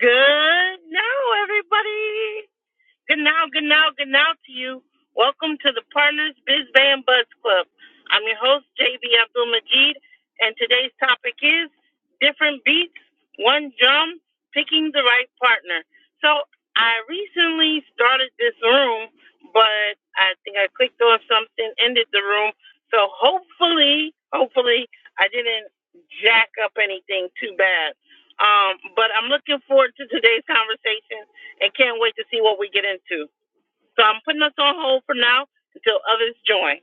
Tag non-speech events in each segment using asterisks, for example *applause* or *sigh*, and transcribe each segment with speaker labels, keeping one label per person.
Speaker 1: Good now, everybody. Good now, good now, good now to you. Welcome to the Partners Biz Band Buzz Club. I'm your host, JB Abdul Majid, and today's topic is different beats, one drum, picking the right partner. So I recently started this room, but I think I clicked on something, ended the room. So hopefully, hopefully, I didn't jack up anything too bad. Um, but I'm looking forward to today's conversation and can't wait to see what we get into. So I'm putting us on hold for now until others join.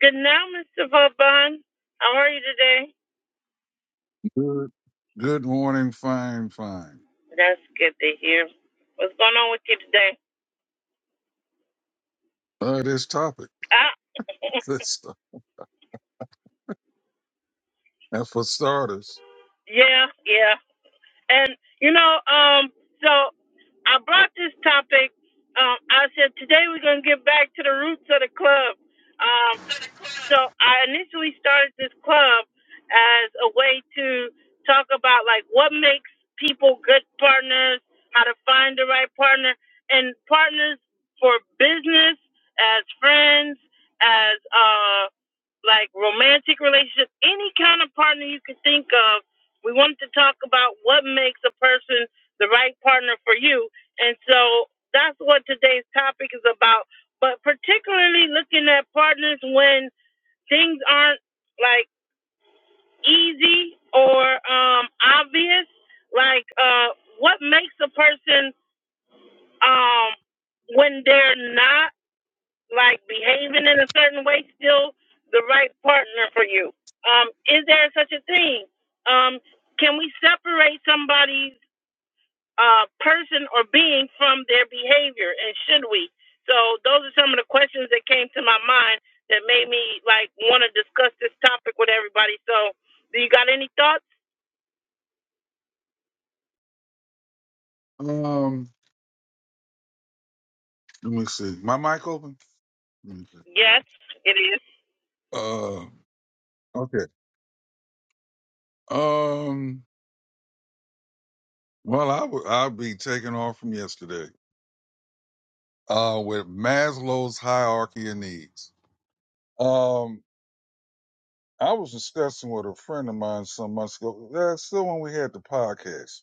Speaker 1: Good now, Mr. Vaughn. How are you today?
Speaker 2: Good, good morning, fine, fine.
Speaker 1: That's good to hear. What's going on with you today?
Speaker 2: Uh, this topic,
Speaker 1: Ah,
Speaker 2: *laughs* this stuff. And for starters,
Speaker 1: yeah, yeah. And you know, um, so I brought this topic. Um, I said today we're gonna get back to the roots of the club. Um. So I initially started this club as a way to talk about like what makes people good partners, how to find the right partner, and partners for business, as friends, as uh like romantic relationship, any kind of partner you could think of. We wanted to talk about what makes a person the right partner for you. And so that's what today's topic is about. But particularly looking at partners when things aren't like easy or um obvious like uh what makes a person um when they're not like behaving in a certain way still the right partner for you um is there such a thing um can we separate somebody's uh, person or being from their behavior, and should we? So those are some of the questions that came to my mind that made me like want to discuss this topic with everybody. So, do you got any thoughts?
Speaker 2: um, let me see. My mic open. Let me see.
Speaker 1: Yes, it is.
Speaker 2: Uh, okay. Um, well, I would, I'd be taking off from yesterday. Uh, with Maslow's hierarchy of needs. Um, I was discussing with a friend of mine some months ago. That's still when we had the podcast.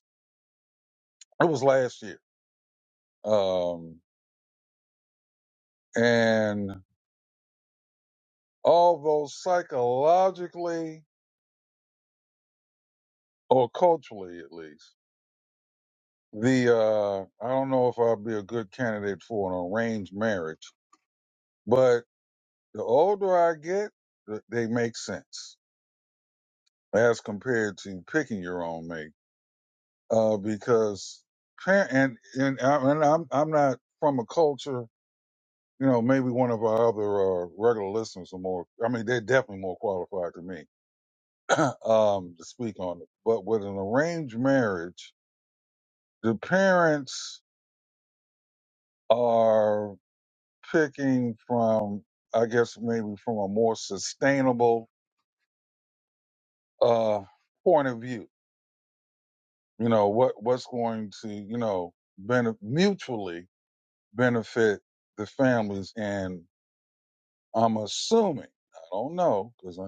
Speaker 2: It was last year. Um, and although psychologically or culturally at least. The uh, I don't know if I'd be a good candidate for an arranged marriage, but the older I get, th- they make sense as compared to picking your own mate. Uh, because par- and and, I, and I'm I'm not from a culture. You know, maybe one of our other uh, regular listeners are more. I mean, they're definitely more qualified than me *clears throat* um, to speak on it. But with an arranged marriage, the parents are picking from, I guess, maybe from a more sustainable uh, point of view. You know, what what's going to, you know, benef- mutually benefit the families. And I'm assuming, I don't know, because I,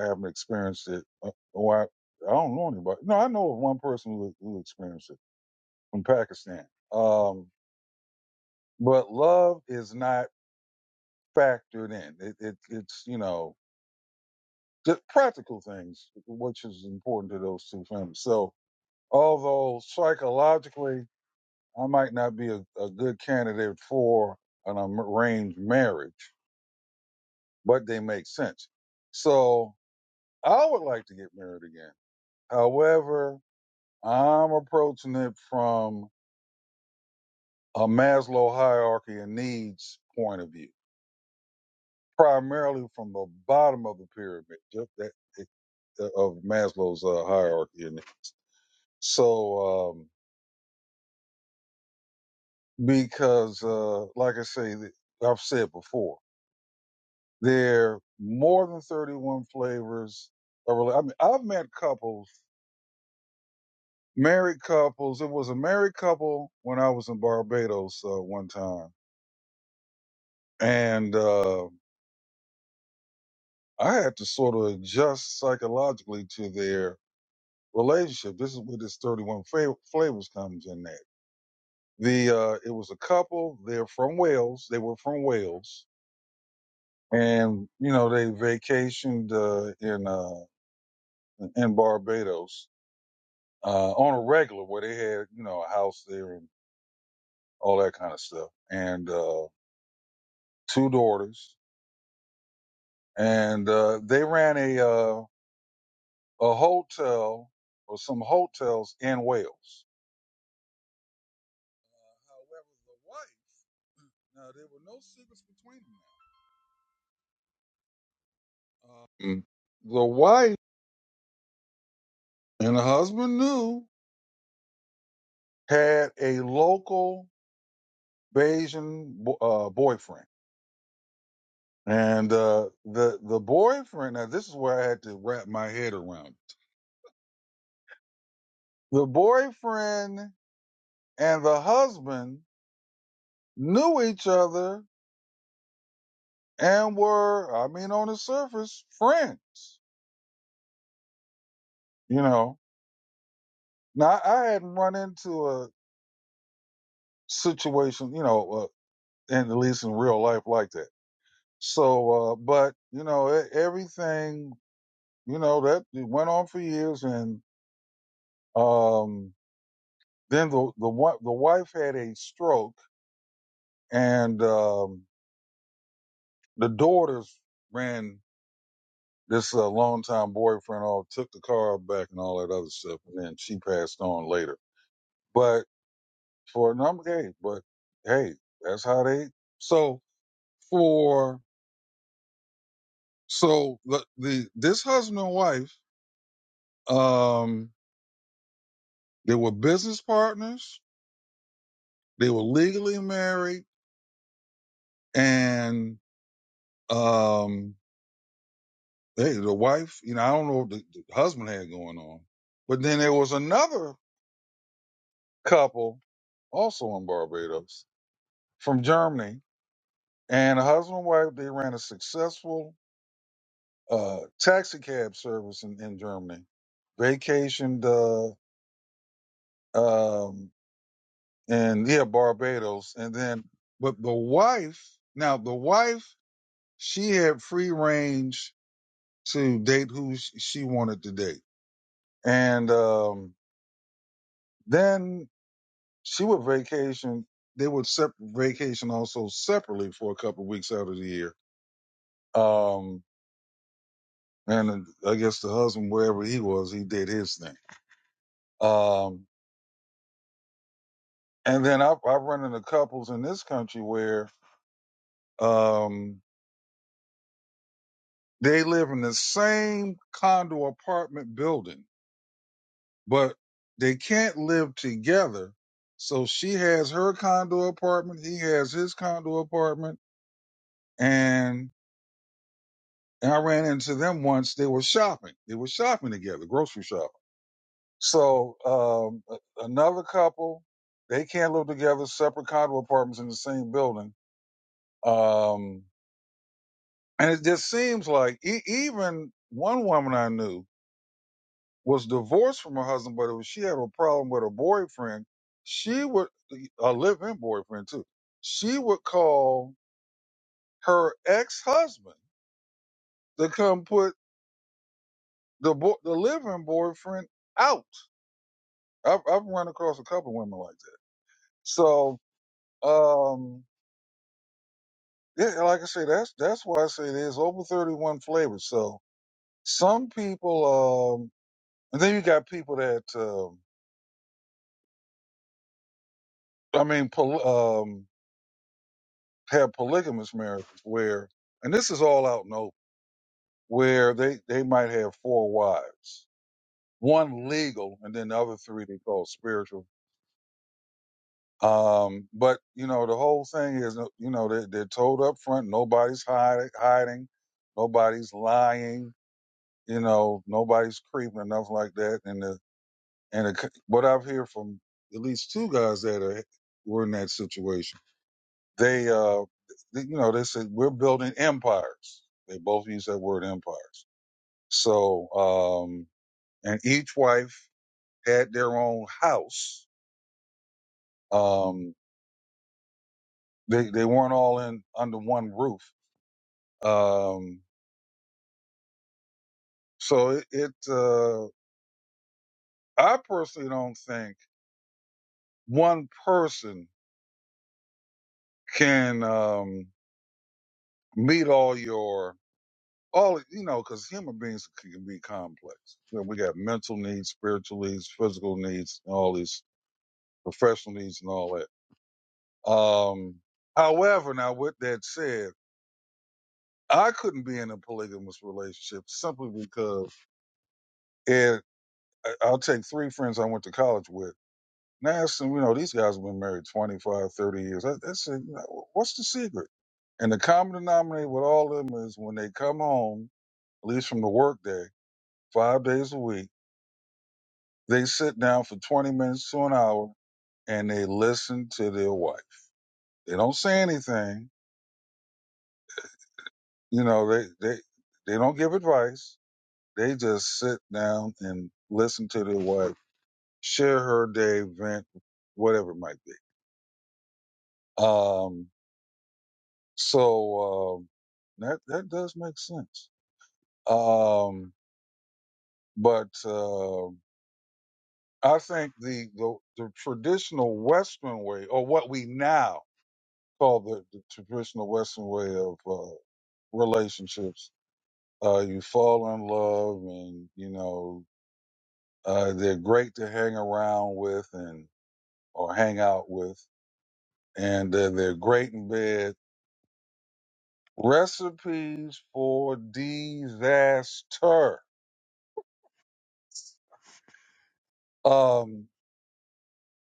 Speaker 2: I haven't experienced it. Uh, or I, I don't know anybody. No, I know of one person who, who experienced it from Pakistan. Um, but love is not factored in. It, it, it's, you know, Just practical things, which is important to those two families. So, although psychologically I might not be a, a good candidate for an arranged marriage, but they make sense. So, I would like to get married again. However, I'm approaching it from a Maslow hierarchy of needs point of view, primarily from the bottom of the pyramid, just that of Maslow's uh, hierarchy. of needs. So, um, because, uh, like I say, th- I've said before, there are more than 31 flavors. Of, rela- I mean, I've met couples, married couples. It was a married couple when I was in Barbados uh, one time, and uh, I had to sort of adjust psychologically to their relationship. This is where this 31 fa- flavors comes in. That the uh, it was a couple. They're from Wales. They were from Wales, and you know they vacationed uh, in. Uh, in, in Barbados uh, on a regular where they had, you know, a house there and all that kind of stuff. And uh, two daughters. And uh, they ran a, uh, a hotel or some hotels in Wales. However, the wife, hmm, now there were no secrets between them. Uh, Mm. the wife and the husband knew had a local Bayesian bo- uh, boyfriend And uh, the the boyfriend. Now this is where I had to wrap my head around. it. The boyfriend and the husband knew each other and were, I mean, on the surface, friends. You know. Now I hadn't run into a situation, you know, uh, in, at least in real life like that. So, uh, but you know, e- everything, you know, that it went on for years, and um, then the the the wife had a stroke and um, the daughters ran this uh, longtime boyfriend off, took the car back, and all that other stuff, and then she passed on later. But for a number, hey, but hey, that's how they. So for so the, the this husband and wife, um, they were business partners. They were legally married, and um, hey, the wife, you know, I don't know what the, the husband had going on, but then there was another couple also in Barbados, from Germany. And a husband and wife, they ran a successful uh, taxi cab service in, in Germany, vacationed uh, um, in, yeah, Barbados. And then, but the wife, now the wife, she had free range to date who sh- she wanted to date. And um, then she would vacation. They would sep- vacation also separately for a couple of weeks out of the year. Um, And I guess the husband, wherever he was, he did his thing. Um, and then I, I run into couples in this country where um, they live in the same condo apartment building, but they can't live together. So she has her condo apartment, he has his condo apartment, and, and I ran into them once. They were shopping. They were shopping together, grocery shopping So um, a- another couple, they can't live together, separate condo apartments in the same building. Um, and it just seems like e- even one woman I knew was divorced from her husband, but if she had a problem with her boyfriend, she would a live-in boyfriend too. She would call her ex-husband to come put the bo- the live-in boyfriend out. I've I've run across a couple women like that. So. Um, Yeah, like I say, that's that's why I say there's over 31 flavors. So some people, um, and then you got people that, um, I mean, poly, um, have polygamous marriages where, and this is all out in the open, where they they might have four wives, one legal, and then the other three they call spiritual. Um, but you know, the whole thing is, uh, you know, they, they're told up front, nobody's hiding, hiding, nobody's lying you know, nobody's creeping or nothing like that. And the And it, c- what I've heard from at least two guys that are, were in that situation, they, uh, th- you know, they said we're building empires. They both use that word empires. So, um, and each wife had their own house. Um, they they weren't all in under one roof. Um, so it, it uh, I personally don't think one person can um, meet all your all you know, because human beings can be complex. You know, we got mental needs, spiritual needs, physical needs, and all these professional needs and all that. Um, however, now with that said, I couldn't be in a polygamous relationship simply because, and I- I'll take three friends I went to college with. And I asked them, you know, these guys have been married 25, 30 years. I, I said, you know, what's the secret? And the common denominator with all of them is when they come home, at least from the work day, five days a week They sit down for 20 minutes to an hour and they listen to their wife. They don't say anything. You know, they, they, they don't give advice. They just sit down and listen to their wife, share her day, vent, whatever it might be. Um, so, um, that, that does make sense. Um, but, um, I think the, the the traditional Western way, or what we now call the, the traditional Western way of uh, relationships. Uh, you fall in love, and you know uh, they're great to hang around with and or hang out with, and uh, they're great in bed. Recipes for disaster. Um,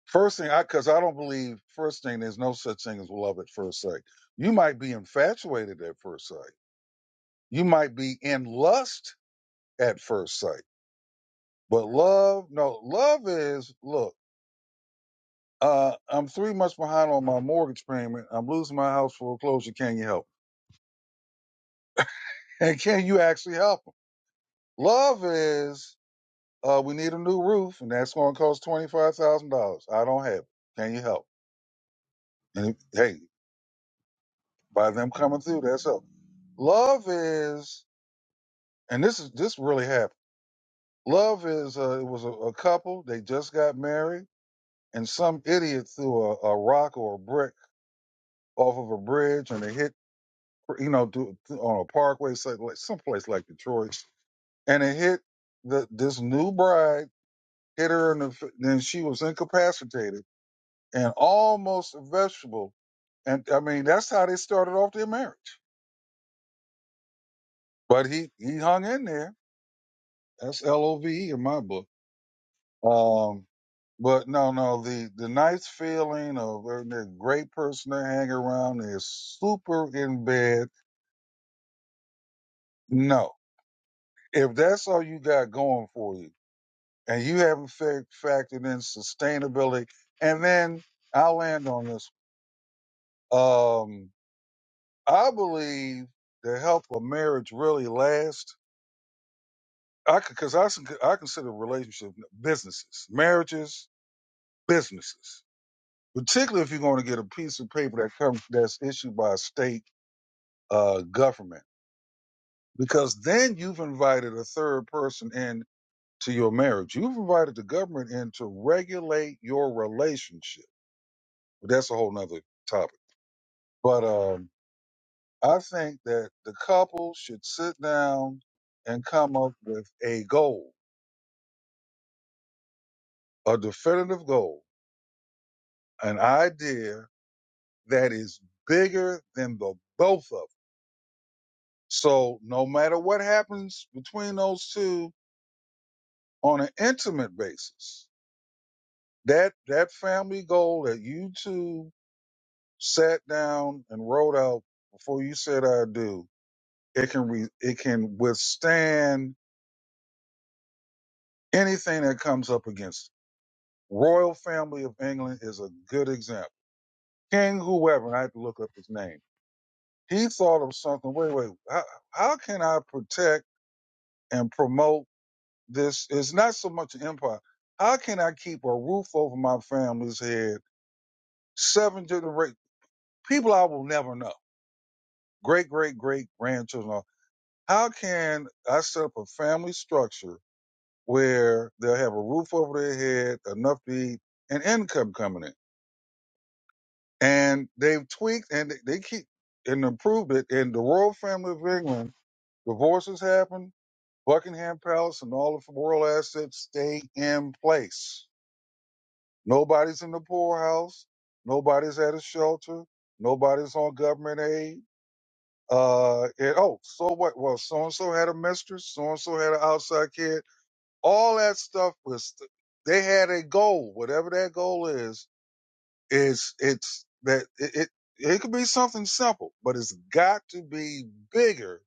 Speaker 2: first thing, I because I don't believe. First thing, there's no such thing as love at first sight. You might be infatuated at first sight. You might be in lust at first sight. But love, no, love is look. Uh, I'm three months behind on my mortgage payment. I'm losing my house foreclosure. Can you help? *laughs* And can you actually help 'em? Love is uh, we need a new roof, and that's going to cost twenty five thousand dollars. I don't have it. Can you help? And if- hey, by them coming through, that's help. Love is, and this is this really happened. Love is uh, it was a, a couple. They just got married, and some idiot threw a, a rock or a brick off of a bridge, and they hit you know, do, on a parkway, so- like someplace like Detroit, and it hit the this new bride hit her in the f- then she was incapacitated and almost a vegetable, and I mean that's how they started off their marriage. But he he hung in there. That's L O V E in my book. Um, but no, no, the the nice feeling of uh, the great person to hang around, they're super in bed. No, if that's all you got going for you. and you haven't fa- factored in sustainability. And then I'll land on this. Um, I believe to help a marriage really last, I because I, s- I consider relationship businesses, marriages, businesses, particularly if you're going to get a piece of paper that comes that's issued by a state uh, government, because then you've invited a third person in to your marriage. You've invited the government in to regulate your relationship. But that's a whole nother topic. But um, I think that the couple should sit down and come up with a goal, a definitive goal, an idea that is bigger than the both of them. So no matter what happens between those two on an intimate basis, that that family goal that you two sat down and wrote out before you said I do, it can re, it can withstand anything that comes up against it Royal family of England is a good example. King whoever, and I had to look up his name. He thought of something. Wait, wait. How, how can I protect and promote this? It's not so much an empire. How can I keep a roof over my family's head? Seven generations, people I will never know, great, great, great grandchildren. How can I set up a family structure where they'll have a roof over their head, enough to eat, and income coming in? and they've tweaked and they they keep and improved it. And the royal family of England, divorces happen. Buckingham Palace and all of the royal assets stay in place. Nobody's in the poorhouse. Nobody's at a shelter. Nobody's on government aid. Uh, and, oh, so what? Well, so and so had a mistress. So and so had an outside kid. All that stuff was. They had a goal, whatever that goal is It's it's that it, it it could be something simple, but it's got to be bigger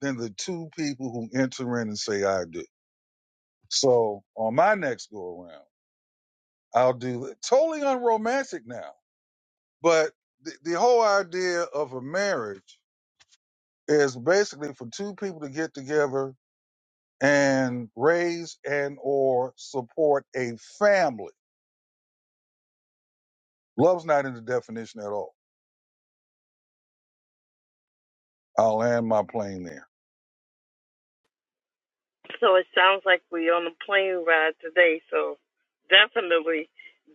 Speaker 2: than the two people who enter in and say I do. So on my next go around, I'll do it. totally unromantic now, but the, the whole idea of a marriage is basically for two people to get together and raise and or support a family. Love's not in the definition at all. I'll land my plane there.
Speaker 1: So it sounds like we're on a plane ride today. So definitely,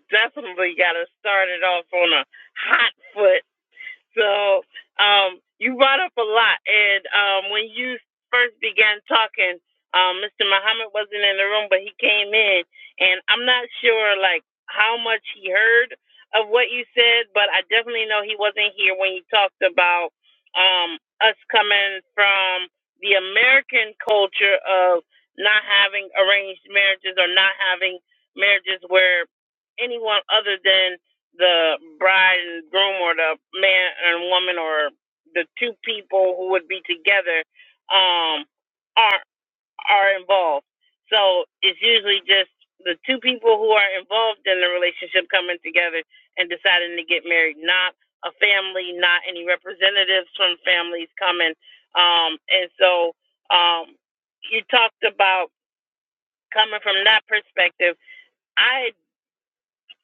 Speaker 1: definitely got to start it off on a hot foot So um, you brought up a lot, and um, when you first began talking, um, Mr. Muhammad wasn't in the room, but he came in, and I'm not sure like how much he heard of what you said, but I definitely know he wasn't here when you talked about um, us coming from the American culture of not having arranged marriages or not having marriages where anyone other than the bride and groom or the man and woman or the two people who would be together um are are involved so it's usually just the two people who are involved in the relationship coming together and deciding to get married not a family not any representatives from families coming um and so um you talked about coming from that perspective I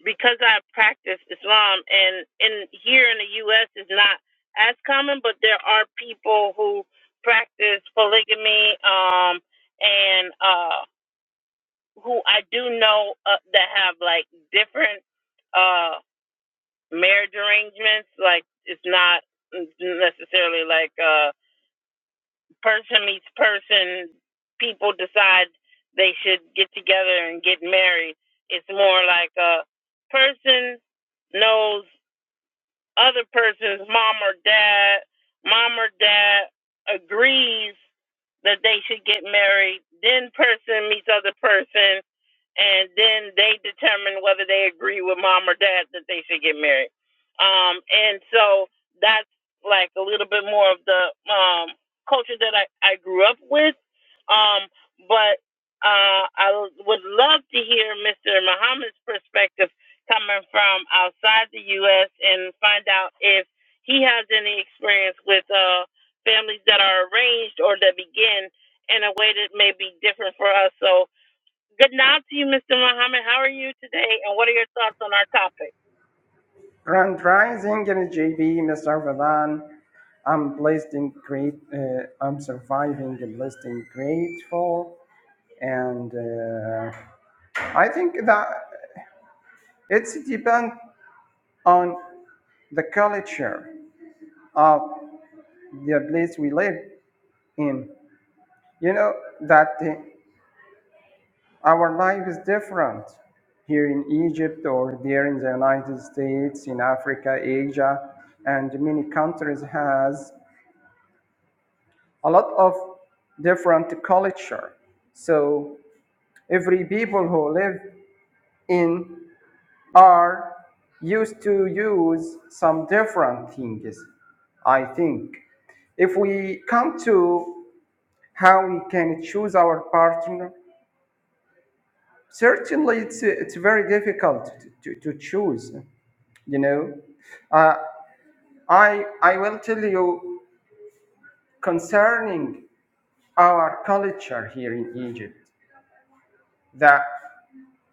Speaker 1: because I practice Islam and in here in the US is not as common, but there are people who practice polygamy um and uh who I do know uh, that have like different uh marriage arrangements like it's not necessarily like uh person meets person people decide they should get together and get married it's more like a person knows other person's mom or dad, mom or dad agrees that they should get married. Then person meets other person, and then they determine whether they agree with mom or dad that they should get married. Um, and so that's like a little bit more of the um, culture that I, I grew up with. Um, but uh, I would love to hear Mr. Muhammad's perspective coming from outside the U.S. and find out if he has any experience with uh, families that are arranged or that begin in a way that may be different for us. So, good night to you, Mr. Muhammad. How are you today? And what are your thoughts on our topic?
Speaker 3: Grand Rising Energy JB Mr. Vedan. I'm blessed and great. Uh, I'm surviving and blessed and grateful. And uh, I think that it's depend on the culture of the place we live in. You know that uh, our life is different here in Egypt or there in the United States, in Africa, Asia, and many countries has a lot of different culture. So every people who live in are used to use some different things. I think if we come to how we can choose our partner, certainly it's it's very difficult to, to, to choose. You know, uh, I I will tell you concerning our culture here in Egypt that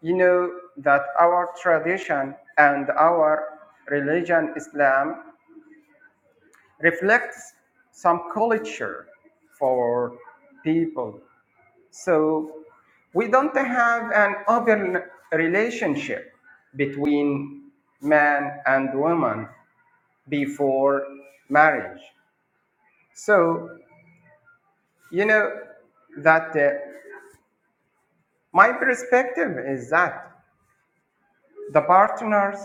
Speaker 3: You know that our tradition and our religion, Islam, reflects some culture for people. So we don't have an open relationship between man and woman before marriage. So, you know, that uh, my perspective is that the partners,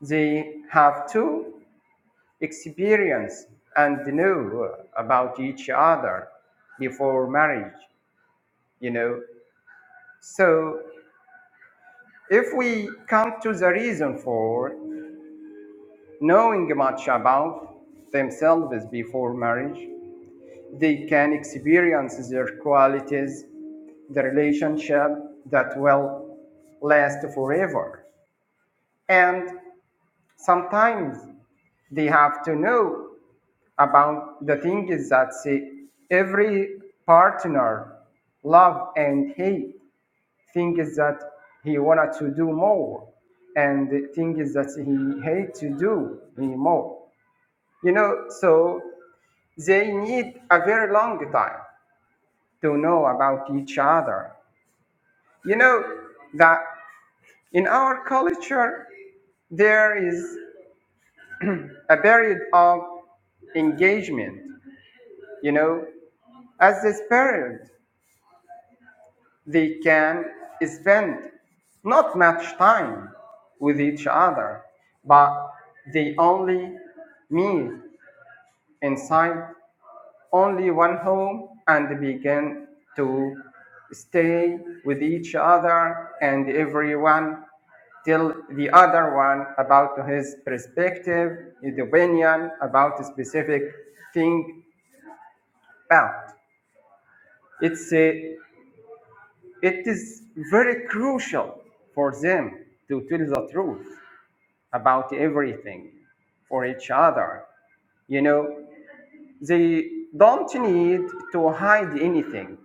Speaker 3: they have to experience and know about each other before marriage, you know. So if we come to the reason for knowing much about themselves before marriage, they can experience their qualities, the relationship that will last forever. And sometimes they have to know about the things that say, every partner love and hate Things that he wanted to do more and things that he hate to do anymore you know so they need a very long time to know about each other you know that in our culture there is a period of engagement you know as this period they can spend not much time with each other but they only meet inside only one home and begin to stay with each other and everyone tell the other one about his perspective, his opinion about a specific thing. But it's a It is very crucial for them to tell the truth about everything for each other. You know, they don't need to hide anything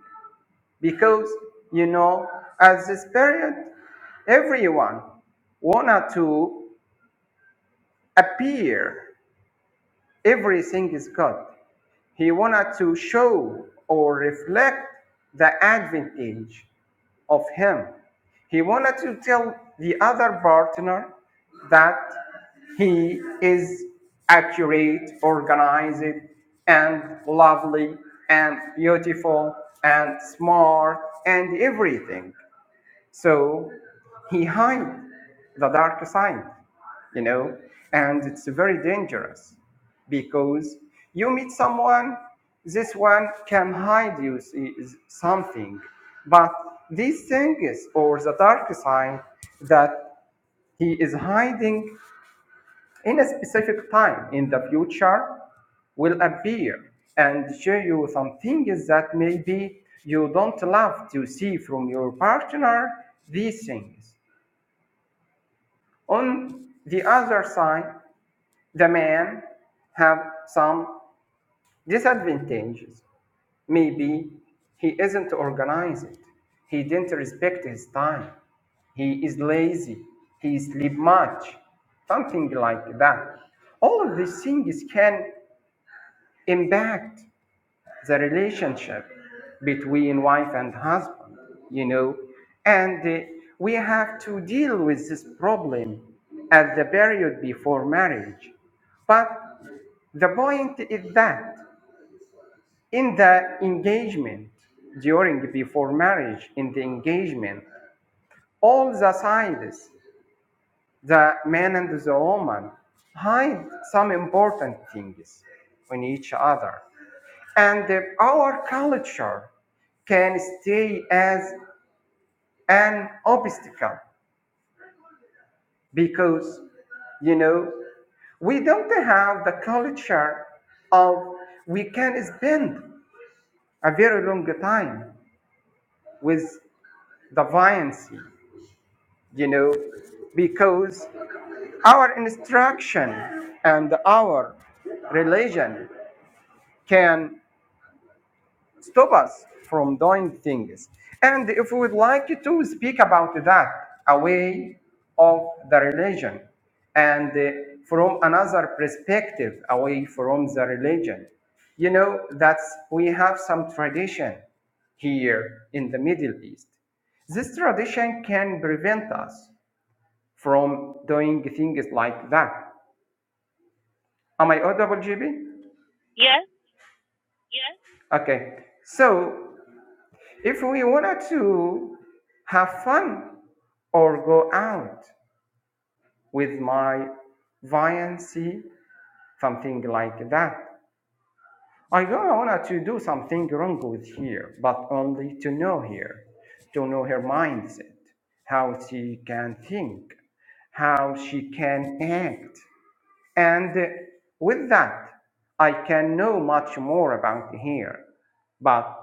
Speaker 3: because, you know, at this period, everyone wanted to appear everything is good He wanted to show or reflect the advantage of him. He wanted to tell the other partner that he is accurate, organized, and lovely, and beautiful, and smart, and everything. So he hides the dark side, you know, and it's very dangerous because you meet someone, this one can hide you s- is something, but these things or the dark side that he is hiding in a specific time in the future will appear and show you some things that maybe you don't love to see from your partner these things on the other side the man have some disadvantages maybe he isn't organized he didn't respect his time he is lazy he sleep much something like that all of these things can impact the relationship between wife and husband, you know. And uh, we have to deal with this problem at the period before marriage. But the point is that in the engagement, during before marriage, in the engagement, all the sides the man and the woman hide some important things in each other. And uh, our culture can stay as an obstacle because, you know, we don't have the culture of we can spend a very long time with the violence, you know, because our instruction and our religion can stop us from doing things. And if we would like to speak about that away of the religion and uh, from another perspective away from the religion, you know, that's we have some tradition here in the Middle East. This tradition can prevent us from doing things like that. Am I audible, GB?
Speaker 1: Yes.
Speaker 3: Okay. So If we wanted to have fun or go out with my viancy, something like that, I don't want to do something wrong with her, but only to know her, to know her mindset, how she can think, how she can act. And with that, I can know much more about here. But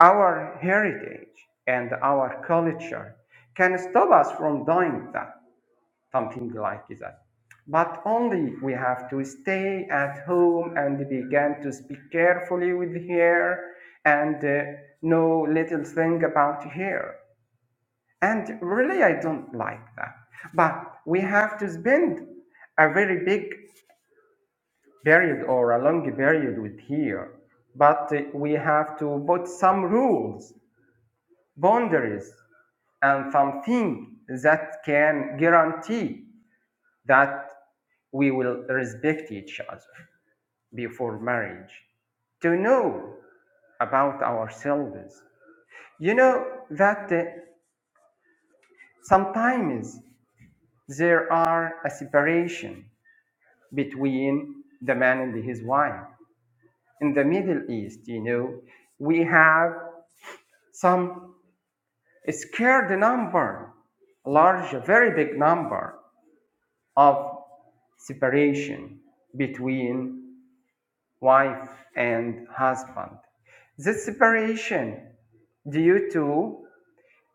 Speaker 3: our heritage and our culture can stop us from doing that, something like that. But only we have to stay at home and begin to speak carefully with here and uh, know little thing about here. And really, I don't like that. But we have to spend a very big period or a long period with here, but uh, we have to put some rules, boundaries, and something that can guarantee that we will respect each other before marriage. To know about ourselves, you know that uh, sometimes there are a separation between the man and his wife. In the Middle East, you know, we have some scare the number, a large, a very big number of separation between wife and husband. This separation due to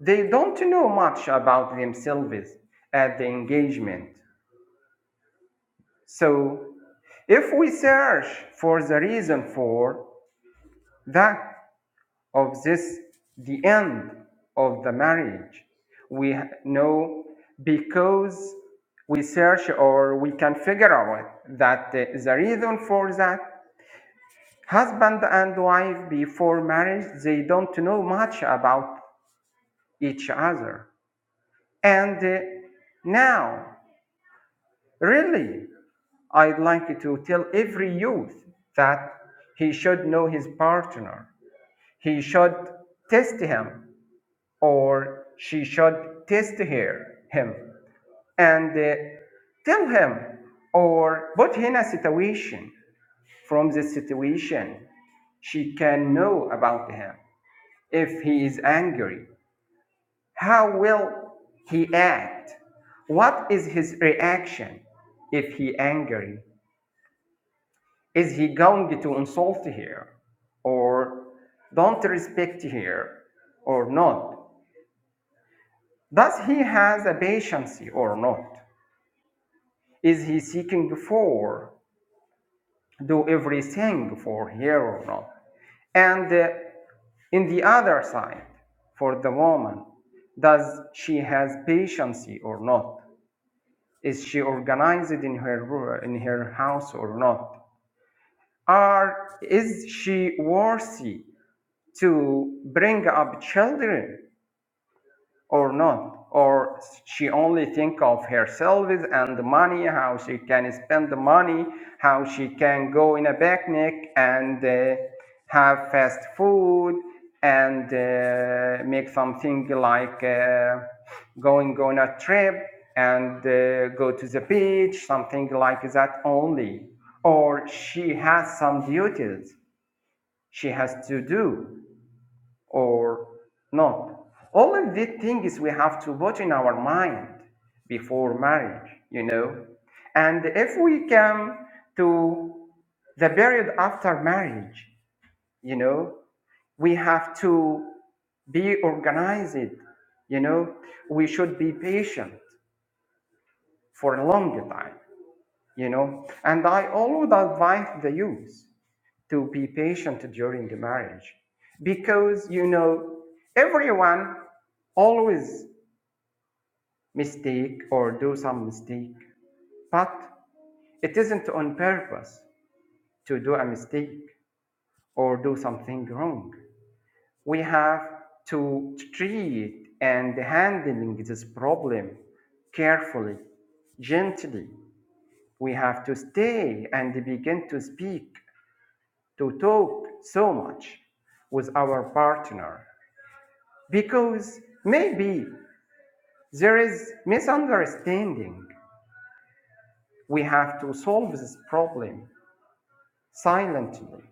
Speaker 3: they don't know much about themselves at the engagement. So if we search for the reason for that of this the end of the marriage we know because we search or we can figure out that uh, the reason for that husband and wife before marriage they don't know much about each other and uh, now really i'd like to tell every youth that he should know his partner he should test him or she should test her, him and uh, tell him or put him in a situation from the situation she can know about him if he is angry how will he act what is his reaction if he angry is he going to insult her or don't respect her or not does he has a patience or not is he seeking for? Do everything for her or not? And uh, in the other side, for the woman, does she has patience or not? Is she organized in her in her house or not? Are is she worthy to bring up children or not or she only think of herself and the money how she can spend the money how she can go in a picnic and uh, have fast food and uh, make something like uh, going on a trip and uh, go to the beach something like that only or she has some duties she has to do or not. All of these things we have to put in our mind before marriage, you know. And if we come to the period after marriage, you know, we have to be organized, you know, we should be patient for a long time, you know. And I always advise the youth to be patient during the marriage because you know everyone always mistake or do some mistake but it isn't on purpose to do a mistake or do something wrong we have to treat and handling this problem carefully gently we have to stay and begin to speak to talk so much with our partner because maybe there is misunderstanding. We have to solve this problem silently.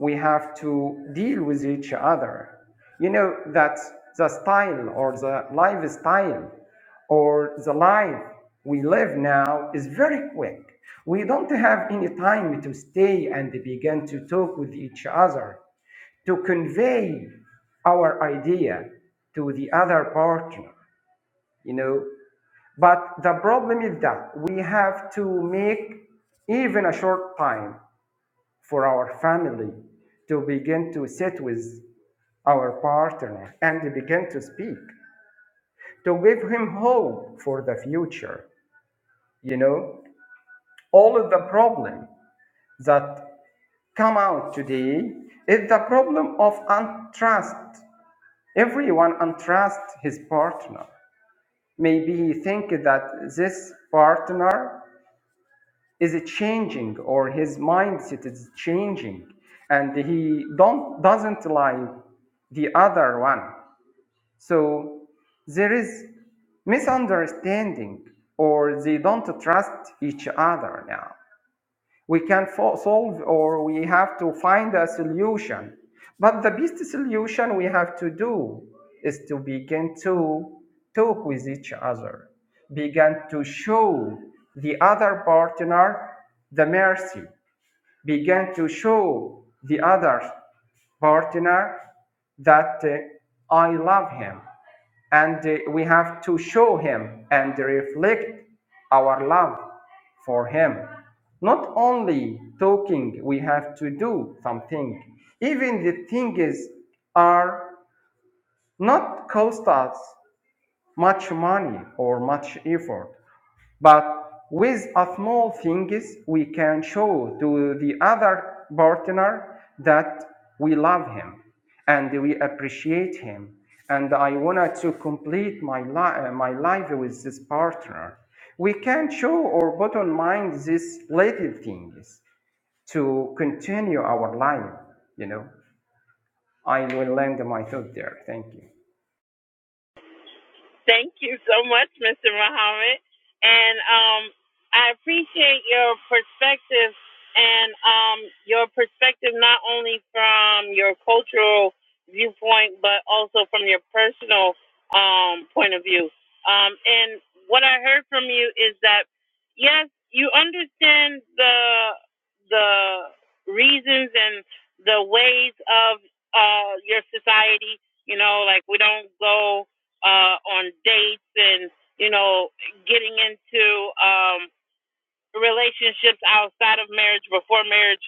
Speaker 3: We have to deal with each other. You know that the style or the lifestyle or the life we live now is very quick. We don't have any time to stay and begin to talk with each other, to convey our idea to the other partner. You know, But the problem is that we have to make even a short time for our family to begin to sit with our partner and begin to speak, to give him hope for the future. You know, all of the problem that come out today is the problem of untrust. Everyone untrust his partner. Maybe he think that this partner is changing or his mindset is changing and he don't doesn't like the other one so there is misunderstanding or they don't trust each other now we can fo- solve or we have to find a solution but the best solution we have to do is to begin to talk with each other begin to show the other partner the mercy begin to show the others partner that uh, I love him and uh, we have to show him and reflect our love for him. Not only talking, we have to do something. Even the things are not cost us much money or much effort. But with a small things, we can show to the other partner that we love him and we appreciate him. And I wanted to complete my, li- uh, my life with this partner. We can show or bottom mind these little things to continue our life, you know. I will land my thought there. Thank you.
Speaker 1: Thank you so much, Mr. Muhammad. And um, I appreciate your perspective and um, your perspective not only from your cultural viewpoint, but also from your personal um, point of view. Um, and what I heard from you is that, yes, you understand the, the reasons and the ways of uh, your society. You know, like we don't go uh, on dates and you know getting into um, relationships outside of marriage before marriage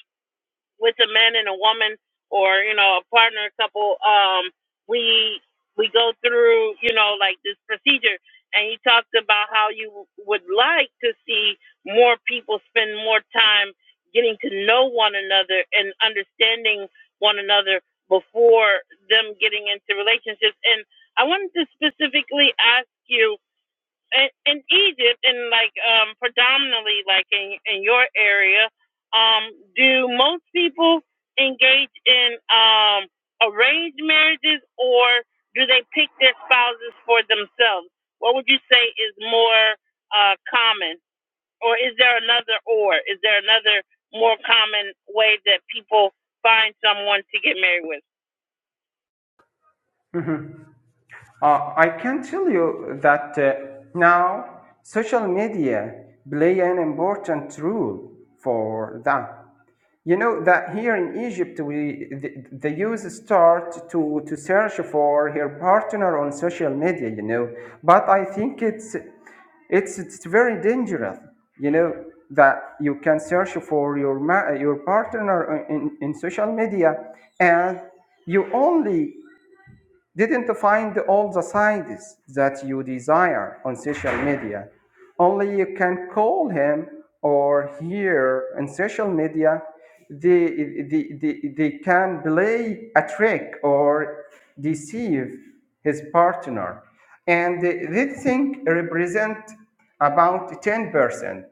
Speaker 1: with a man and a woman or you know a partner a couple um we we go through you know like this procedure and he talked about how you would like to see more people spend more time getting to know one another and understanding one another before them getting into relationships and i wanted to specifically ask you in, in Egypt and like um predominantly like in in your area, um, do most people engage in um arranged marriages or do they pick their spouses for themselves? What would you say is more uh common? Or is there another or? Is there another more common way that people find someone to get married with?
Speaker 3: Uh, I can tell you that uh, now social media play an important role for that. You know that here in Egypt, we the, the youth start to, to search for her partner on social media. You know, but I think it's it's it's very dangerous. You know that you can search for your ma- your partner uh, in, in social media, and you only didn't find all the sides that you desire on social media. Only you can call him or here In social media. They, they, they, they can play a trick or deceive his partner. And this thing represent about 10%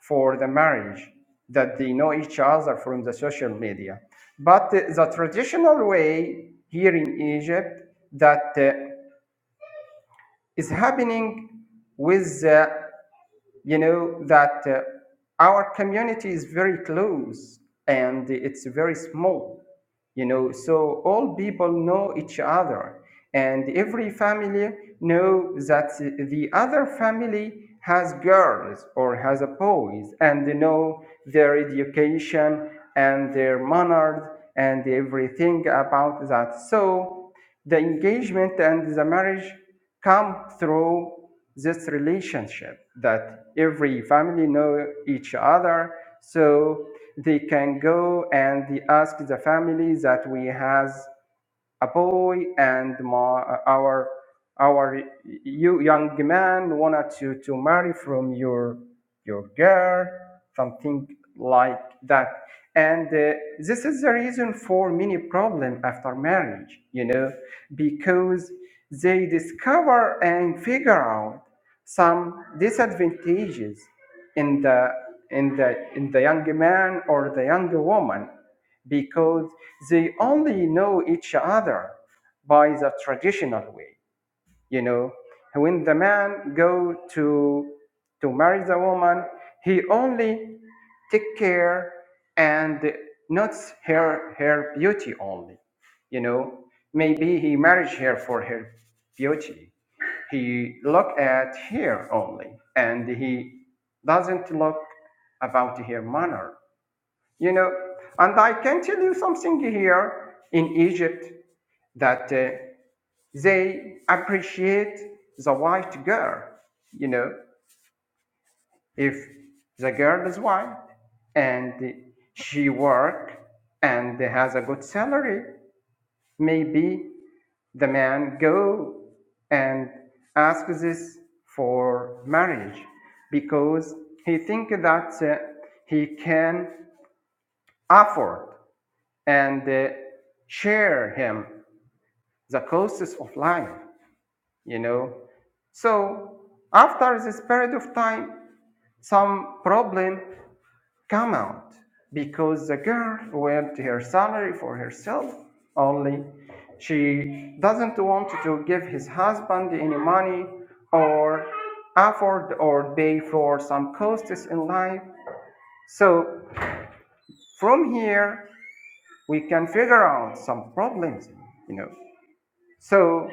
Speaker 3: for the marriage that they know each other from the social media. But uh, the traditional way here in Egypt that uh, is happening with the you know that uh, our community is very close and it's very small you know so all people know each other and every family know that the other family has girls or has a boys and they know their education and their manners and everything about that so the engagement and the marriage come through this relationship that every family know each other so they can go and they ask the family that we has a boy and my, our our you young man wanted to, to marry from your your girl something like that and uh, this is the reason for many problem after marriage you know because they discover and figure out some disadvantages in the in the in the young man or the young woman because they only know each other by the traditional way. You know, when the man go to to marry the woman, he only take care and not her her beauty only. You know, maybe he married her for her beauty. He look at her only, and he doesn't look about her manner you know, and I can tell you something here in Egypt that uh, they appreciate the white girl. You know, if the girl is white and she work and has a good salary, maybe the man go and ask this for marriage because he think that uh, he can afford and uh, share him the costs of life, you know. So after this period of time, some problem come out because the girl went her salary for herself only. She doesn't want to give his husband any money or afford or pay for some costs in life. So from here, we can figure out some problems, you know. So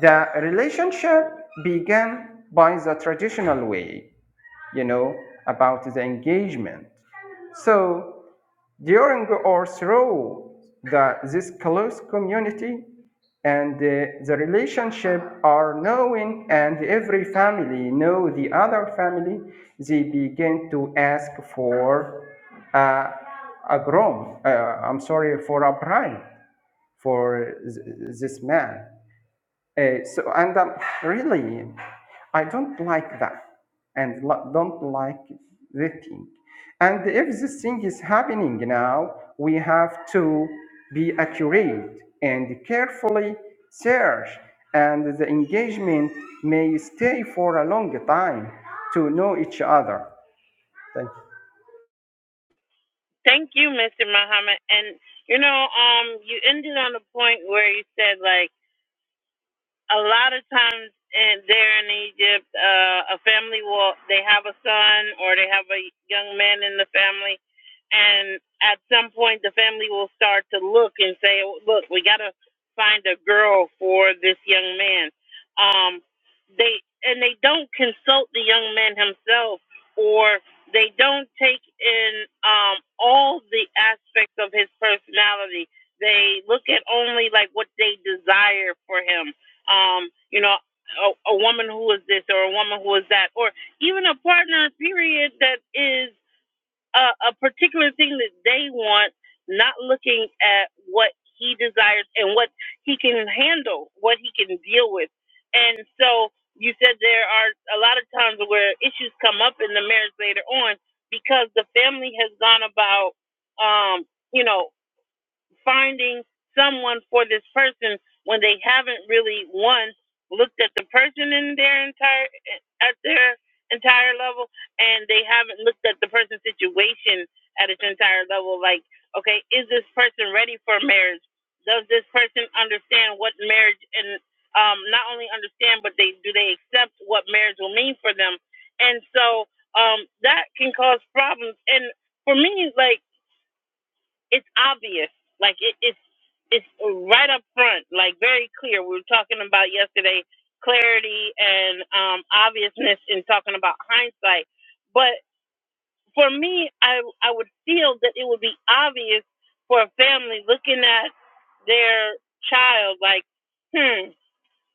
Speaker 3: the relationship began by the traditional way, you know, about the engagement. So during or through the, this close community and uh, the relationship are knowing and every family know the other family, they begin to ask for uh, a grom, uh, I'm sorry, for a bride for th- this man. Uh, so, and um, really, I don't like that and lo- don't like the thing. And if this thing is happening now, we have to be accurate and carefully search, and the engagement may stay for a long time to know each other. Thank you.
Speaker 1: Thank you, Mr. Muhammad. And you know, um, you ended on a point where you said like a lot of times in, there in Egypt, uh, a family will they have a son or they have a young man in the family, and at some point the family will start to look and say, "Look, we gotta find a girl for this young man." Um, they and they don't consult the young man himself, or they don't take in um, all the aspects of his personality. They look at only like what they desire for him um, you know, a, a woman who is this or a woman who is that, or even a partner, period, that is a, a particular thing that they want, not looking at what he desires and what he can handle, what he can deal with. And so you said there are a lot of times where issues come up in the marriage later on because the family has gone about, um, you know, finding someone for this person when they haven't really one looked at the person in their entire at their entire level and they haven't looked at the person's situation at its entire level like okay is this person ready for marriage does this person understand what marriage and um, not only understand but they do they accept what marriage will mean for them and so um, that can cause problems and for me like it's obvious. Like it, it's it's right up front, like very clear. We were talking about yesterday clarity and um, obviousness in talking about hindsight. But for me, I I would feel that it would be obvious for a family looking at their child, like, hmm,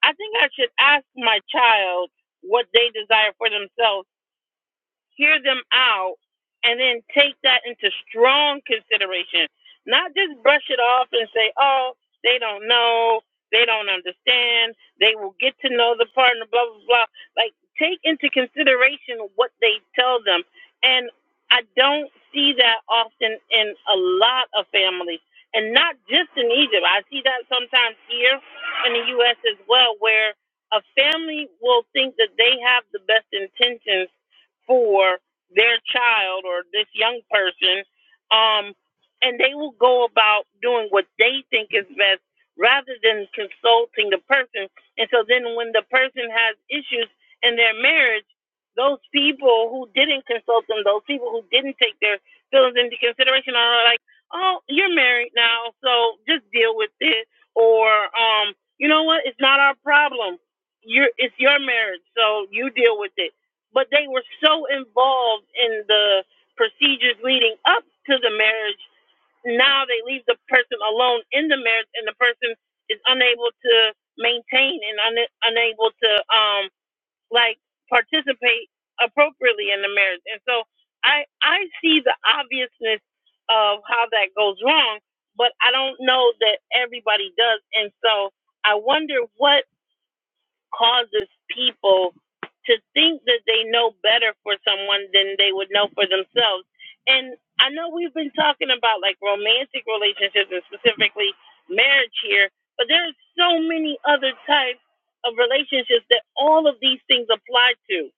Speaker 1: I think I should ask my child what they desire for themselves hear them out, and then take that into strong consideration. Not just brush it off and say, oh, they don't know, they don't understand, they will get to know the partner, blah, blah, blah. Like, take into consideration what they tell them. And I don't see that often in a lot of families. And not just in Egypt. I see that sometimes here in the U.S. as well, where a family will think that they have the best intentions for their child or this young person um and they will go about doing what they think is best rather than consulting the person and so then when the person has issues in their marriage those people who didn't consult them those people who didn't take their feelings into consideration are like oh you're married now so just deal with it or um you know what it's not our problem you're it's your marriage so you deal with it but they were so involved in the procedures leading up to the marriage. Now they leave the person alone in the marriage, and the person is unable to maintain and un- unable to um like participate appropriately in the marriage. And so I I see the obviousness of how that goes wrong, but I don't know that everybody does. And so I wonder what causes people to think that they know better for someone than they would know for themselves. And I know we've been talking about like romantic relationships and specifically marriage here, but there are so many other types of relationships that all of these things apply to.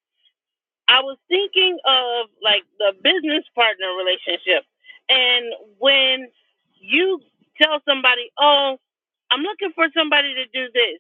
Speaker 1: I was thinking of like the business partner relationship. And when you tell somebody, oh, I'm looking for somebody to do this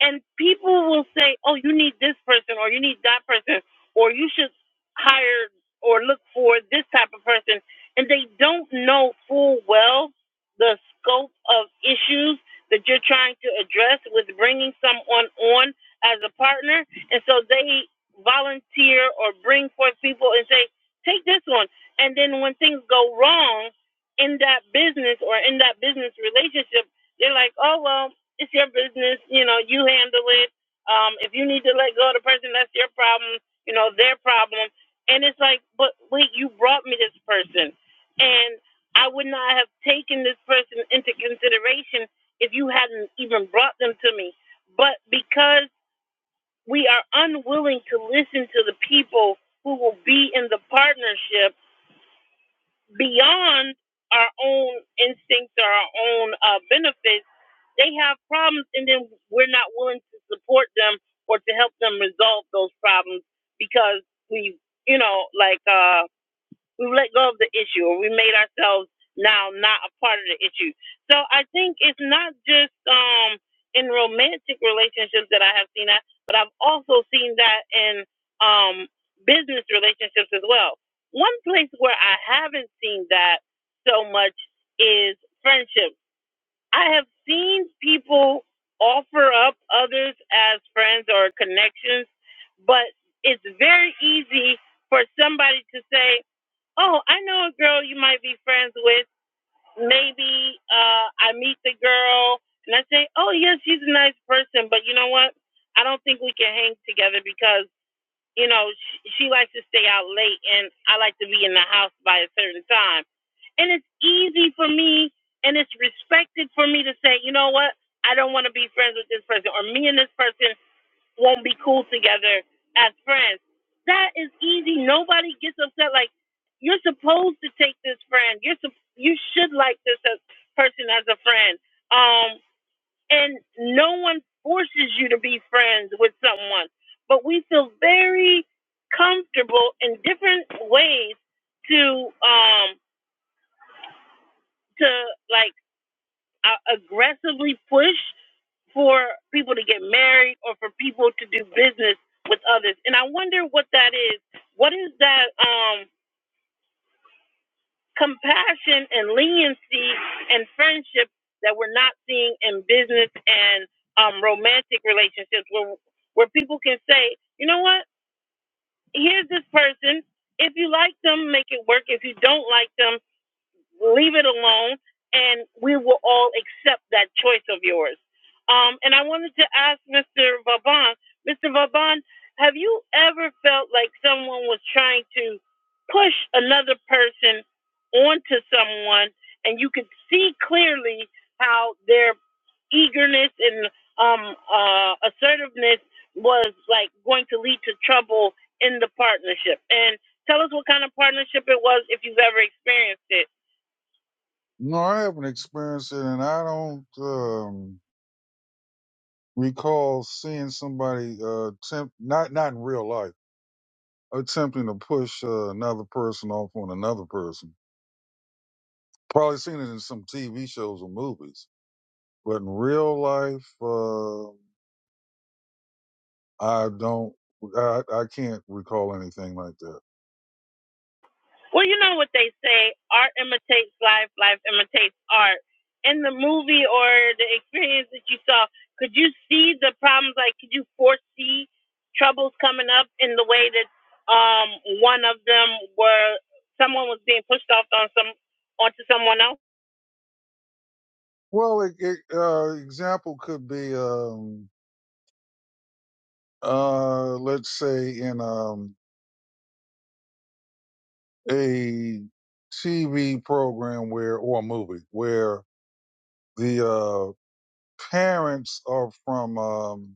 Speaker 1: and people will say, "Oh, you need this person, or you need that person, or you should hire or look for this type of person," and they don't know full well the scope of issues that you're trying to address with bringing someone on as a partner, and so they volunteer or bring forth people and say, "Take this one," and then when things go wrong in that business or in that business relationship, they're like, "Oh well." it's your business. You know, you handle it. Um, if you need to let go of the person, that's your problem. You know, their problem. And it's like, but wait, you brought me this person, and I would not have taken this person into consideration if you hadn't even brought them to me. But because we are unwilling to listen to the people who will be in the partnership beyond our own instincts or our own uh, benefits, they have problems, and then we're not willing to support them or to help them resolve those problems because we, you know, like uh, We've let go of the issue, or we made ourselves now not a part of the issue. So I think it's not just um, in romantic relationships that I have seen that, but I've also seen that in um, business relationships as well. One place where I haven't seen that so much is friendships I have seen people offer up others as friends or connections, but it's very easy for somebody to say, Oh, I know a girl you might be friends with. Maybe uh, I meet the girl and I say, Oh, yeah, she's a nice person, but you know what? I don't think we can hang together because you know, she, she likes to stay out late and I like to be in the house by a certain time. And it's easy for me and it's respected for me to say, you know what, I don't want to be friends with this person or me and this person won't be cool together as friends. That is easy. Nobody gets upset. Like, you're supposed to take this friend. You're sup- you should like this as- person as a friend. Um and no one forces you to be friends with someone but we feel very comfortable in different ways to um to like uh, aggressively push for people to get married or for people to do business with others and i wonder what that is what is that um compassion and leniency and friendship that we're not seeing in business and um, romantic relationships where where people can say, you know what, here's this person. If you like them, make it work. If you don't like them, leave it alone, and we will all accept that choice of yours. Um, and I wanted to ask Mr. Vaban, Mr. Vaban, have you ever felt like someone was trying to push another person onto someone, and you could see clearly how their eagerness and um, uh, assertiveness was like going to lead to trouble in the partnership? And tell us what kind of partnership it was if you've ever experienced it.
Speaker 2: No, I haven't experienced it, and I don't um, recall seeing somebody uh, attempt not not in real life attempting to push uh, another person off on another person. Probably seen it in some TV shows or movies, but in real life, uh, I don't. I, I can't recall anything like that.
Speaker 1: Well, you know what they say art imitates life, life imitates art. In the movie or the experience that you saw, could you see the problems? Like, could you foresee troubles coming up in the way that um, one of them were someone was being pushed off on some onto someone else?
Speaker 2: Well, it, it, uh, example could be, um, uh, let's say in um, a TV program where, or a movie where the uh, parents are from, um,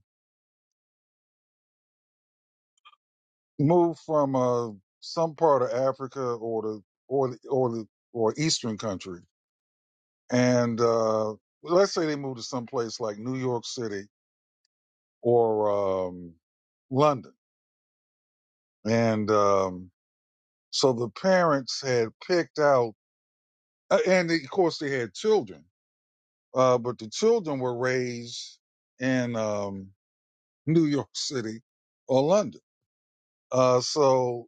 Speaker 2: moved from uh, some part of Africa or the, or the, or the, or Eastern country. And uh, let's say they moved to some place like New York City or um, London. And um, so the parents had picked out, uh, and of course they had children, uh, but the children were raised in. Um, New York City or London. Uh, so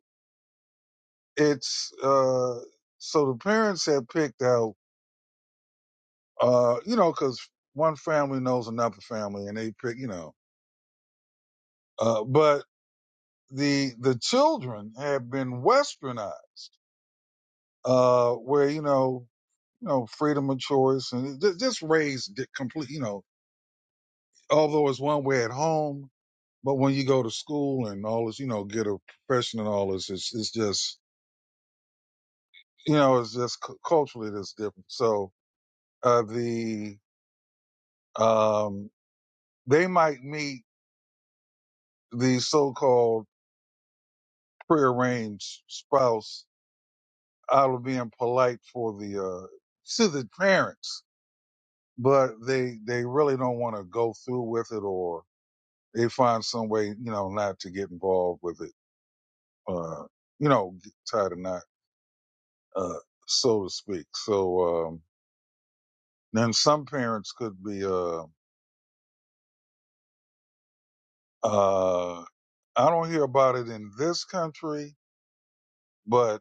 Speaker 2: it's, uh, so the parents had picked out, uh, you know, cause one family knows another family and they pick, you know, uh, but the, the children have been westernized, uh, where, you know, you know, freedom of choice and ju- just raised di- complete, you know, although it's one way at home, but when you go to school and all this, you know, get a profession and all this, it's, it's just, you know, it's just cu- culturally that's different. So uh, the um, they might meet the so-called prearranged spouse out of being polite for the uh, to the parents, but they they really don't want to go through with it, or they find some way, you know, not to get involved with it. Uh, you know, get tied a knot, uh, so to speak. So um, then some parents could be. Uh, Uh, I don't hear about it in this country, but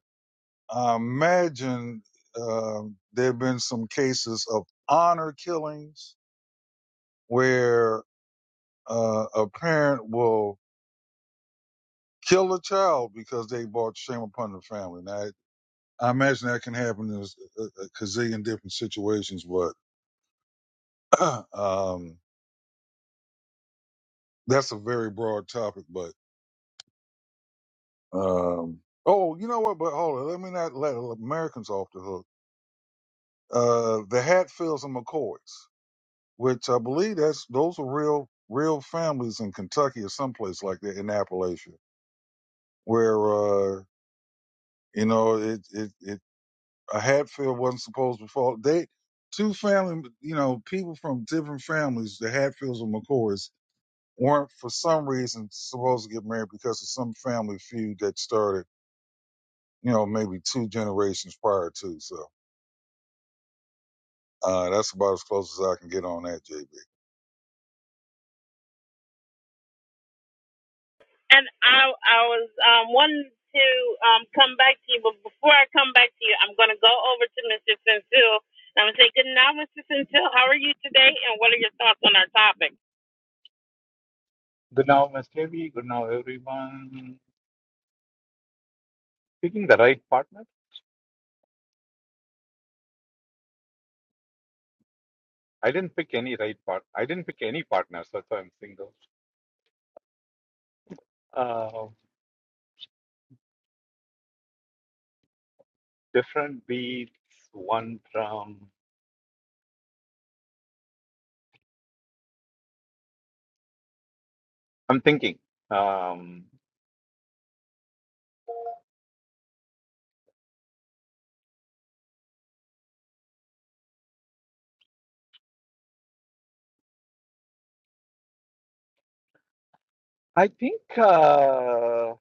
Speaker 2: I imagine uh, there have been some cases of honor killings where uh, a parent will kill a child because they brought shame upon the family. Now, I I imagine that can happen in a, a gazillion different situations, but *clears throat* um, that's a very broad topic. But um, oh, you know what? But hold on, let me not let Americans off the hook uh, the Hatfields and McCoys, which I believe that's those are real real families in Kentucky or someplace like that in Appalachia, where uh, you know it, it it a Hatfield wasn't supposed to fall. They two family you know people from different families, the Hatfields and McCoys, weren't for some reason supposed to get married because of some family feud that started you know maybe two generations prior to. So uh, that's about as close as I can get on that, JB.
Speaker 1: And I, I was um, wanting to um, come back to you, but before I come back to you, I'm going to go over to Mr. Centil. and I'm going to say good now, Mr. Centil. How are you today? And what are your thoughts on our topic?
Speaker 4: Good now, Ms. Devi. Good now, everyone. Picking the right partner. I didn't pick any right part. I didn't pick any partners. That's why I'm single. Uh, different beats, one drum. I'm thinking. Um, I think. Uh,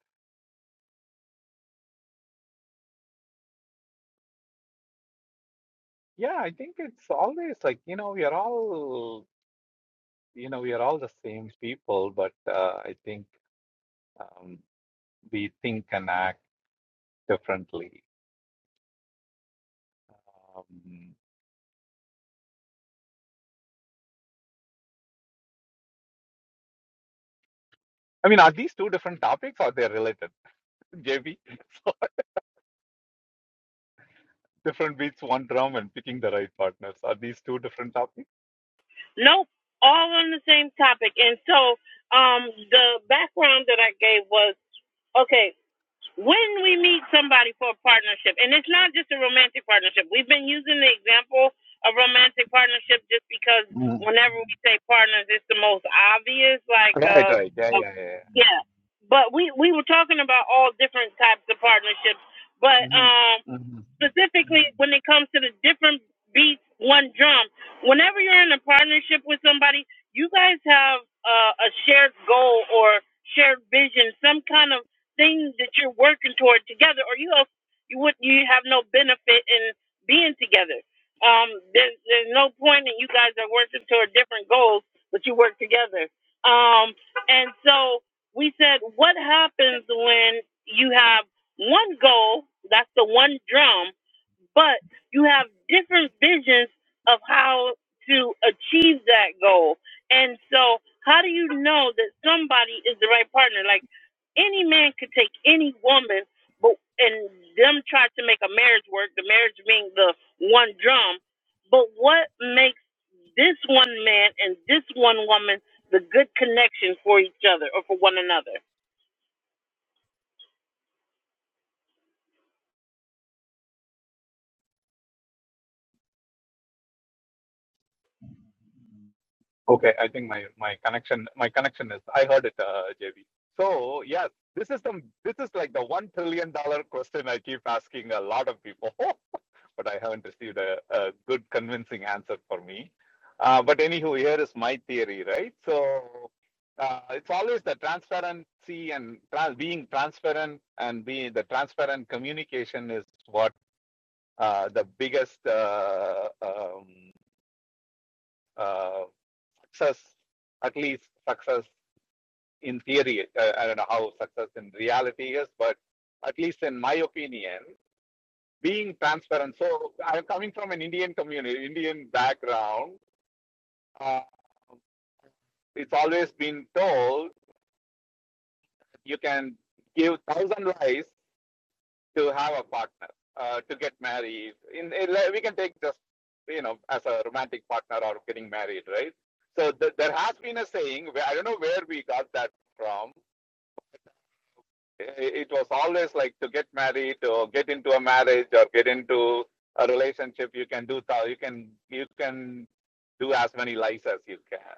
Speaker 4: yeah, I think it's always like you know we are all you know we are all the same people, but uh, I think um, we think and act differently. Um, I mean, are these two different topics or they're related, *laughs* JB? *laughs* different beats, one drum, and picking the right partners. Are these two different topics?
Speaker 1: Nope, all on the same topic. And so, um, the background that I gave was okay. When we meet somebody for a partnership, and it's not just a romantic partnership. We've been using the example of romantic partnership just because
Speaker 4: mm
Speaker 1: whenever we say partners, it's the most obvious. Like,
Speaker 4: Right,
Speaker 1: uh,
Speaker 4: right. Yeah,
Speaker 1: uh,
Speaker 4: yeah, yeah.
Speaker 1: yeah. But we we were talking about all different types of partnerships. But
Speaker 4: yeah.
Speaker 1: um,
Speaker 4: Mm-hmm.
Speaker 1: specifically when it comes to the different beats, one drum. Whenever you're in a partnership with somebody, you guys have uh, a shared goal or shared vision, some kind of thing that you're working toward together, or you else you would you have no benefit in being together. Um, there's there's no point in you guys are working toward different goals, but you work together. Um, and so we said, what happens when you have one goal, that's the one drum, but you have different visions of how to achieve that goal. And so, how do you know that somebody is the right partner? Like any man could take any woman, but and them try to make a marriage work, the marriage being the one drum. But what makes this one man and this one woman the good connection for each other or for one another?
Speaker 4: Okay, I think my my connection my connection is I heard it, uh, JB. So yes, this is the this is like the one trillion dollar question I keep asking a lot of people. *laughs* but I haven't received a, a good convincing answer for me. Uh, but anywho, here is my theory, right? So uh, it's always the transparency and trans- being transparent and being the transparent communication is what uh, the biggest uh, um, uh, success, at least success in theory. Uh, I don't know how success in reality is, but at least in my opinion, being transparent. So I'm coming from an Indian community, Indian background. Uh, it's always been told you can give thousand lies to have a partner, uh, to get married. In, in like, we can take just you know as a romantic partner or getting married, right? So th- there has been a saying. I don't know where we got that from. I- It was always like to get married or get into a marriage or get into a relationship. You can do thou. You can you can do as many lies as you can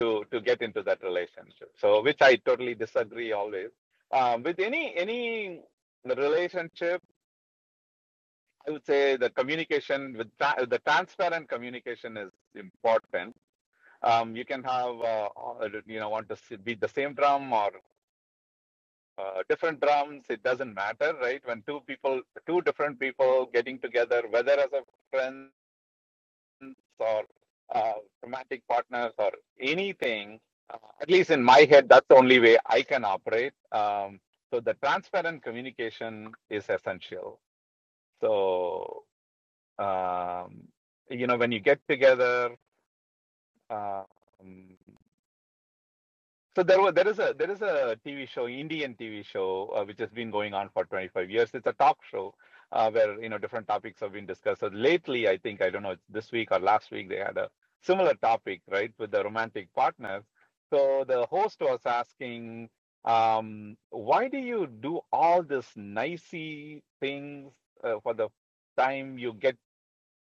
Speaker 4: to to get into that relationship so which i totally disagree always um, with any any the relationship i would say the communication with tra- the transparent communication is important um, you can have uh, uh, you know want to s- beat the same drum or uh, different drums it doesn't matter right when two people two different people getting together whether as a friend or uh, romantic partners or anything, uh, at least in my head, that's the only way I can operate. Um, so the transparent communication is essential. So, um, you know, when you get together, um, So there was there is a there is a TV show, Indian TV show, uh, which has been going on for 25 years. It's a talk show uh, where you know different topics have been discussed. So lately, I think I don't know this week or last week they had a similar topic, right, with the romantic partners. So the host was asking, um, why do you do all this nicey things uh, for the time you get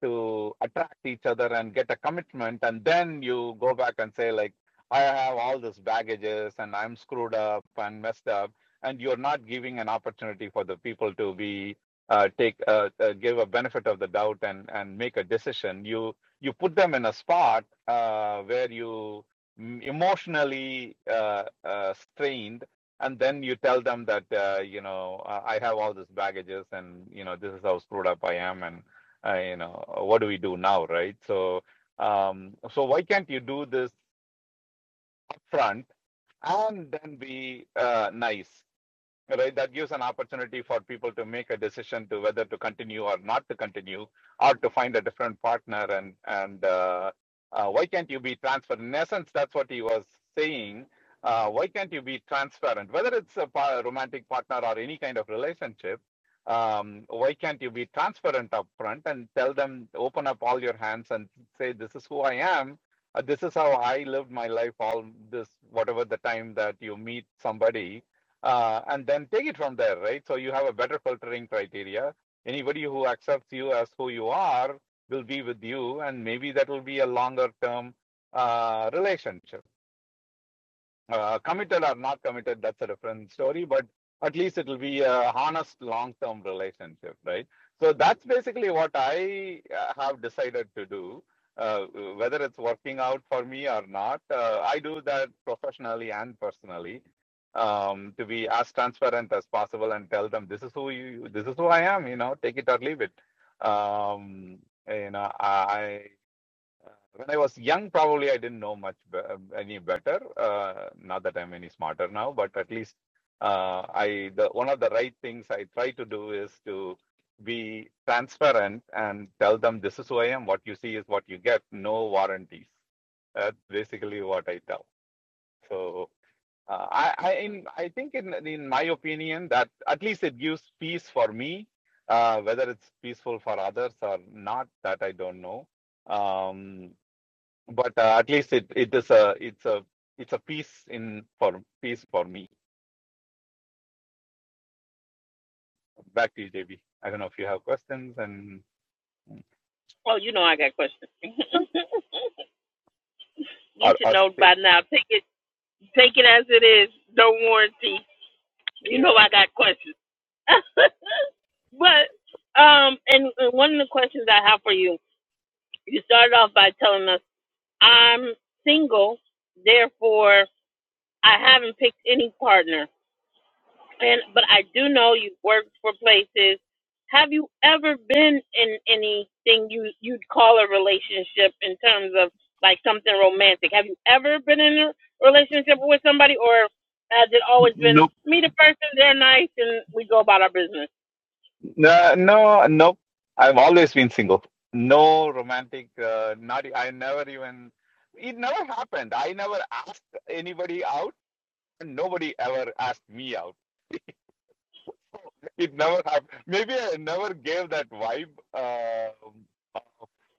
Speaker 4: to attract each other and get a commitment and then you go back and say like i have all this baggages and i'm screwed up and messed up and you're not giving an opportunity for the people to be uh, take uh, uh, give a benefit of the doubt and and make a decision you you put them in a spot uh, where you emotionally uh, uh, strained and then you tell them that uh, you know uh, i have all this baggages and you know this is how screwed up i am and uh, you know, what do we do now, right? So, um, so why can't you do this upfront and then be uh, nice? right? That gives an opportunity for people to make a decision to whether to continue or not to continue, or to find a different partner. And and uh, uh, why can't you be transparent? In essence, that's what he was saying. Uh, why can't you be transparent? Whether it's a pa- romantic partner or any kind of relationship, um, why can't you be transparent upfront and tell them, open up all your hands and say, this is who I am. Uh, this is how I lived my life all this, whatever the time that you meet somebody uh, and then take it from there, right? So you have a better filtering criteria. Anybody who accepts you as who you are will be with you, and maybe that will be a longer term uh, relationship uh, committed or not committed, that's a different story, but at least it will be a honest long term relationship, right? So that's basically what I uh, have decided to do. Uh, whether it's working out for me or not, uh, I do that professionally and personally um, to be as transparent as possible and tell them this is who you, this is who I am. You know, take it or leave it. Um, you know, I uh, When I was young, probably I didn't know much be- um, any better. Uh, not that I'm any smarter now, but at least uh, I the one of the right things I try to do is to be transparent and tell them this is who I am. What you see is what you get. No warranties. That's basically what I tell. So uh, I I, in, I think in in my opinion that at least it gives peace for me. Uh, whether it's peaceful for others or not, that I don't know. Um, but uh, at least it it is a it's a it's a piece in for piece for me. Back to you, JB. I don't know if you have questions and
Speaker 1: Oh, you know I got questions. *laughs* You
Speaker 4: or
Speaker 1: should
Speaker 4: or
Speaker 1: know
Speaker 4: stay.
Speaker 1: by now. Take it, take it as it is. No warranty. You know
Speaker 4: Yeah.
Speaker 1: I got questions. *laughs* but um, and, and one of the questions I have for you, you started off by telling us I'm single, therefore I haven't picked any partner. And but I do know you've worked for places. Have you ever been in anything you you'd call a relationship in terms of like something romantic? Have you ever been in a relationship with somebody, or has it always been
Speaker 4: Nope.
Speaker 1: meet a person, they're nice, and we go about our business?
Speaker 4: No, no, nope. I've always been single. No romantic. Uh, not. e- I never even. It never happened. I never asked anybody out, and nobody ever asked me out. It never happened. Maybe I never gave that vibe. Uh,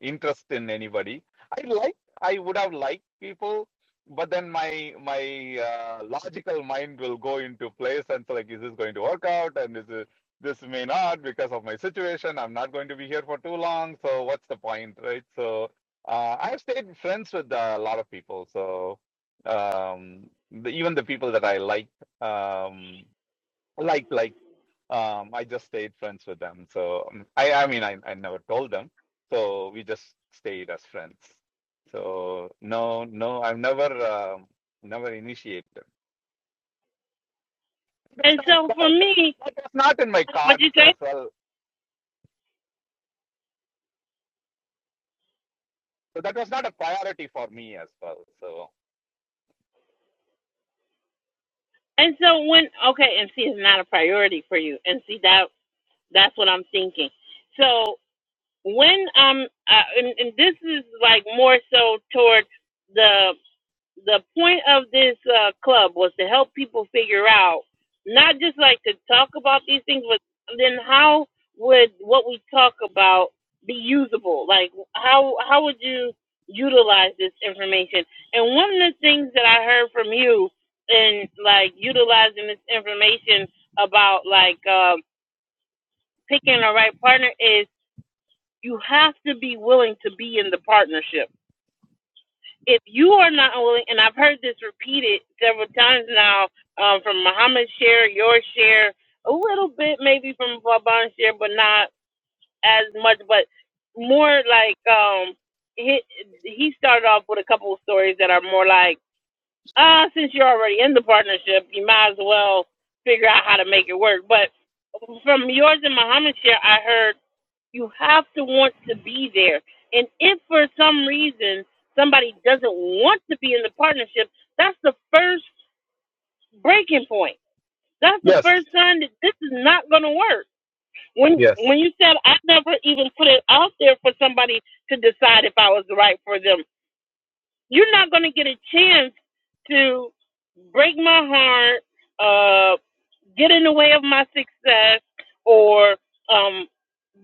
Speaker 4: interest in anybody. I like, I would have liked people, but then my my uh, logical mind will go into place and say like, is this going to work out? And is it, this may not because of my situation. I'm not going to be here for too long. So what's the point, right? So uh, I've stayed friends with uh, a lot of people. So um, the, even the people that I like, um, like like um, I just stayed friends with them. So um, I, I mean, I, I never told them. So we just stayed as friends. So no, no, I've never, um, never initiated. It was
Speaker 1: And
Speaker 4: not that,
Speaker 1: so for
Speaker 4: that
Speaker 1: me,
Speaker 4: was not in my
Speaker 1: what
Speaker 4: cards
Speaker 1: you say?
Speaker 4: as well. So that was not a priority for me as well. So
Speaker 1: And so when okay, and see, it's not a priority for you, and see that that's what I'm thinking. So when um uh, and, and this is like more so towards the the point of this uh, club was to help people figure out not just like to talk about these things but then how would what we talk about be usable like how how would you utilize this information and one of the things that i heard from you in like utilizing this information about like um picking the right partner is you have to be willing to be in the partnership. If you are not willing, and I've heard this repeated several times now um, from Muhammad's share, your share, a little bit maybe from Vaban's share, but not as much, but more like um, he, he started off with a couple of stories that are more like, ah, since you're already in the partnership, you might as well figure out how to make it work. But from yours and Muhammad's share, I heard you have to want to be there. And if for some reason somebody doesn't want to be in the partnership, that's the first breaking point. That's the
Speaker 4: yes,
Speaker 1: first sign that this is not going to work. When
Speaker 4: yes.
Speaker 1: when you said I never even put it out there for somebody to decide if I was right for them. You're not going to get a chance to break my heart, uh, get in the way of my success, or um,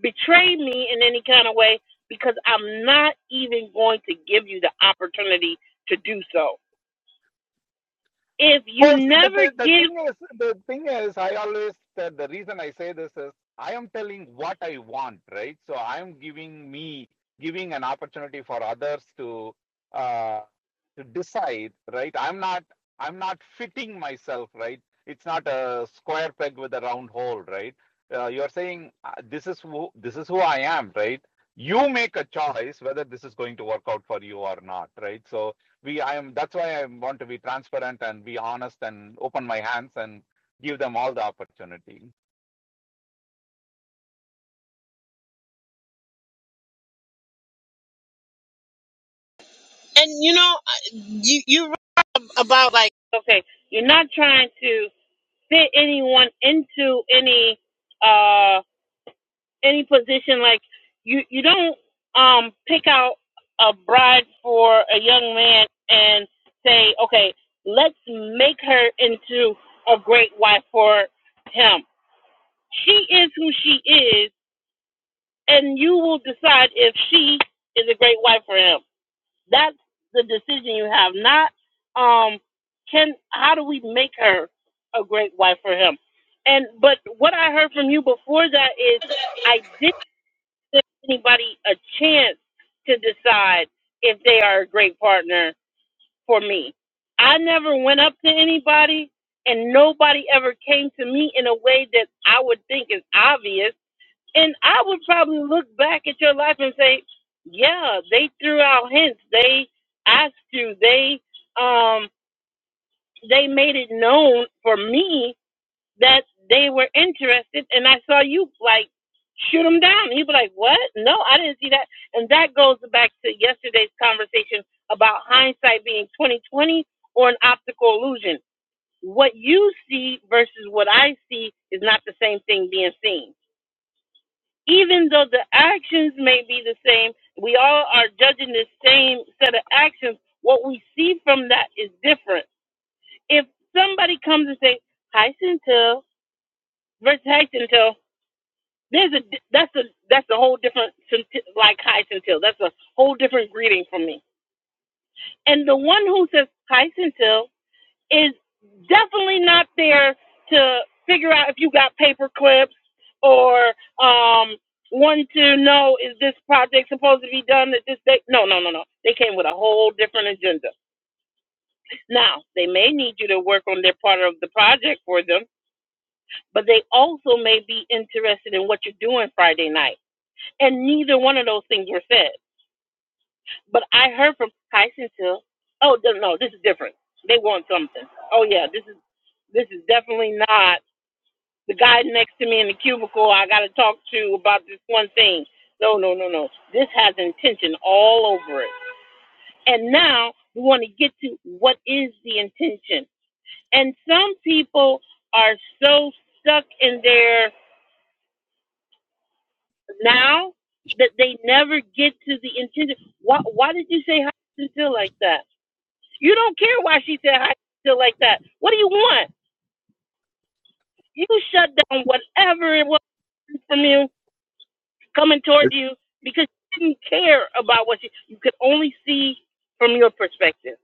Speaker 1: betray me in any kind of way because I'm not even going to give you the opportunity to do so. If
Speaker 4: Well,
Speaker 1: you
Speaker 4: see, the,
Speaker 1: never
Speaker 4: the, the
Speaker 1: give,
Speaker 4: thing is, the thing is, I always said the reason I say this is I am telling what I want, right? So I am giving me giving an opportunity for others to uh, to decide, right? I'm not I'm not fitting myself, right? It's not a square peg with a round hole, right? Uh, you're saying uh, this is who this is who I am, right? You make a choice whether this is going to work out for you or not, right? So we i am that's why i want to be transparent and be honest and open my hands and give them all the opportunity
Speaker 1: okay, you're not trying to fit anyone into any. uh, any position like you you don't um pick out a bride for a young man and say okay let's make her into a great wife for him she is who she is and you will decide if she is a great wife for him that's the decision you have not um can how do we make her a great wife for him and but what i heard from you before that is I did give anybody a chance to decide if they are a great partner for me. I never went up to anybody, and nobody ever came to me in a way that I would think is obvious. And I would probably look back at your life and say, "Yeah, they threw out hints. They asked you. They um, they made it known for me that they were interested, and I saw you like shoot them down. He would be like, "What? No, I didn't see that." And that goes back to yesterday's conversation about hindsight being twenty twenty or an optical illusion. What you see versus what I see is not the same thing being seen. Even though the actions may be the same, we all are judging the same set of actions. What we see from that is different. If somebody comes and say, "Hi, Centil," versus "Hi, Centil," There's a that's a that's a whole different centi- like Hycentil. That's a whole different greeting for me. And the one who says hi Hycentil is definitely not there to figure out if you got paper clips or um want to know is this project supposed to be done at this date? No, no, no, no. They came with a whole different agenda. Now they may need you to work on their part of the project for them, but they also may be interested in what you're doing Friday night And neither one of those things were said. But I heard from Tyson Hill, oh no, no, this is different. They want something. Oh yeah, this is this is definitely not the guy next to me in the cubicle I gotta talk to about this one thing. No, no, no, no. This has intention all over it. And now we want to get to what is the intention. And some people are so stuck in their now that they never get to the intended. Why, why did you say hi still like that? You don't care why she said hi still like that. What do you want? You shut down whatever it was from you coming toward you because you didn't care about what you, you could only see from your perspective.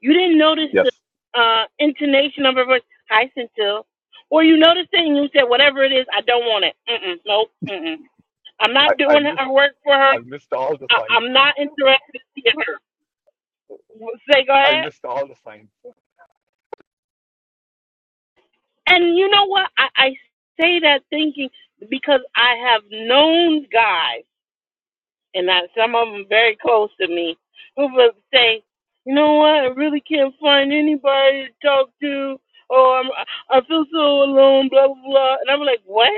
Speaker 1: You didn't notice the
Speaker 4: Yes,
Speaker 1: uh, intonation of her voice, hi Centil. Or you noticed it and you said, whatever it is, I don't want it. Mm-mm, nope, mm-mm. I'm
Speaker 4: I,
Speaker 1: not
Speaker 4: I
Speaker 1: doing
Speaker 4: missed
Speaker 1: her work for her.
Speaker 4: I missed all the
Speaker 1: I,
Speaker 4: signs.
Speaker 1: I'm not interested in theater. Say, go
Speaker 4: I
Speaker 1: ahead.
Speaker 4: missed all the signs.
Speaker 1: And you know what? I, I say that thinking because I have known guys, and I, some of them very close to me, who will say, you know what? I really can't find anybody to talk to. Oh, I'm, I feel so alone, blah, blah, blah. And I'm like, what?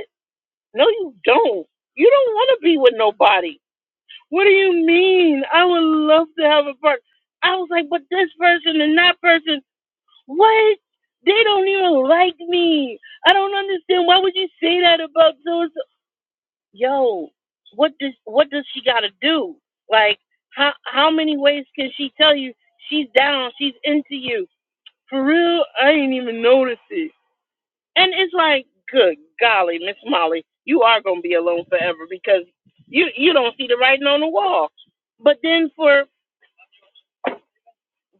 Speaker 1: No, you don't. You don't want to be with nobody. What do you mean? I would love to have a partner. I was like, but this person and that person. What? They don't even like me. I don't understand. Why would you say that about so and so? Yo, what does what does she gotta do? Like, how how many ways can she tell you she's down, she's into you? For real, I ain't even notice it. And it's like, good golly, Miss Molly, you are gonna be alone forever because you you don't see the writing on the wall. But then for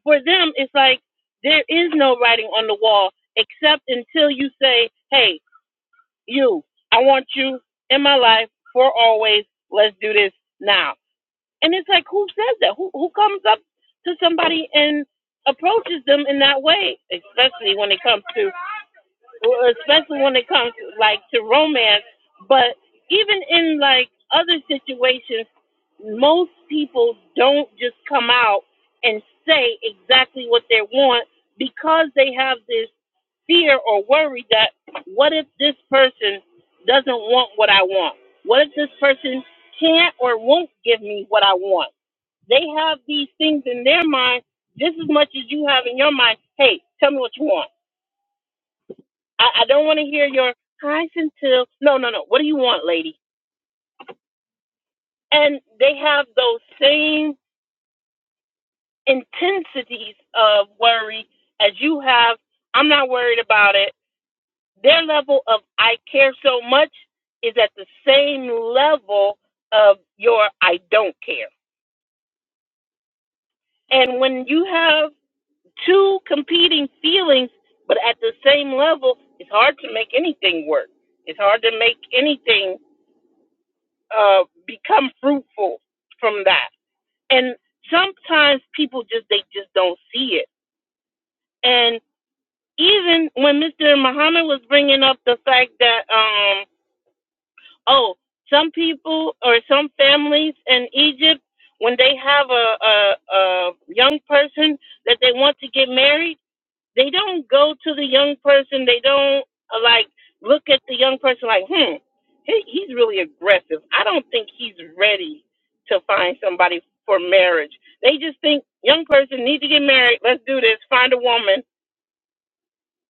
Speaker 1: for them, it's like there is no writing on the wall except until you say, "Hey, you, I want you in my life for always. Let's do this now." And it's like, who says that? Who who comes up to somebody and approaches them in that way, especially when it comes to well, especially when it comes like to romance. But even in like other situations, most people don't just come out and say exactly what they want because they have this fear or worry that what if this person doesn't want what I want? What if this person can't or won't give me what I want? They have these things in their mind just as much as you have in your mind. Hey, tell me what you want I, I don't want to hear your highs until no, no, no. What do you want, lady? And they have those same intensities of worry as you have. I'm not worried about it. Their level of I care so much is at the same level of your I don't care. And when you have two competing feelings, but at the same level, it's hard to make anything work. It's hard to make anything uh, become fruitful from that. And sometimes people just they just don't see it. And even when Mr. Muhammad was bringing up the fact that um oh some people or some families in Egypt when they have a a, a young person that they want to get married They don't go to the young person. They don't uh, like look at the young person like, hmm, he, he's really aggressive. I don't think he's ready to find somebody for marriage. They just think young person need to get married. Let's do this. Find a woman.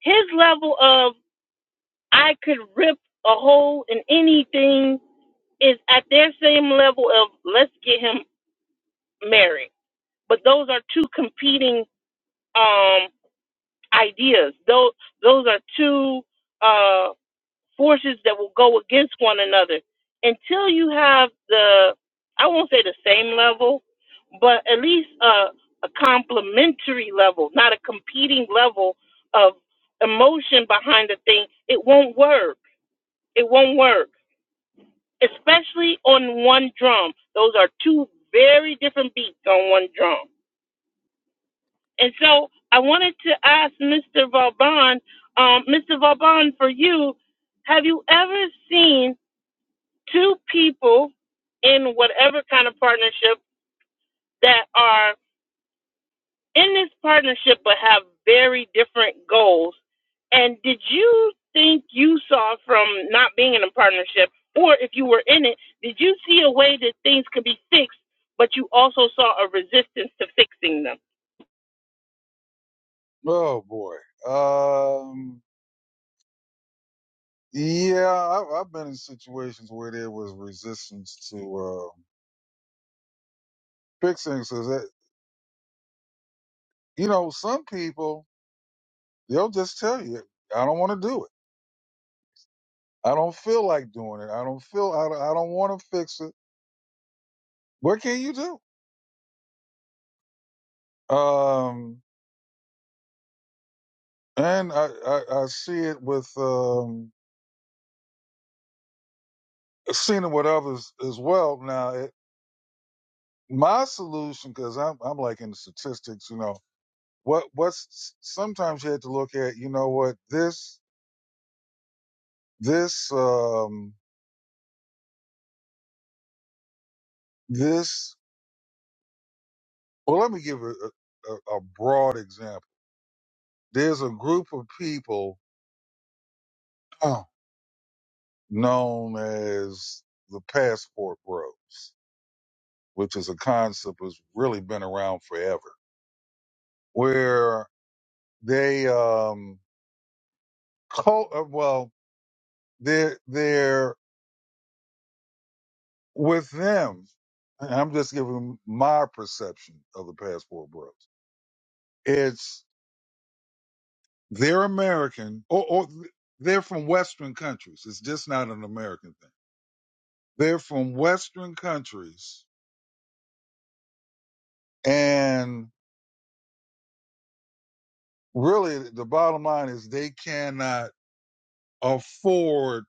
Speaker 1: His level of I could rip a hole in anything is at their same level of let's get him married. But those are two competing um ideas. Those those are two uh, forces that will go against one another until you have the i won't say the same level but at least a, a complementary level not a competing level of emotion behind the thing it won't work it won't work especially on one drum those are two very different beats on one drum and so i wanted to ask mr vauban um, mr vauban for you have you ever seen two people in whatever kind of partnership that are in this partnership but have very different goals. And did you think you saw from not being in a partnership, or if you were in it, did you see a way that things could be fixed, but you also saw a resistance to fixing them?
Speaker 2: Oh boy. Um. Yeah, I, I've been in situations where there was resistance to uh, fixing. So that you know, some people they'll just tell you, "I don't want to do it. I don't feel like doing it. I don't feel. I, don't- I don't want to fix it." What can you do? Um. And I, I, I see it with um, I've seen it with others as well. Now, it, my solution, because I'm I'm like in the statistics, you know. What what's sometimes you had to look at, you know what, this this um this well let me give a, a, a broad example. There's a group of people uh, known as the passport bros, which is a concept that's really been around forever, where they um co- uh, well they're they're with them I'm just giving my perception of the passport bros. It's They're American, or, or they're from Western countries. It's just not an American thing. They're from Western countries, and really, the bottom line is they cannot afford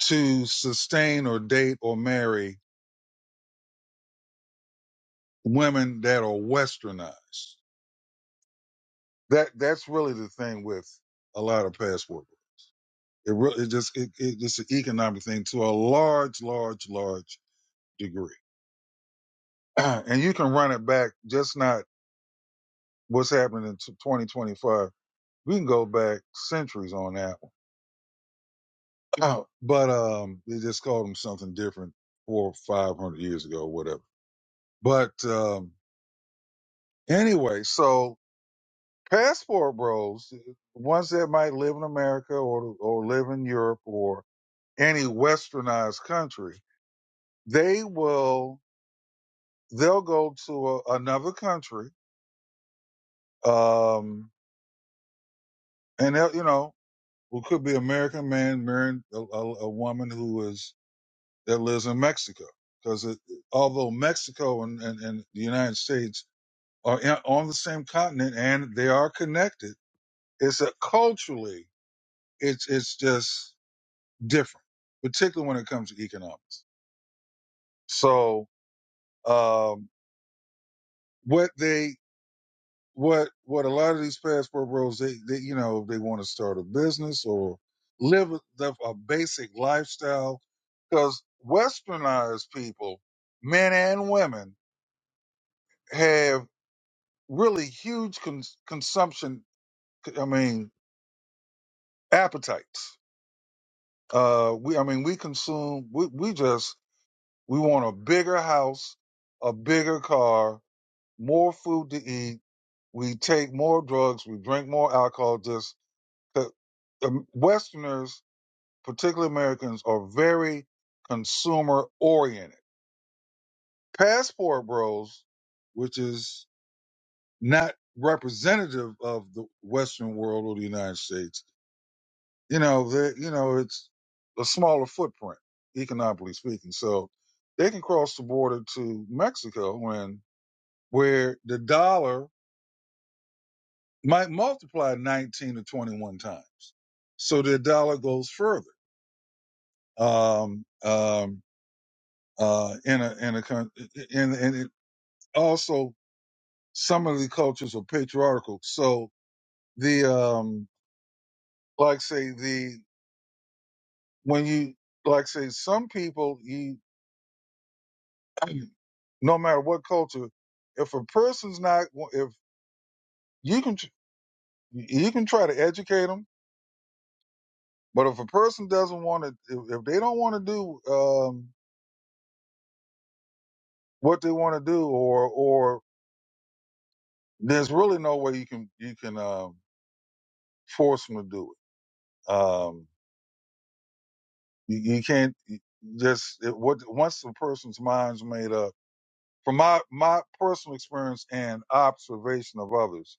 Speaker 2: to sustain or date or marry women that are westernized. That that's really the thing with a lot of past work. It really it just it, it it's an economic thing to a large, large, large degree. *clears throat* and you can run it back, just not what's happening in 2025. We can go back centuries on that one. *clears throat* but um, they just called them something different four or 500 years ago, whatever. But um, anyway, so passport bros, the ones that might live in America or, or live in Europe or any westernized country, they will, they'll go to a, another country. Um, and they'll, you know, who could be American man marrying a, a, a woman who is that lives in Mexico. Because it, although Mexico and, and, and the United States are in, on the same continent and they are connected, it's a culturally, it's it's just different, particularly when it comes to economics. So um, what they what what a lot of these passport bros they, they you know they want to start a business or live a, the- a basic lifestyle because westernized people men and women have really huge cons- consumption. I mean, appetites. Uh, we, I mean, we consume. We, we just we want a bigger house, a bigger car, more food to eat. We take more drugs. We drink more alcohol. Just the, the Westerners, particularly Americans, are very consumer oriented. Passport Bros, which is not representative of the Western world or the United States you know, they, you know, it's a smaller footprint, economically speaking. So they can cross the border to Mexico when where the dollar might multiply 19 to 21 times. So the dollar goes further. Um, um, uh, in a, in a, coun- in, and it also some of the cultures are patriarchal. So the, um, like say the, when you, like say some people, you. *clears throat* no matter what culture, if a person's not, if you can, you can try to educate them, but if a person doesn't want to, if, if they don't want to do um, what they want to do, or or there's really no way you can you can um, force them to do it. Um, you, you can't just it, what once the person's mind's made up. From my my personal experience and observation of others,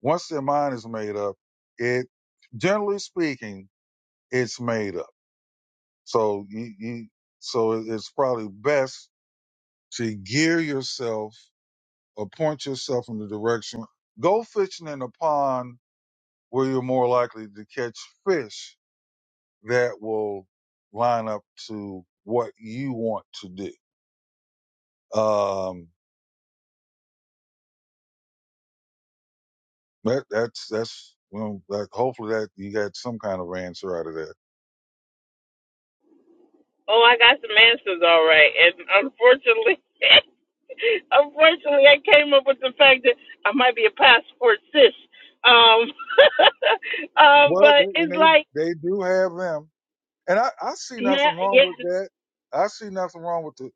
Speaker 2: once their mind is made up, it generally speaking it's made up. So you, you so it's probably best to gear yourself, appoint yourself in the direction. Go fishing in a pond where you're more likely to catch fish that will line up to what you want to do. Um, that that's that's you know, that hopefully that you got some kind of answer out of that.
Speaker 1: Oh, I got some answers all right. And unfortunately, *laughs* Unfortunately, I came up with the fact that I might be a passport sis. Um, *laughs* um,
Speaker 2: Well, they,
Speaker 1: but
Speaker 2: and
Speaker 1: it's
Speaker 2: they
Speaker 1: like,
Speaker 2: they do have them, and I I see
Speaker 1: yeah,
Speaker 2: nothing wrong
Speaker 1: yeah,
Speaker 2: with that. I see nothing wrong with the.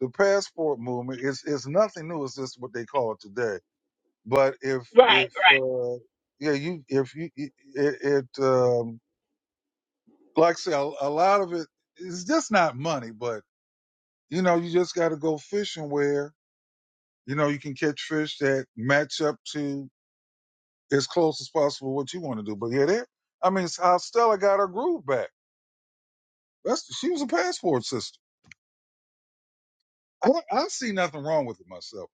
Speaker 2: the passport movement is is nothing new. It's just what they call it today. But if
Speaker 1: right,
Speaker 2: if
Speaker 1: right.
Speaker 2: uh, yeah, you if you it, it um, like I say a, a lot of it is just not money, but you know you just got to go fishing where you know you can catch fish that match up to as close as possible what you want to do. But yeah, that I mean, it's how Stella got her groove back. That's she was a passport sister. I, don't- I see nothing wrong with it myself.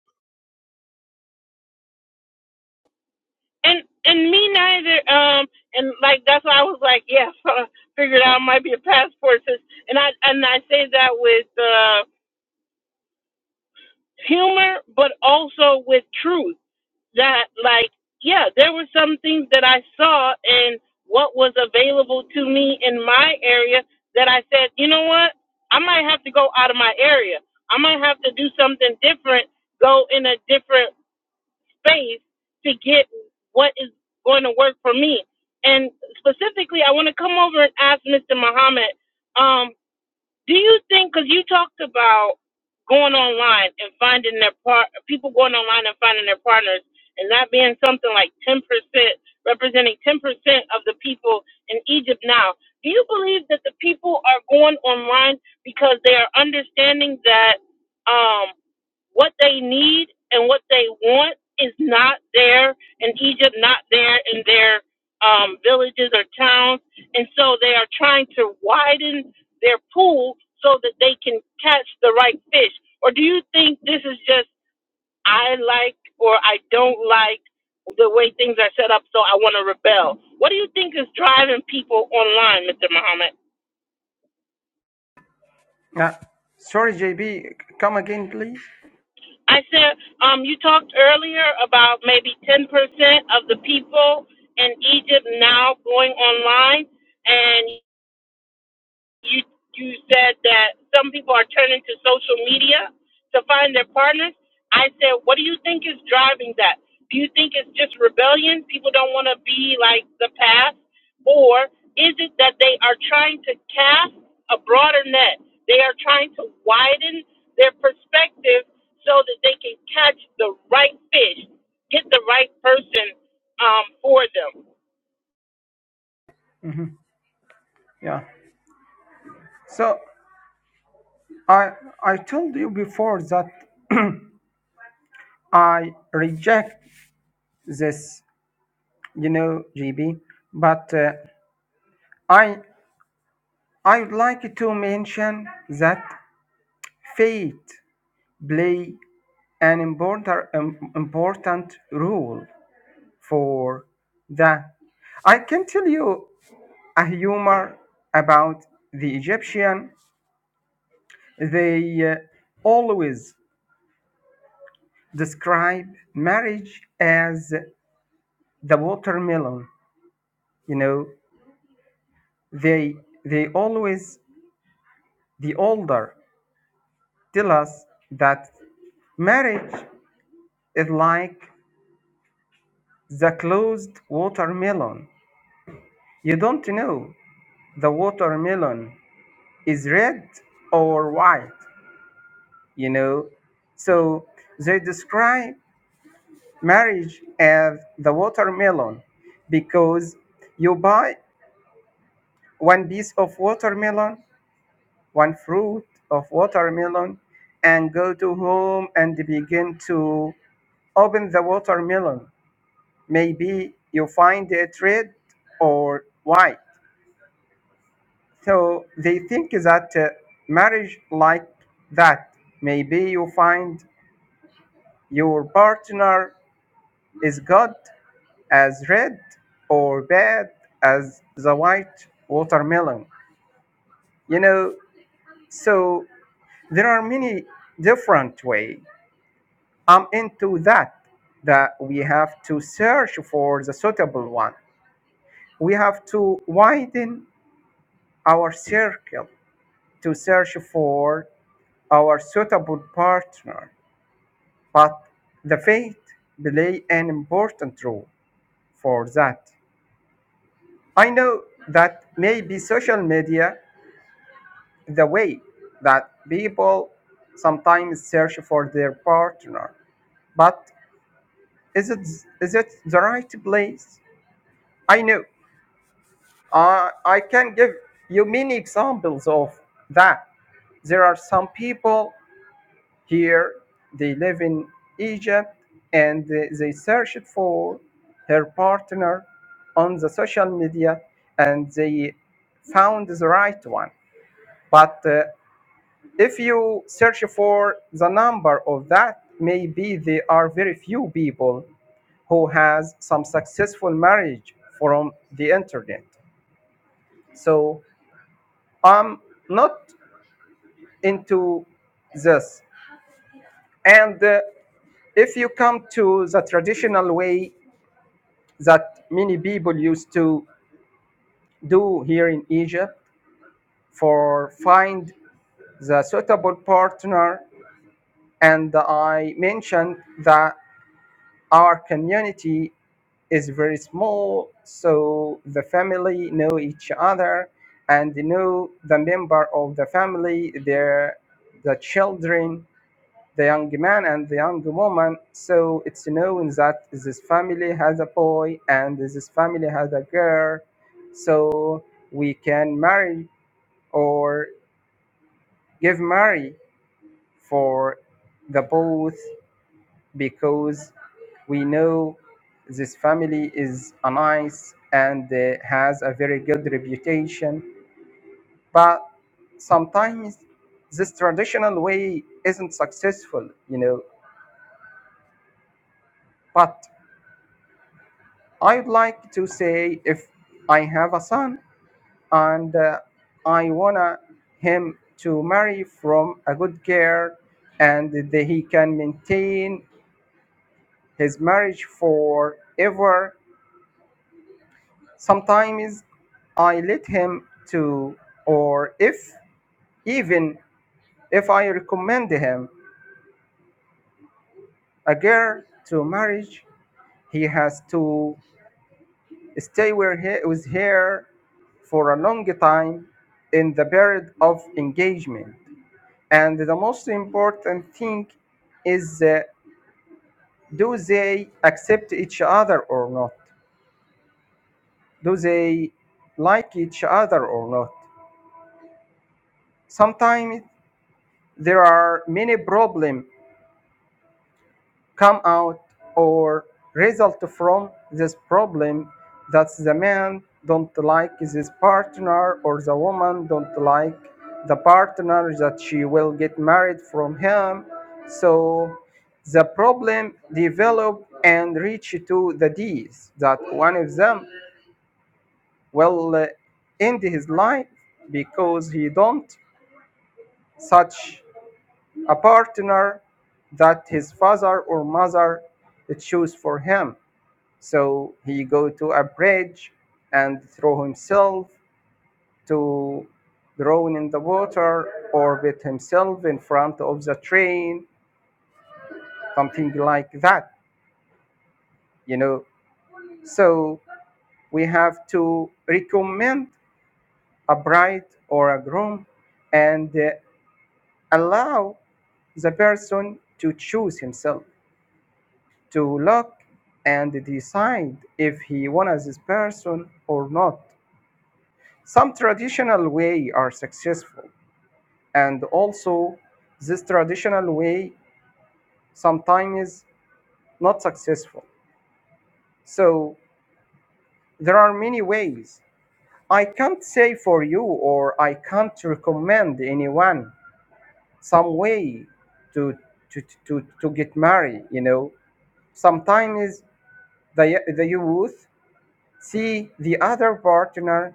Speaker 1: And and me neither. Um, and like that's why I was like, yeah, *laughs* figured out I might be a passport sis. And I and I say that with uh, humor, but also with truth that like yeah there were some things that i saw and what was available to me in my area that i said you know what i might have to go out of my area i might have to do something different go in a different space to get what is going to work for me and specifically i want to come over and ask mr muhammad um, do you think, because you talked about going online and finding their part, people going online and finding their partners, and that being something like 10%, representing 10% of the people in Egypt now. Do you believe that the people are going online because they are understanding that? um, what they need and what they want is not there in Egypt, not there in their um, villages or towns. And so they are trying to widen their pool so that they can catch the right fish. Or do you think this is just I like or I don't like the way things are set up, so I want to rebel? What do you think is driving people online, Mr. Muhammad?
Speaker 3: Yeah. Sorry, JB, come again, please.
Speaker 1: I said, um, you talked earlier about maybe 10% of the people in Egypt now going online, and you you said that some people are turning to social media to find their partners. I said, what do you think is driving that? Do you think it's just rebellion? People don't want to be like the past, or is it that they are trying to cast a broader net? They are trying to widen their perspective so that they can catch the right fish, get the right person um, for them.
Speaker 3: Yeah. So I I told you before that I reject this, you know, GB. But uh, I I would like to mention that faith play an important um, important role for the. I can tell you a humor about the Egyptian. They uh, always describe marriage as the watermelon. You know, they they always the older tell us that marriage is like the closed watermelon. You don't know the watermelon is red or white, you know. So they describe marriage as the watermelon because you buy one piece of watermelon, one fruit of watermelon, and go to home and begin to open the watermelon maybe you find it red or white. So they think that uh, marriage like that, maybe you find your partner is good as red or bad as the white watermelon. You know, so there are many different way. I'm into that that we have to search for the suitable one. We have to widen our circle to search for our suitable partner, but the faith play an important role for that. I know that maybe social media, the way that people sometimes search for their partner, but is it is it the right place? I know. Uh, I can give you many examples of that. There are some people Here they live in Egypt and they searched for her partner on the social media and they found the right one. But uh, if you search for the number of that, maybe there are very few people who has some successful marriage from the internet. So I'm not into this. And uh, if you come to the traditional way that many people used to do here in Egypt for find the suitable partner. And I mentioned that our community is very small, so the family know each other and know the member of the family, their the children. the young man and the young woman. So it's known that this family has a boy and this family has a girl. So we can marry or give marry for the both because we know this family is a nice and uh, has a very good reputation. But sometimes this traditional way isn't successful, you know. But I'd like to say if I have a son and uh, I wanna him to marry from a good girl and that he can maintain his marriage forever. Sometimes I let him to or if even if I recommend him a girl to marriage, he has to Stay were he- with her for a long time in the period of engagement. And the most important thing is uh, do they accept each other or not? Do they like each other or not? Sometimes there are many problems come out or result from this problem that the man don't like his partner or the woman don't like the partner that she will get married from him so the problem develop and reach to the D's that one of them will uh, end his life because he don't such a partner that his father or mother choose for him So he go to a bridge and throw himself to drown in the water, or with himself in front of the train, something like that, you know. So we have to recommend a bride or a groom and uh, allow the person to choose himself to look and decide if he wants this person or not Some traditional way are successful, and also this traditional way sometimes not successful. So there are many ways. I can't say for you, or I can't recommend anyone some way to to to, to get married. You know, sometimes the the youth see the other partner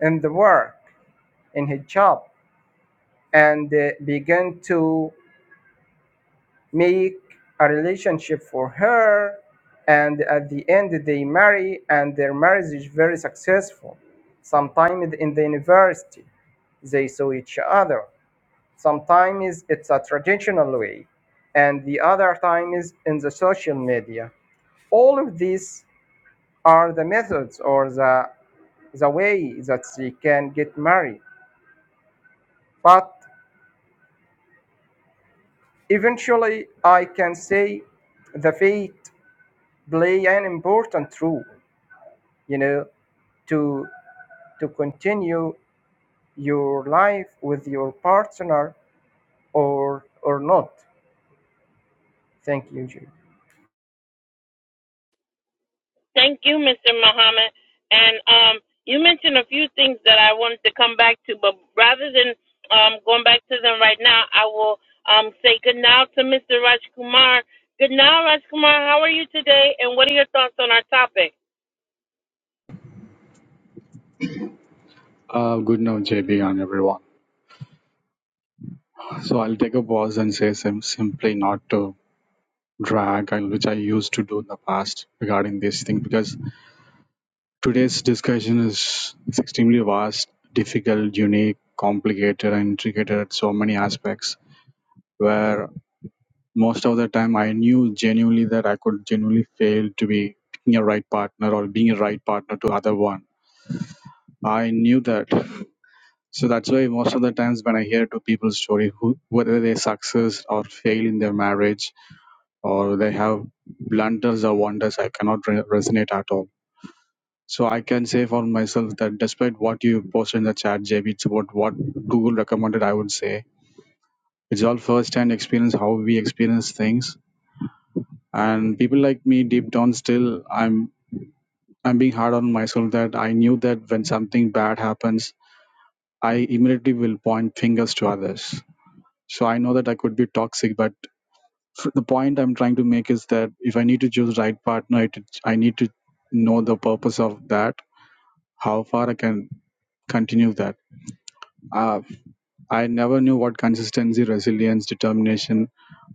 Speaker 3: in the work in his job and uh, begin to make a relationship for her and at the end they marry and their marriage is very successful sometimes in the university they saw each other sometimes it's a traditional way and the other time is in the social media all of these are the methods or the the way that they can get married but eventually i can say the fate play an important role you know to to continue your life with your partner or or not thank you Jude.
Speaker 1: Thank you, Mr. Muhammad. And um, you mentioned a few things that I wanted to come back to, but rather than um, going back to them right now, I will um, say good now to Mr. Rajkumar. Good now, Rajkumar. How are you today? And what are your thoughts on our topic?
Speaker 5: Uh, good now, JB, and everyone. So I'll take a pause and say sim- simply not to drag, and which I used to do in the past regarding this thing, because today's discussion is extremely vast, difficult, unique, complicated, and intricate at so many aspects. Where most of the time I knew genuinely that I could genuinely fail to be picking a right partner or being a right partner to other one. I knew that So that's why most of the times when I hear to people's story, who, whether they success or fail in their marriage or they have blunders or wonders, I cannot re- resonate at all. So I can say for myself that despite what you posted in the chat, JB, it's about what Google recommended. I would say it's all first-hand experience, how we experience things, and people like me, deep down, still I'm I'm being hard on myself that I knew that when something bad happens, I immediately will point fingers to others so i know that i could be toxic but f- the point i'm trying to make is that if i need to choose the right partner it, i need to know the purpose of that how far i can continue that uh, i never knew what consistency resilience determination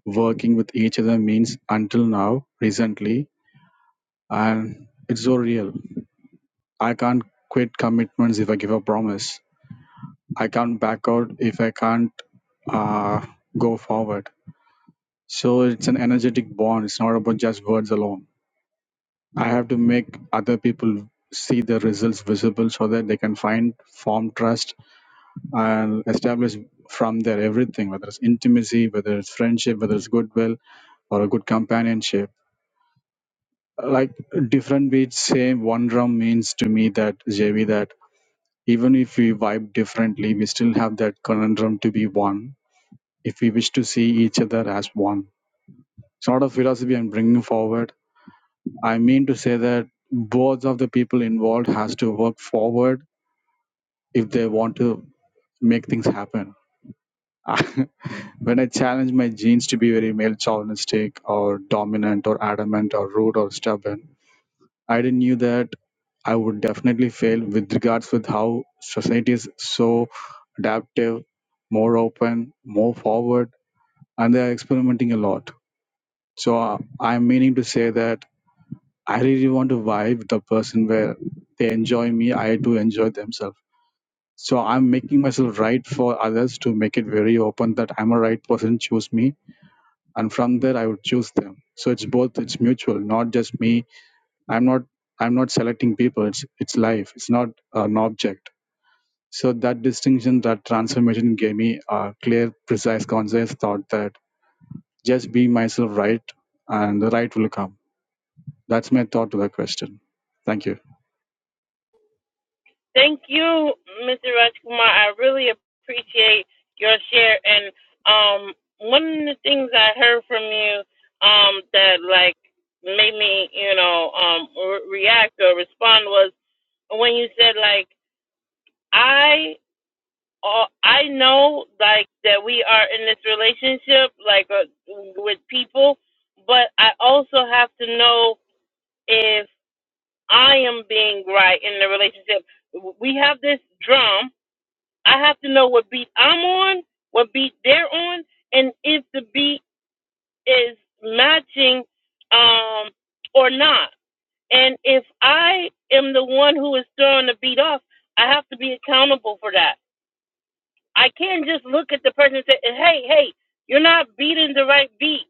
Speaker 5: working with each other means until now recently and it's so real i can't quit commitments if i give a promise i can't back out if i can't uh, go forward So it's an energetic bond. It's not about just words alone. I have to make other people see the results visible so that they can find, form trust, and establish from there everything, whether it's intimacy, whether it's friendship, whether it's goodwill, or a good companionship. Like different beats, same one drum means to me that JV that even if we vibe differently, we still have that conundrum to be one. If we wish to see each other as one, sort of philosophy I'm bringing forward I mean to say that both of the people involved has to work forward if they want to make things happen. *laughs* when I challenge my genes to be very male chauvinistic or dominant or adamant or rude or stubborn, I didn't knew that I would definitely fail with regards with how society is so adaptive, more open, more forward, and they are experimenting a lot. So uh, I'm meaning to say that I really want to vibe with the person where they enjoy me, I do enjoy themselves. So I'm making myself right for others to make it very open that I'm a right person, choose me. And from there I would choose them. So it's both it's mutual, not just me. I'm not I'm not selecting people. It's it's life. It's not an object. So that distinction, that transformation gave me a clear, precise, concise thought that just be myself right and the right will come. That's my thought to that question. Thank you.
Speaker 1: Thank you, Mr. Rajkumar. I really appreciate your share. And um, one of the things I heard from you um, that like made me, you know, um, re- react or respond was when you said like I uh, I know like that we are in this relationship like uh, with people, but I also have to know if I am being right in the relationship. We have this drum. I have to know what beat I'm on, what beat they're on, and if the beat is matching um or not. And if I am the one who is throwing the beat off, I have to be accountable for that I can't just look at the person and say, "Hey, hey, you're not beating the right beat."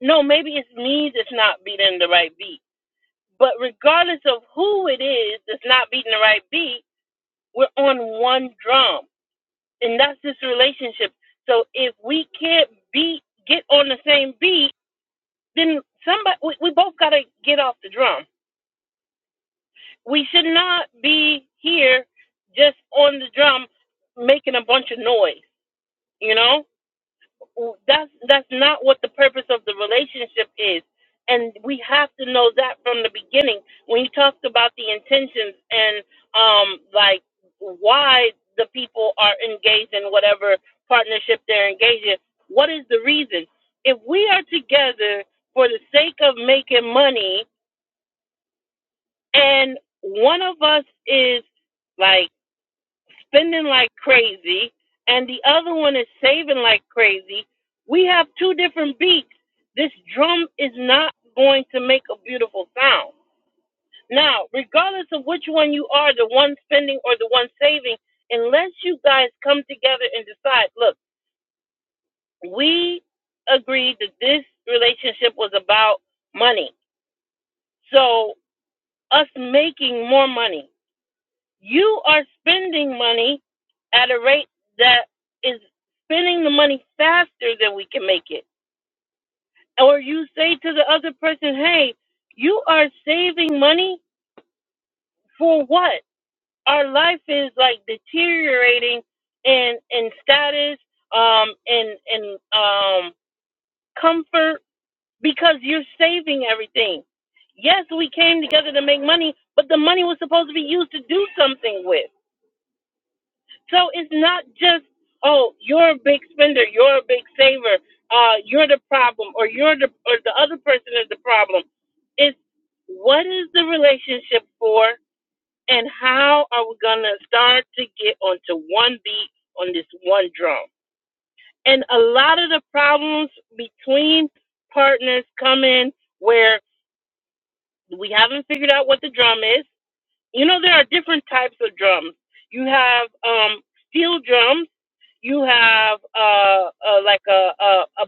Speaker 1: No, maybe it's me that's not beating the right beat. But regardless of who it is that's not beating the right beat, we're on one drum, and that's this relationship. So if we can't beat, get on the same beat, then somebody we, we both got to get off the drum. We should not be here just on the drum making a bunch of noise. You know Well, that's that's not what the purpose of the relationship is and we have to know that from the beginning when you talked about the intentions and um like why the people are engaged in whatever partnership they're engaged in what is the reason if we are together for the sake of making money and one of us is like spending like crazy, and the other one is saving like crazy. We have two different beats. This drum is not going to make a beautiful sound. Now, regardless of which one you are, the one spending or the one saving, unless you guys come together and decide, look, we agreed that this relationship was about money. So, us making more money. You are spending money at a rate that is spending the money faster than we can make it. Or you say to the other person, hey, you are saving money for what? Our life is like deteriorating in in status, um, in in um comfort because you're saving everything. Yes, we came together to make money, but the money was supposed to be used to do something with. So it's not just, oh, you're a big spender, you're a big saver, uh, you're the problem, or you're the or the other person is the problem. It's what is the relationship for, and how are we gonna start to get onto one beat on this one drum? And a lot of the problems between partners come in where we haven't figured out what the drum is you know, there are different types of drums. You have um, steel drums. You have uh, uh, like a, a a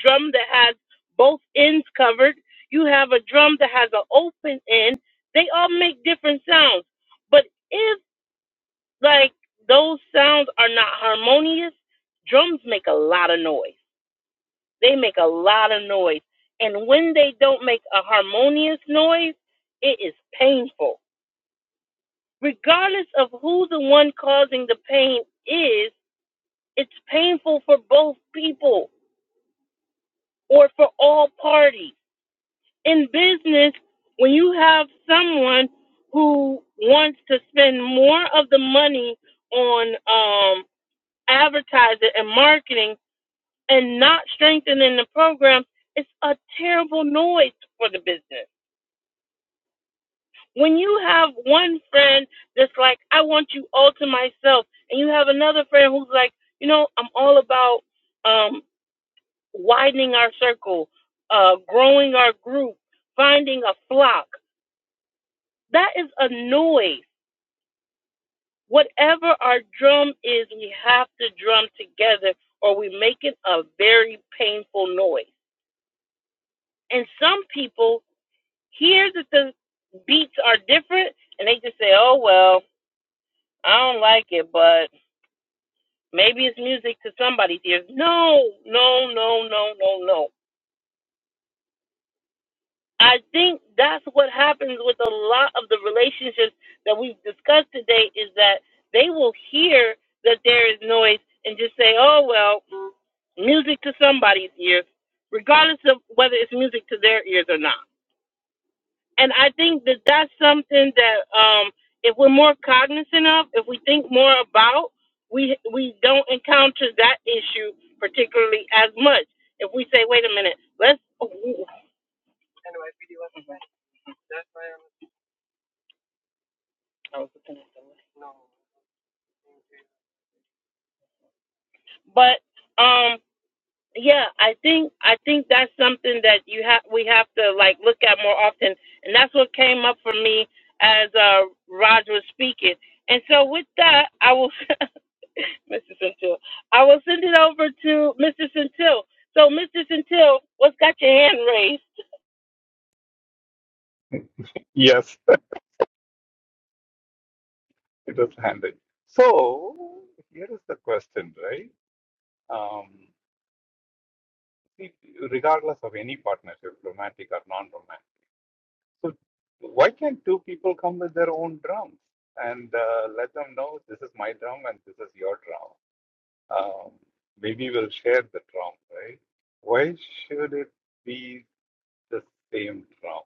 Speaker 1: drum that has both ends covered. You have a drum that has an open end. They all make different sounds. But if like those sounds are not harmonious, drums make a lot of noise. They make a lot of noise. And when they don't make a harmonious noise, it is painful Regardless of who the one causing the pain is, it's painful for both people or for all parties. In business, when you have someone who wants to spend more of the money on um, advertising and marketing and not strengthening the program, it's a terrible noise for the business. when you have one friend that's like, I want you all to myself, and you have another friend who's like, you know, I'm all about um, widening our circle, uh, growing our group, finding a flock. That is a noise. Whatever our drum is, we have to drum together or we make it a very painful noise. And some people hear that the beats are different and they just say, oh, well, I don't like it, but Maybe it's music to somebody's ears. No, no, no, no, no, no. I think that's what happens with a lot of the relationships that we've discussed today is that they will hear that there is noise and just say, oh, well, music to somebody's ears, regardless of whether it's music to their ears or not. and I think that that's something that um, if we're more cognizant of, if we think more about, we we don't encounter that issue particularly as much. If we say, wait a minute, let's. Oh, ooh. But um, yeah, I think I think that's something that you have we have to like look at more often, and that's what came up for me as uh, Roger was speaking. And so with that, I will. *laughs* *laughs* Mr. Centil. I will send it over to Mr. Centil. So, Mr. Centil, what's got your hand raised?
Speaker 4: Yes, it was handed. So here is the question, right? Um, see, regardless of any partnership, romantic or non-romantic, so why can't two people come with their own drums and uh, let them know this is my drum and this is your drum? um, maybe will share the trauma, right? Why should it be the same trauma?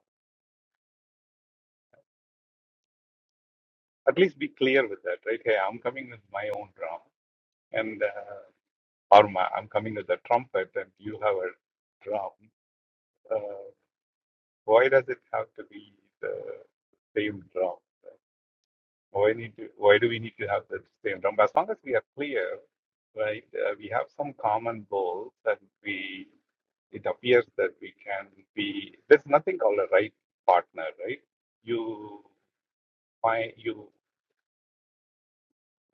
Speaker 4: At least be clear with that, right? Hey, I'm coming with my own drum, and uh, or my, I'm coming with a trumpet, and you have a drum. Uh, why does it have to be the same drum? right? Why need to, Why do we need to have the same drum? As long as we are clear, right? Uh, we have some common goals that we it appears that we can be there's nothing called a right partner right you find you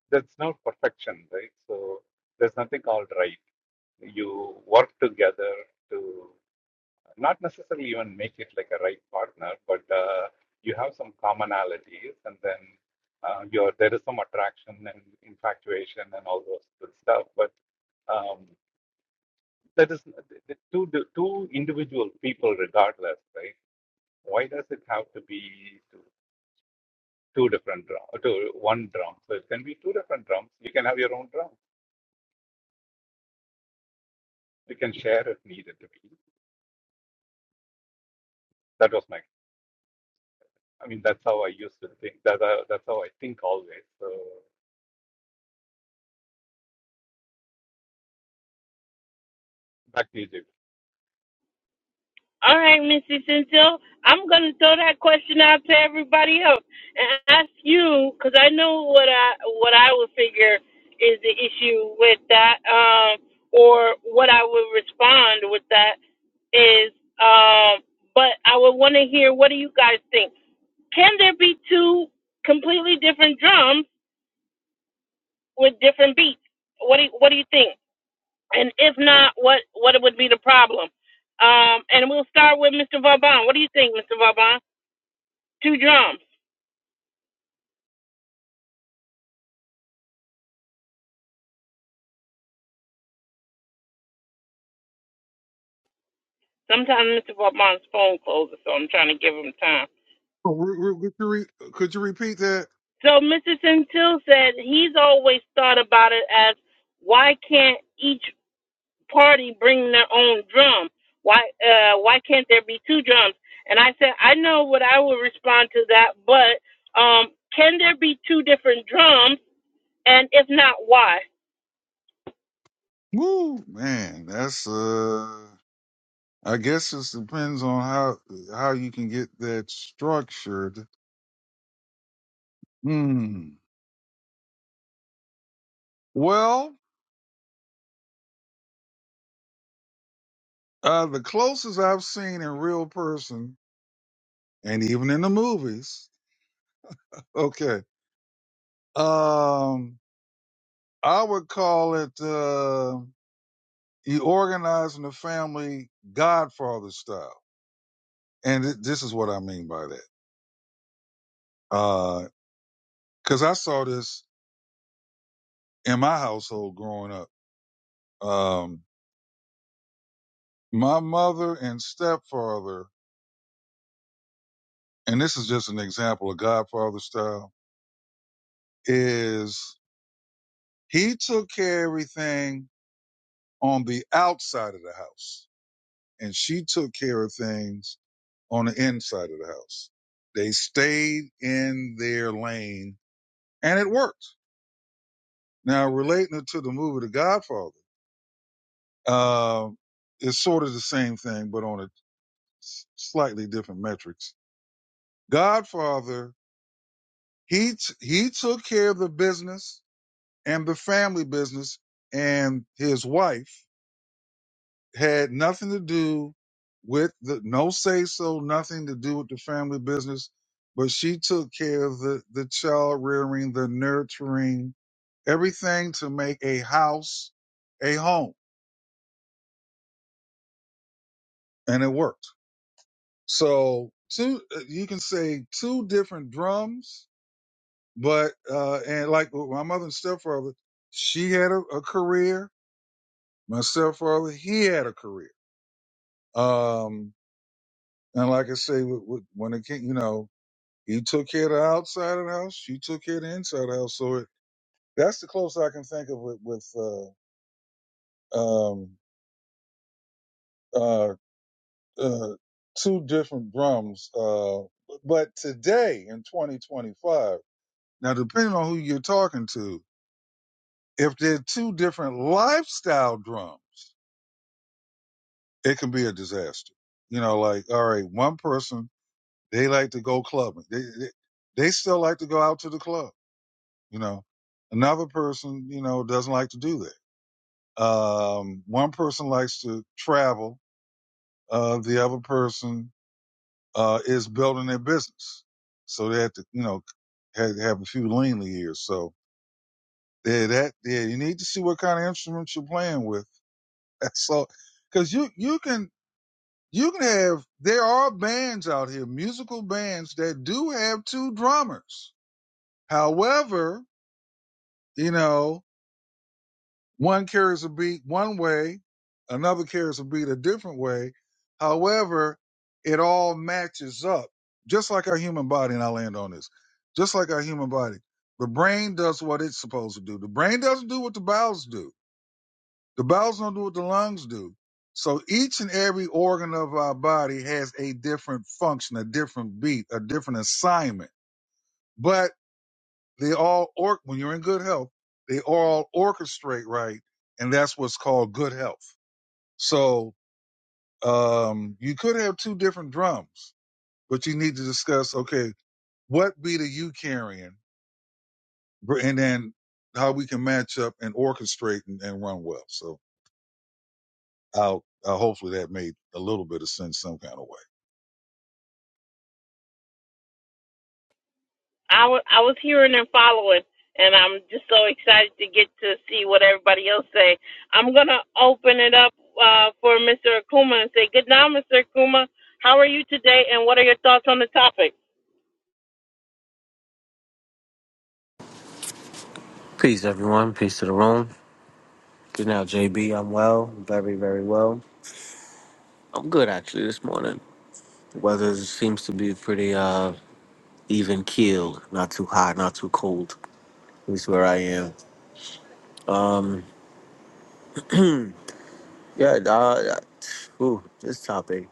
Speaker 4: there's no perfection right so there's nothing called right you work together to not necessarily even make it like a right partner but uh, you have some commonalities and then uh, you're, there is some attraction and infatuation and all those good stuff but um, that is the two the two individual people regardless right why does it have to be two, two different drums, to one drum? So it can be two different drums. You can have your own drum. You can share if needed to be. That was my, I mean, that's how I used to think. That, that- that's how I think always. So back to you, Jim.
Speaker 1: All right, Mr. Centil, I'm going to throw that question out to everybody else and ask you because I know what I what I would figure is the issue with that, um, or what I would respond with that is. Um, but I would want to hear what do you guys think? Can there be two completely different drums? with different beats. What do you, what do you think? And if not, what what would be the problem? Um, and we'll start with Mr. Vauban. What do you think, Mr. Vauban? Two drums. Sometimes Mr. Vauban's phone closes, so I'm trying to give him time.
Speaker 2: Re- re- Could you re- could you repeat that?
Speaker 1: So Mr. Centil said he's always thought about it as why can't each party bring their own drum? Why uh, why can't there be two drums? And I said I know what I would respond to that, but um, can there be two different drums? And if not, why?
Speaker 2: Woo, man, that's uh. I guess it depends on how how you can get that structured. Hmm. Well, uh, the closest I've seen in real person, and even in the movies. Okay. Um, I would call it uh, you organizing the family Godfather style, and th- this is what I mean by that. Because I saw this in my household growing up. Um, My mother and stepfather, and this is just an example of Godfather style, is he took care of everything on the outside of the house, and she took care of things on the inside of the house. They stayed in their lane, and it worked. Now, relating it to the movie The Godfather, uh, it's sort of the same thing, but on a slightly different metrics. Godfather, he t- he took care of the business and the family business and his wife had nothing to do with the no say so, nothing to do with the family business, but she took care of the, the child rearing, the nurturing, everything to make a house a home. And it worked. So two, uh, you can say two different drums, but, uh, and like with my mother and stepfather, she had a, a career. My stepfather, he had a career. Um, And like I say, with, with, when it came, you know, he took care of the outside of the house. She took care of the inside of the house. So it, that's the closest I can think of with, with uh, um, uh, uh, two different drums. Uh, but today in 2025, now depending on who you're talking to, if they're two different lifestyle drums, it can be a disaster. You know, like, all right, one person, they like to go clubbing. They, they, they still like to go out to the club You know, another person, you know, doesn't like to do that. Um, one person likes to travel. Uh, the other person, uh, is building their business. So they have to, you know, have, have a few leanly years. So yeah, that, yeah, you need to see what kind of instruments you're playing with. *laughs* That's all. Cause you, you can, you can have, there are bands out here, musical bands that do have two drummers. However, you know, One carries a beat one way, another carries a beat a different way. However, it all matches up, just like our human body, and I land on this, just like our human body. The brain does what it's supposed to do. The brain doesn't do what the bowels do. The bowels don't do what the lungs do. So each and every organ of our body has a different function, a different beat, a different assignment. But they all or when you're in good health, they all orchestrate right, and that's what's called good health. So um, you could have two different drums, but you need to discuss okay, what beat are you carrying, and then how we can match up and orchestrate and, and run well. So I'll, i hopefully that made a little bit of sense some kind of way.
Speaker 1: I w- I was hearing and following, and I'm just so excited to get to see what everybody else say. I'm gonna open it up uh, for Mr. Akuma and say good night, Mr. Akuma. How are you today, and what are your thoughts on the topic?
Speaker 6: Peace, everyone. Peace to the room. Good now, JB. I'm well, very, very well. I'm good actually this morning. The weather seems to be pretty uh even keel, not too hot, not too cold. At least where I am. Um, *clears throat* yeah. Uh, uh, ooh, this topic.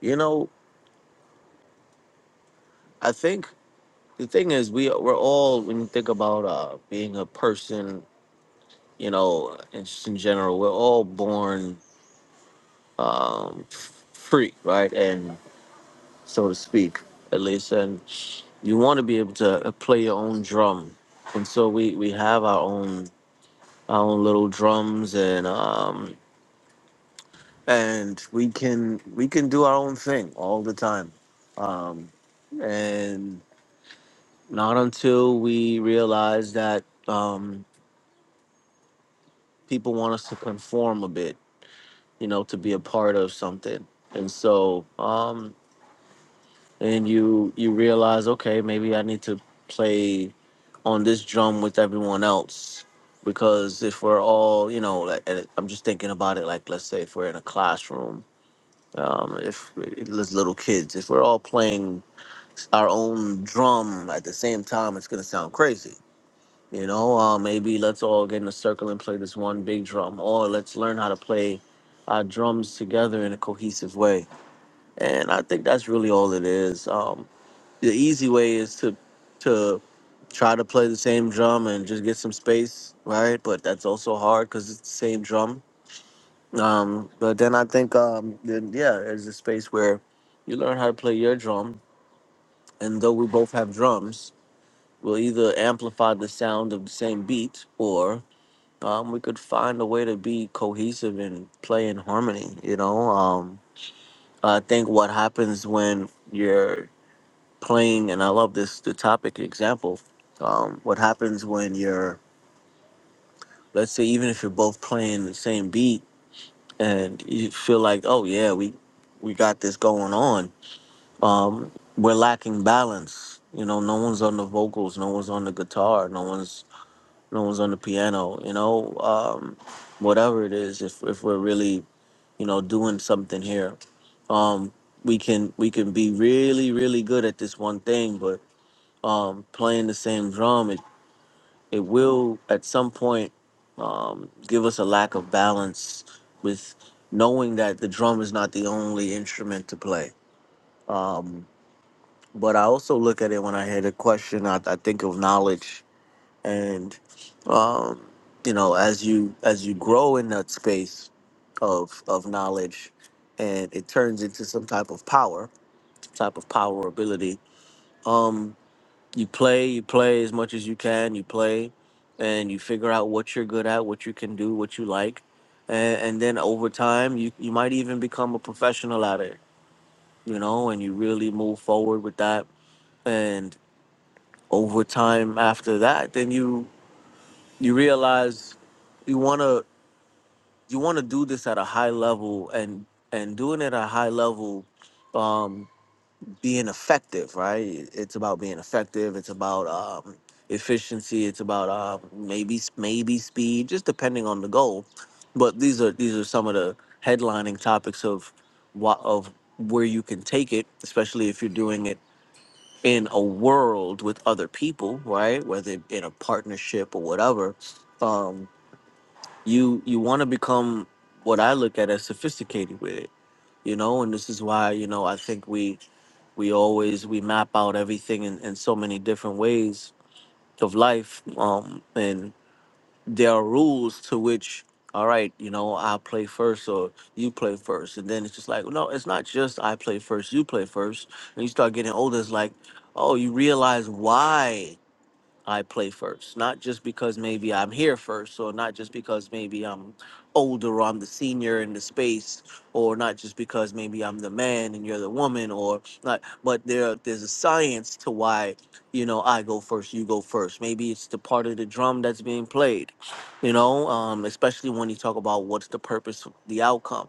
Speaker 6: You know, I think the thing is we we're all when you think about uh being a person, you know, and just in general, we're all born um f- free, right, and so to speak, at least. and you want to be able to uh, play your own drum and so we we have our own our own little drums and um and we can we can do our own thing all the time um and not until we realize that um people want us to conform a bit you know to be a part of something and so um and you you realize okay maybe i need to play on this drum with everyone else because if we're all you know like and i'm just thinking about it like let's say if we're in a classroom um if there's little kids if we're all playing our own drum at the same time it's gonna sound crazy you know uh, maybe let's all get in a circle and play this one big drum or let's learn how to play our drums together in a cohesive way and i think that's really all it is Um, the easy way is to to try to play the same drum and just get some space, right? But that's also hard because it's the same drum. Um, but then I think um, then yeah, there's a space where you learn how to play your drum, and though we both have drums, we'll either amplify the sound of the same beat or um, we could find a way to be cohesive and play in harmony. You know, um, I think what happens when you're playing, and I love this the topic example. Um, what happens when you're, let's say, even if you're both playing the same beat, and you feel like, oh yeah, we we got this going on. Um, we're lacking balance. You know, no one's on the vocals, no one's on the guitar, no one's no one's on the piano. You know, um, whatever it is, if if we're really you know doing something here, um, we can we can be really really good at this one thing, but um, playing the same drum. it it will at some point um, give us a lack of balance with knowing that the drum is not the only instrument to play. Um, but I also look at it when I hear the question. I, I think of knowledge, and um, you know, as you as you grow in that space of of knowledge, and it turns into some type of power, type of power ability. um, you play, you play as much as you can, you play, and you figure out what you're good at, what you can do, what you like, and, and then over time, you you might even become a professional at it, you know, and you really move forward with that, and over time after that, then you you realize you wanna you wanna do this at a high level, and and doing it at a high level. um, being effective, right? It's about being effective. It's about um, efficiency. It's about uh, maybe maybe speed, just depending on the goal. But these are these are some of the headlining topics of what of where you can take it, especially if you're doing it in a world with other people, right? Whether in a partnership or whatever, um, you you want to become what I look at as sophisticated with it you know and this is why you know i think we we always we map out everything in, in so many different ways of life um and there are rules to which all right you know i play first or you play first and then it's just like no it's not just i play first you play first and you start getting older it's like oh you realize why I play first. Not just because maybe I'm here first, or not just because maybe I'm older or I'm the senior in the space, or not just because maybe I'm the man and you're the woman, or not. But there, there's a science to why, you know, I go first, you go first. Maybe it's the part of the drum that's being played, you know, um, especially when you talk about what's the purpose, the outcome.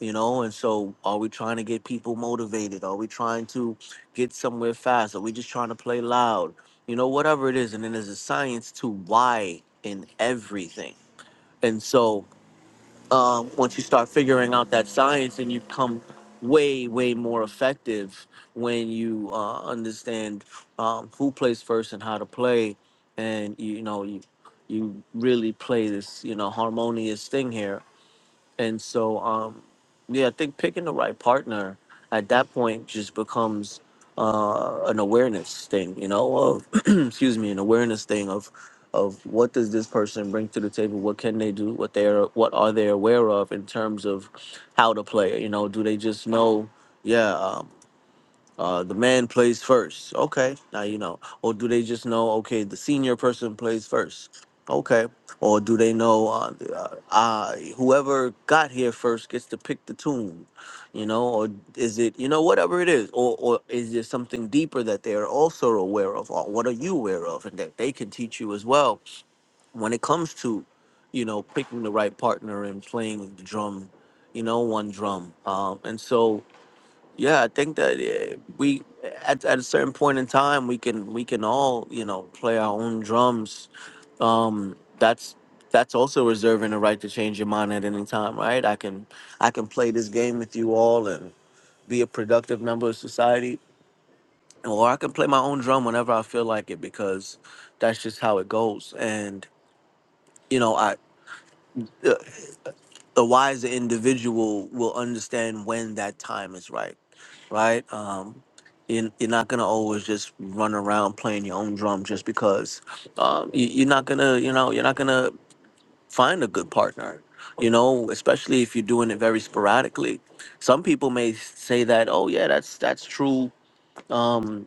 Speaker 6: You know, and so are we trying to get people motivated? Are we trying to get somewhere fast? Are we just trying to play loud? you know, whatever it is. And then there's a science to why in everything. And so um, once you start figuring out that science, and you become way, way more effective when you uh, understand um, who plays first and how to play. And, you know, you, you really play this, you know, harmonious thing here. And so, um, yeah, I think picking the right partner at that point just becomes uh, an awareness thing, you know, of *clears throat* excuse me, an awareness thing of of what does this person bring to the table? What can they do? What they're what are they aware of in terms of how to play? You know, do they just know? Yeah, um, uh, the man plays first. Okay, now you know. Or do they just know? Okay, the senior person plays first. Okay. Or do they know? Uh, uh, I whoever got here first gets to pick the tune, you know? Or is it you know whatever it is? Or or is there something deeper that they are also aware of? Or what are you aware of, and that they can teach you as well when it comes to, you know, picking the right partner and playing the drum, you know, one drum. Um, and so yeah, I think that eh, we at, at a certain point in time we can we can all you know play our own drums. Um, that's that's also reserving the right to change your mind at any time, right? I can I can play this game with you all and be a productive member of society, or I can play my own drum whenever I feel like it because that's just how it goes. And you know, I uh, the wiser individual will understand when that time is right, right? Um, you're, you're not gonna always just run around playing your own drum just because um, you, you're not gonna, you know, you're not gonna find a good partner. You know, especially if you're doing it very sporadically. Some people may say that, oh yeah, that's that's true. Um,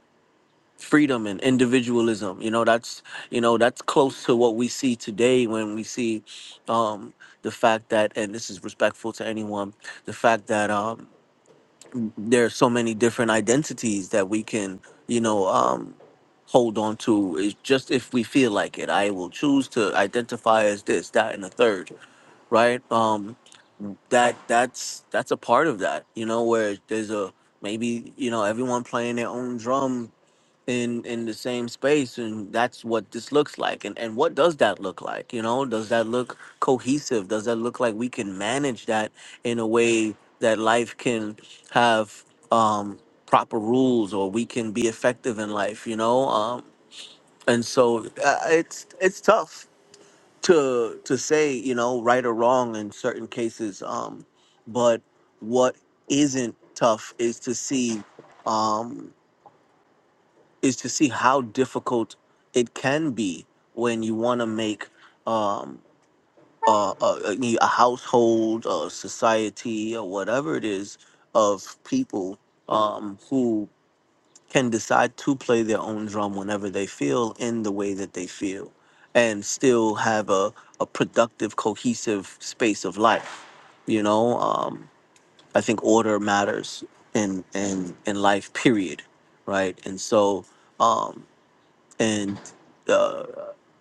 Speaker 6: freedom and individualism you know that's you know that's close to what we see today when we see um the fact that and this is respectful to anyone the fact that um there are so many different identities that we can you know um hold on to is just if we feel like it i will choose to identify as this that and the third right um that that's that's a part of that you know where there's a maybe you know everyone playing their own drum in in the same space and that's what this looks like and and what does that look like you know does that look cohesive does that look like we can manage that in a way that life can have um proper rules or we can be effective in life you know um and so uh, it's it's tough to to say you know right or wrong in certain cases um but what isn't tough is to see um is to see how difficult it can be when you want to make um, uh, a, a a household, a society, or whatever it is of people um, who can decide to play their own drum whenever they feel in the way that they feel and still have a, a productive, cohesive space of life. You know, um, I think order matters in, in, in life, period. Right. And so, um, and uh,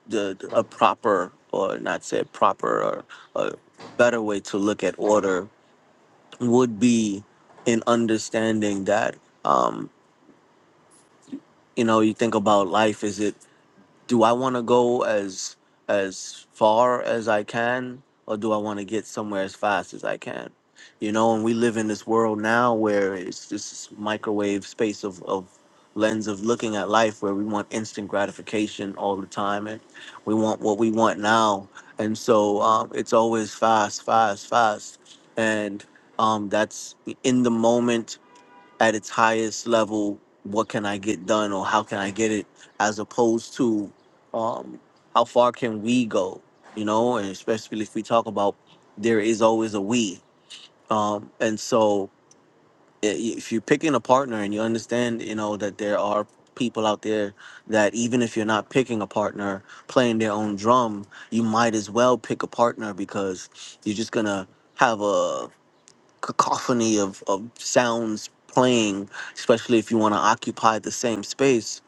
Speaker 6: the, the- a proper or not say proper or a better way to look at order would be in understanding that um, you know you think about life is it do I want to go as as far as I can, or do I want to get somewhere as fast as I can? You know, and we live in this world now where it's this microwave space of, of lens of looking at life where we want instant gratification all the time and we want what we want now. And so um, it's always fast, fast, fast. And um, that's in the moment at its highest level what can i get done or how can i get it as opposed to um how far can we go you know and especially if we talk about there is always a we um and so i- if you're picking a partner and you understand you know that there are people out there that even if you're not picking a partner playing their own drum you might as well pick a partner because you're just gonna have a cacophony of, of sounds playing, especially if you want to occupy the same space,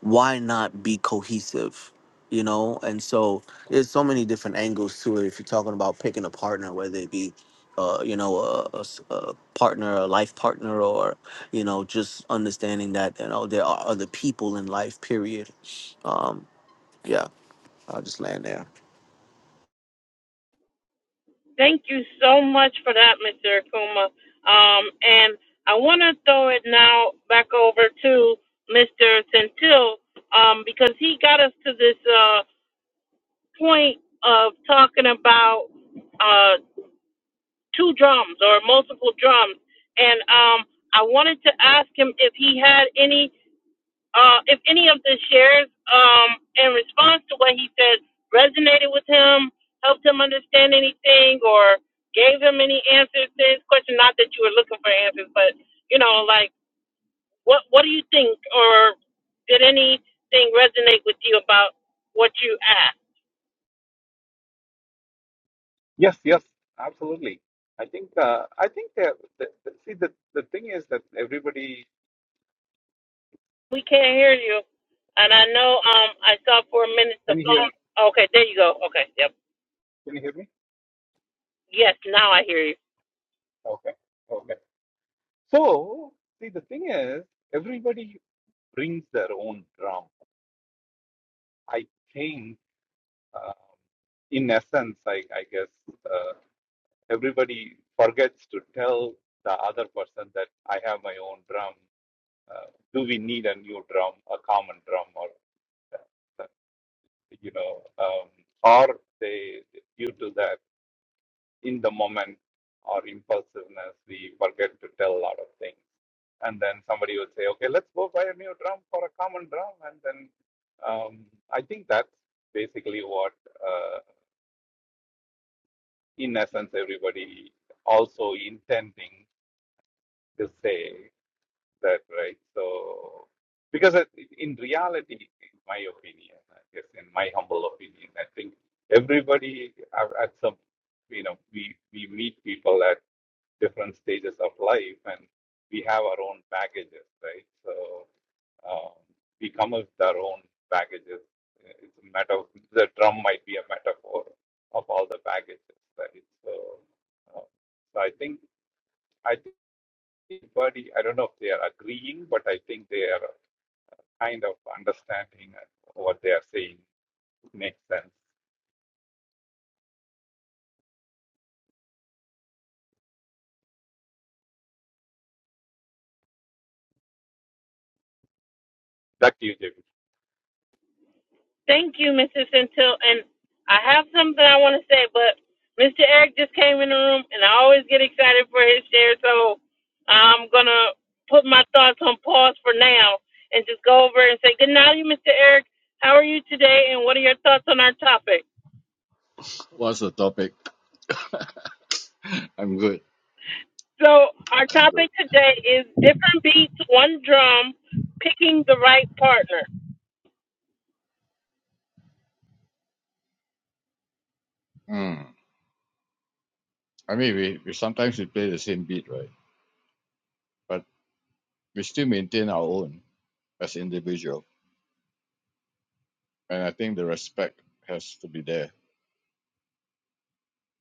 Speaker 6: why not be cohesive? You know, and so there's so many different angles to it. If you're talking about picking a partner, whether it be, uh, you know, a, a s- a partner, a life partner, or you know, just understanding that you know there are other people in life. Period. Um, yeah, I'll just land there.
Speaker 1: Thank you so much for that, Mr. Akuma. Um, and I want to throw it now back over to Mr. Centil um, because he got us to this uh, point of talking about. uh, two drums or multiple drums. And um, I wanted to ask him if he had any, uh, if any of the shares um, in response to what he said resonated with him, helped him understand anything, or gave him any answers to his question. Not that you were looking for answers, but you know, like what what do you think, or did anything resonate with you about what you asked?
Speaker 4: Yes, yes, absolutely. I think, uh, I think that, that, that see, the, the thing is that everybody,
Speaker 1: We can't hear you, and I know um, I saw for a minute the
Speaker 4: can you hear me?
Speaker 1: phone. Okay, there you go. Okay, yep.
Speaker 4: Can you hear me?
Speaker 1: Yes, now I hear you.
Speaker 4: Okay, okay. So, see, the thing is, everybody brings their own drum. I think Um, in essence, I, I guess uh, everybody forgets to tell the other person that I have my own drum. Uh, do we need a new drum, a common drum, or uh, you know, um, or they due to that in the moment or impulsiveness, we forget to tell a lot of things. And then somebody would say, "Okay, let's go buy a new drum for a common drum," and then um, I think that's basically what. uh, in essence, everybody also intending to say that, right? So, because it- in reality, in my opinion, I guess, in my humble opinion, I think everybody are at some, you know, we, we meet people at different stages of life and we have our own packages, right? So, um, we come with our own baggages. It's a matter of the drum might be a metaphor of all the baggages, right? So, uh, so I think I think everybody. I don't know if they are agreeing, but I think they are kind of understanding what they are saying makes sense. Back to you, JB.
Speaker 1: Thank you, Mrs. Centil. And I have something I want to say, but Mr. Eric just came in the room, and I always get excited for his share, so I'm going to put my thoughts on pause for now and just go over and say, good night, Mr. Eric. How are you today, and what are your thoughts on our topic?
Speaker 7: What's the topic? *laughs* I'm good.
Speaker 1: So our
Speaker 7: I'm good.
Speaker 1: topic today is different beats, one drum, picking the right partner.
Speaker 7: Mm. I mean, we, we sometimes we play the same beat, right? But we still maintain our own as individual, and I think the respect has to be there,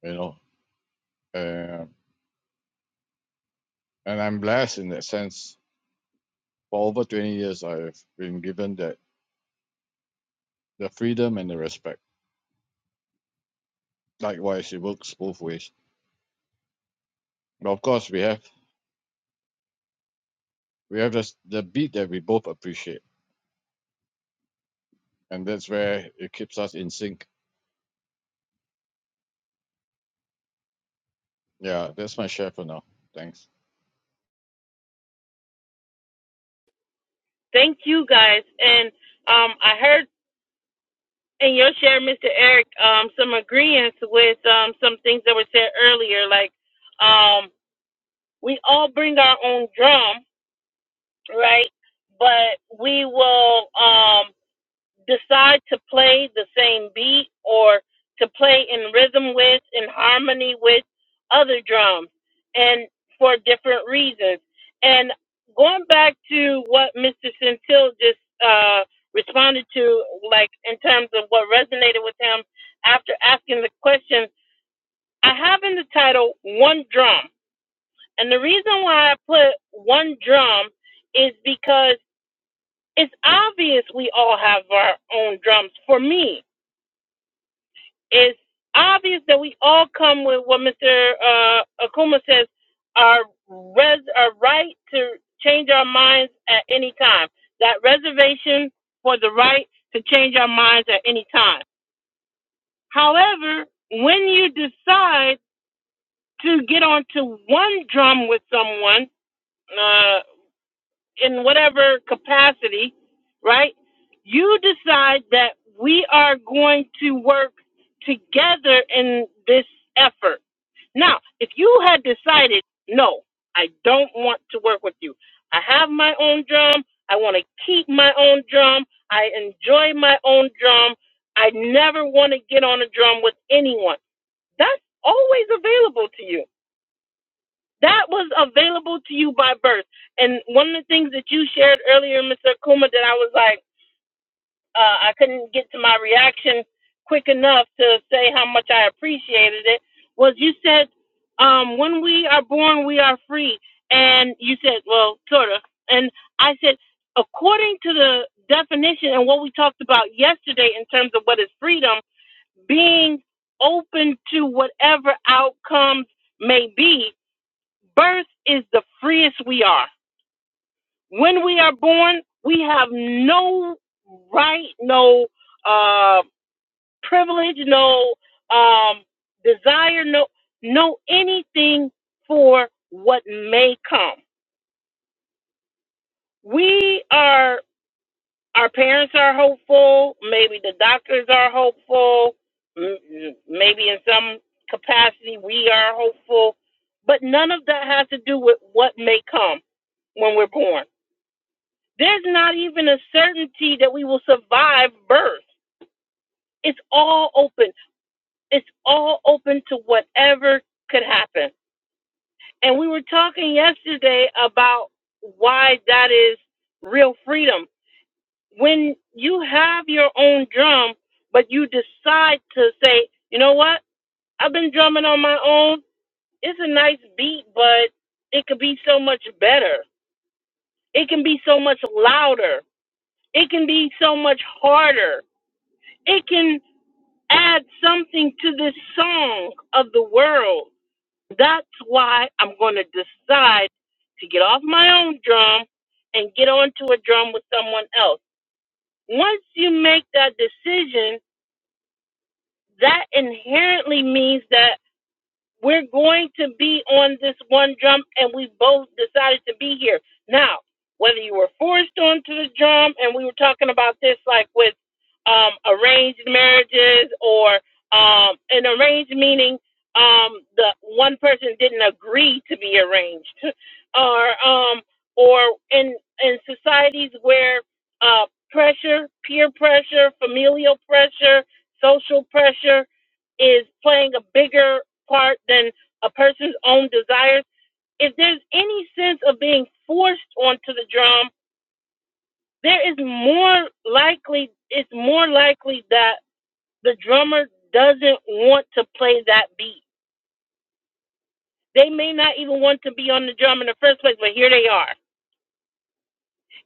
Speaker 7: you know. Uh, and I'm blessed in that sense. For over 20 years, I've been given that the freedom and the respect. Likewise, it works both ways. But of course, we have we have this, the beat that we both appreciate, and that's where it keeps us in sync. Yeah, that's my share for now. Thanks.
Speaker 1: Thank you, guys. And um, I heard And you'll share, Mr. Eric, um, some agreements with um, some things that were said earlier. Like, um, we all bring our own drum, right? But we will. Um, decide to play the same beat or to play in rhythm with, in harmony with other drums, and for different reasons. And going back to what Mr. Centil just uh, responded to, like in terms of what resonated with him after asking the question, I have in the title One Drum. And the reason why I put One Drum is because it's obvious we all have our own drums. For me, it's obvious that we all come with what Mr. Uh, Akuma says our res our right to change our minds at any time. That reservation for the right to change our minds at any time. However, when you decide to get onto one drum with someone, uh, in whatever capacity, right? You decide that we are going to work together in this effort. Now, if you had decided, no, I don't want to work with you. I have my own drum. I want to keep my own drum. I enjoy my own drum. I never want to get on a drum with anyone. That's always available to you that was available to you by birth. And one of the things that you shared earlier, Mr. Kuma, that I was like, uh, I couldn't get to my reaction quick enough to say how much I appreciated it, was you said, um, when we are born, we are free. And you said, well, sort of. And I said, according to the definition and what we talked about yesterday in terms of what is freedom, being open to whatever outcomes may be, Birth is the freest we are. When we are born, we have no right, no uh, privilege, no um, desire, no no anything for what may come. We are our parents are hopeful. Maybe the doctors are hopeful. m- m- Maybe in some capacity we are hopeful, but none of that has to do with what may come when we're born There's not even a certainty that we will survive birth. It's all open. It's all open to whatever could happen. And we were talking yesterday about why that is real freedom. When you have your own drum, but you decide to say, you know what? I've been drumming on my own. It's a nice beat, but it could be so much better. It can be so much louder. It can be so much harder. It can add something to this song of the world. That's why I'm going to decide to get off my own drum and get onto a drum with someone else. Once you make that decision, that inherently means that we're going to be on this one jump and we both decided to be here now whether you were forced onto the jump and we were talking about this like with um arranged marriages or um an arranged meaning um the one person didn't agree to be arranged *laughs* or um or in in societies where uh pressure peer pressure familial pressure social pressure is playing a bigger part than a person's own desires, if there's any sense of being forced onto the drum, there is more likely it's more likely that the drummer doesn't want to play that beat. They may not even want to be on the drum in the first place, but here they are.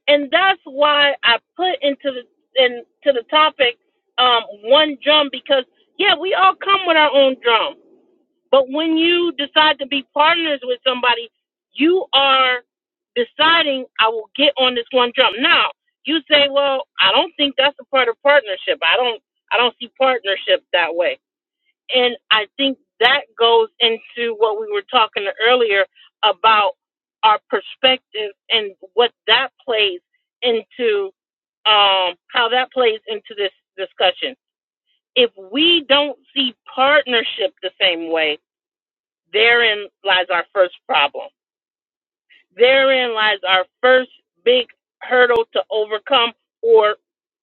Speaker 1: And that's why I put into the into the topic um, one drum because yeah, we all come with our own drum But when you decide to be partners with somebody, you are deciding, I will get on this one drum. Now, you say, well, I don't think that's a part of partnership. I don't, I don't see partnership that way. And I think that goes into what we were talking earlier about our perspective and what that plays into, um, how that plays into this discussion. If we don't see partnership the same way, Therein lies our first problem. Therein lies our first big hurdle to overcome, or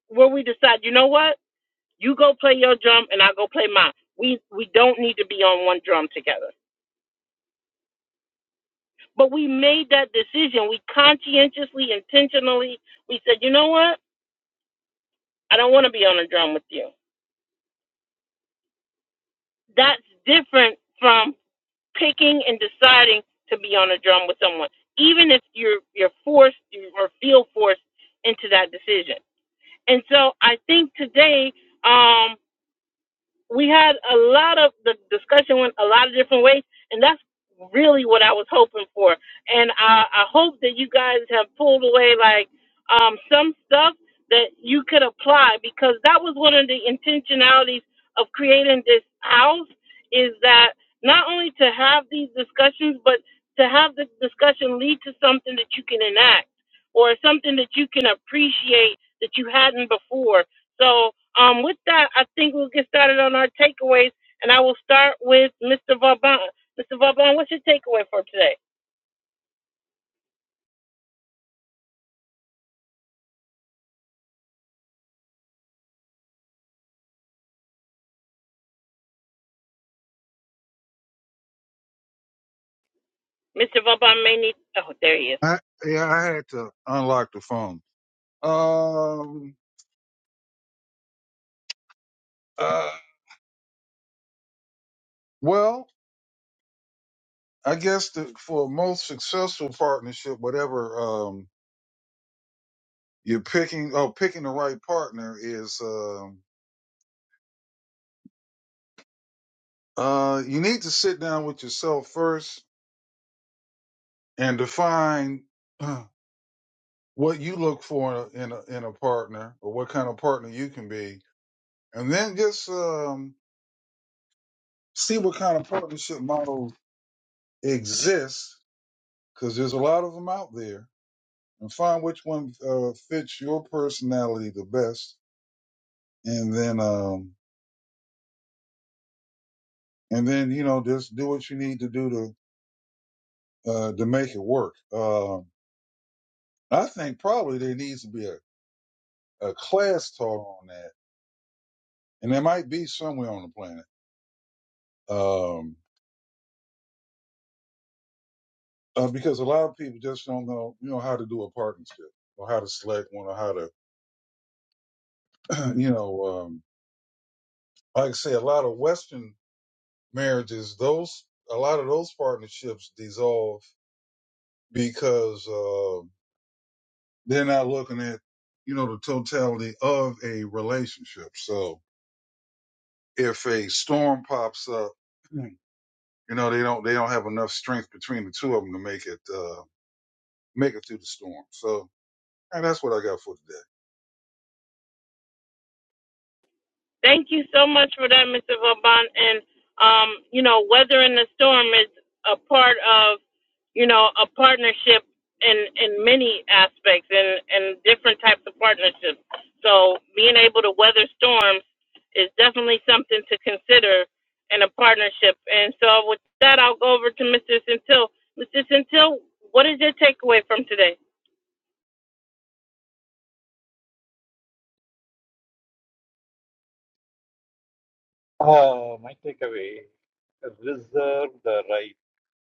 Speaker 1: where we decide, you know what, you go play your drum and I go play mine. We we don't need to be on one drum together. But we made that decision. We conscientiously, intentionally, we said, you know what, I don't want to be on a drum with you. That's different from picking and deciding to be on a drum with someone, even if you're you're forced or feel forced into that decision And so I think today um, we had a lot of the discussion went a lot of different ways, and that's really what I was hoping for. And I, I hope that you guys have pulled away like um, some stuff that you could apply because that was one of the intentionalities of creating this house is that not only to have these discussions, but to have the discussion lead to something that you can enact or something that you can appreciate that you hadn't before so um, with that, I think we'll get started on our takeaways, and I will start with Mr. Vauban. Mr. Vauban, what's your takeaway for today? Mr. Vauban may need. Oh, there he is.
Speaker 2: I, yeah, I had to unlock the phone. Um, uh, well. I guess the, for a most successful partnership, whatever um, you're picking, oh, picking the right partner is um, uh, you need to sit down with yourself first and define uh, what you look for in a, in a partner or what kind of partner you can be, and then just um, see what kind of partnership model exists because there's a lot of them out there, and find which one uh, fits your personality the best, and then. Um, and then you know just do what you need to do to uh, to make it work. Um, I think probably there needs to be a, a class taught on that, and there might be somewhere on the planet um, uh, because a lot of people just don't know you know how to do a partnership or how to select one or how to *clears throat* you know um, like I say a lot of Western marriages those a lot of those partnerships dissolve because uh, they're not looking at you know the totality of a relationship so if a storm pops up, Mm. you know, they don't they don't have enough strength between the two of them to make it uh make it through the storm. So and that's what I got for today.
Speaker 1: Thank you so much for that, Mr. Vauban. And um, you know, weathering the storm is a part of, you know, a partnership in in many aspects and and different types of partnerships. So being able to weather storms is definitely something to consider in a partnership. And so with that, I'll go over to Mr. Centil. Mr. Centil, what is your takeaway from today?
Speaker 4: Uh, my takeaway: reserve the right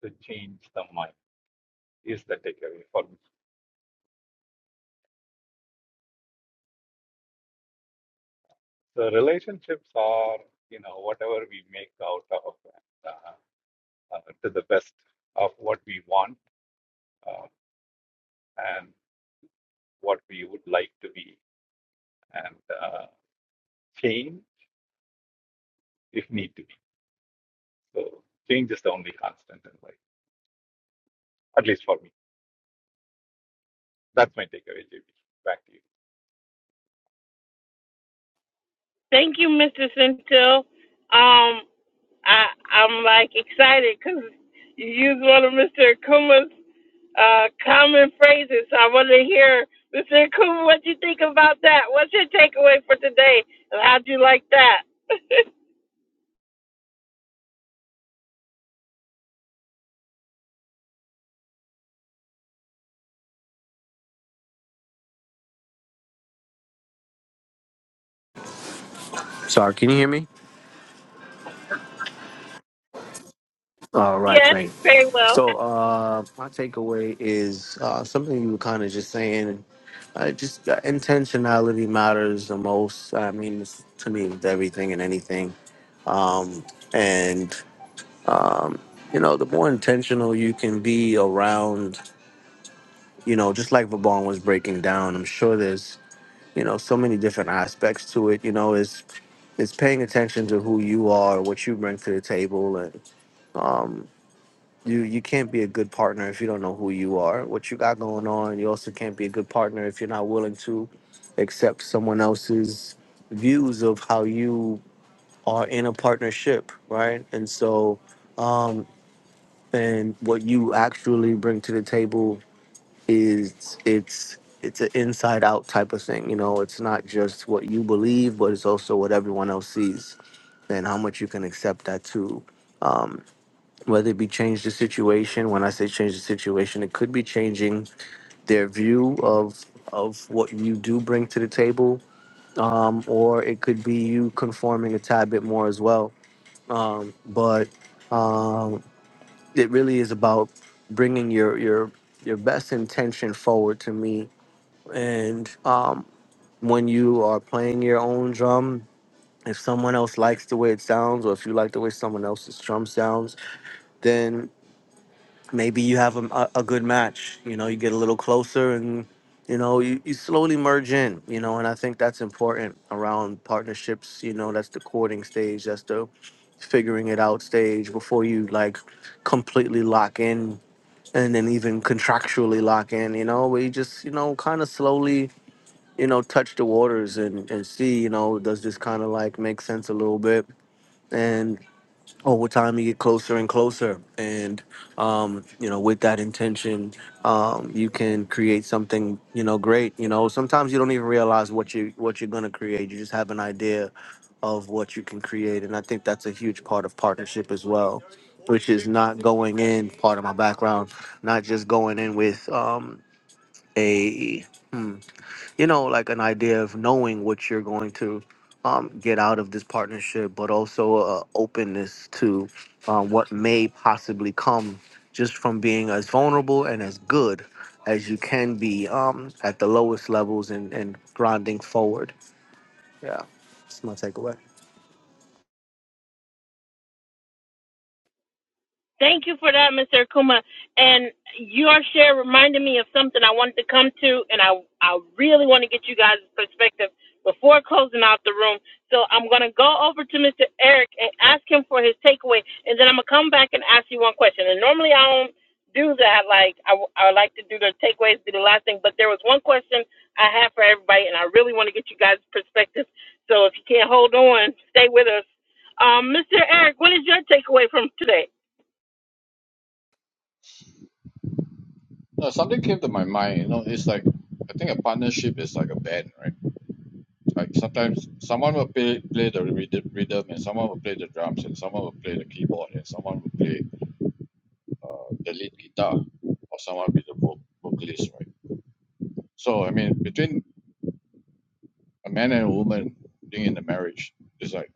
Speaker 4: to change the mind is the takeaway for me. So relationships are, you know, whatever we make out of uh, uh, to the best of what we want uh, and what we would like to be, and uh, change if need to be. So change is the only constant in life, at least for me. That's my takeaway, JB. Back to you.
Speaker 1: Thank you, Mr. Centil. Um, I I'm like excited because you used one of Mr. Akuma's uh, common phrases. So I want to hear Mr. Akuma, what you think about that? What's your takeaway for today, and how'd you like that? *laughs*
Speaker 6: Sorry, can you hear me? All right,
Speaker 1: yes,
Speaker 6: great.
Speaker 1: very well.
Speaker 6: So uh, my takeaway is uh, something you were kind of just saying. Uh, just uh, intentionality matters the most. I mean, it's, to me, with everything and anything. Um, and um, you know, the more intentional you can be around, you know, just like Vaughn was breaking down, I'm sure there's you know so many different aspects to it. You know, is it's it's paying attention to who you are, what you bring to the table, and um, you you can't be a good partner if you don't know who you are, what you got going on. You also can't be a good partner if you're not willing to accept someone else's views of how you are in a partnership, right? And so, um, and what you actually bring to the table is it's it's an inside out type of thing. You know, it's not just what you believe, but it's also what everyone else sees and how much you can accept that too. Um, whether it be change the situation when i say change the situation it could be changing their view of of what you do bring to the table um, or it could be you conforming a tad bit more as well um, but um, it really is about bringing your your your best intention forward to me and um, when you are playing your own drum if someone else likes the way it sounds or if you like the way someone else's drum sounds then. maybe you have a, a good match. You know, you get a little closer and, you know, you, you slowly merge in, you know, and I think that's important around partnerships. You know, that's the courting stage, that's the figuring it out stage before you like completely lock in and then even contractually lock in, you know, where you just, you know, kind of slowly, you know, touch the waters and, and see, you know, does this kind of like make sense a little bit? and over time you get closer and closer and um, you know with that intention um, you can create something you know great you know sometimes you don't even realize what you what you're going to create you just have an idea of what you can create and i think that's a huge part of partnership as well which is not going in part of my background not just going in with um, a hmm, you know, like an idea of knowing what you're going to um, get out of this partnership, but also a openness to um, what may possibly come just from being as vulnerable and as good as you can be um, at the lowest levels and, and grinding forward. Yeah, that's my takeaway.
Speaker 1: Thank you for that, Mr. Akuma. And your share reminded me of something I wanted to come to, and I I really want to get you guys' perspective before closing out the room. So I'm gonna go over to Mr. Eric and ask him for his takeaway, and then I'm gonna come back and ask you one question. And normally I don't do that. Like I I like to do the takeaways, do the last thing. But there was one question I had for everybody, and I really want to get you guys' perspective. So if you can't hold on, stay with us. Um, Mr. Eric, what is your takeaway from today?
Speaker 7: No, something came to my mind. You know, it's like I think a partnership is like a band, right? Like sometimes someone will play play the rhythm, rhythm, and someone will play the drums, and someone will play the keyboard, and someone will play the lead guitar, or someone will be the vo- vocalist, right? So I mean, between a man and a woman being in the marriage, it's like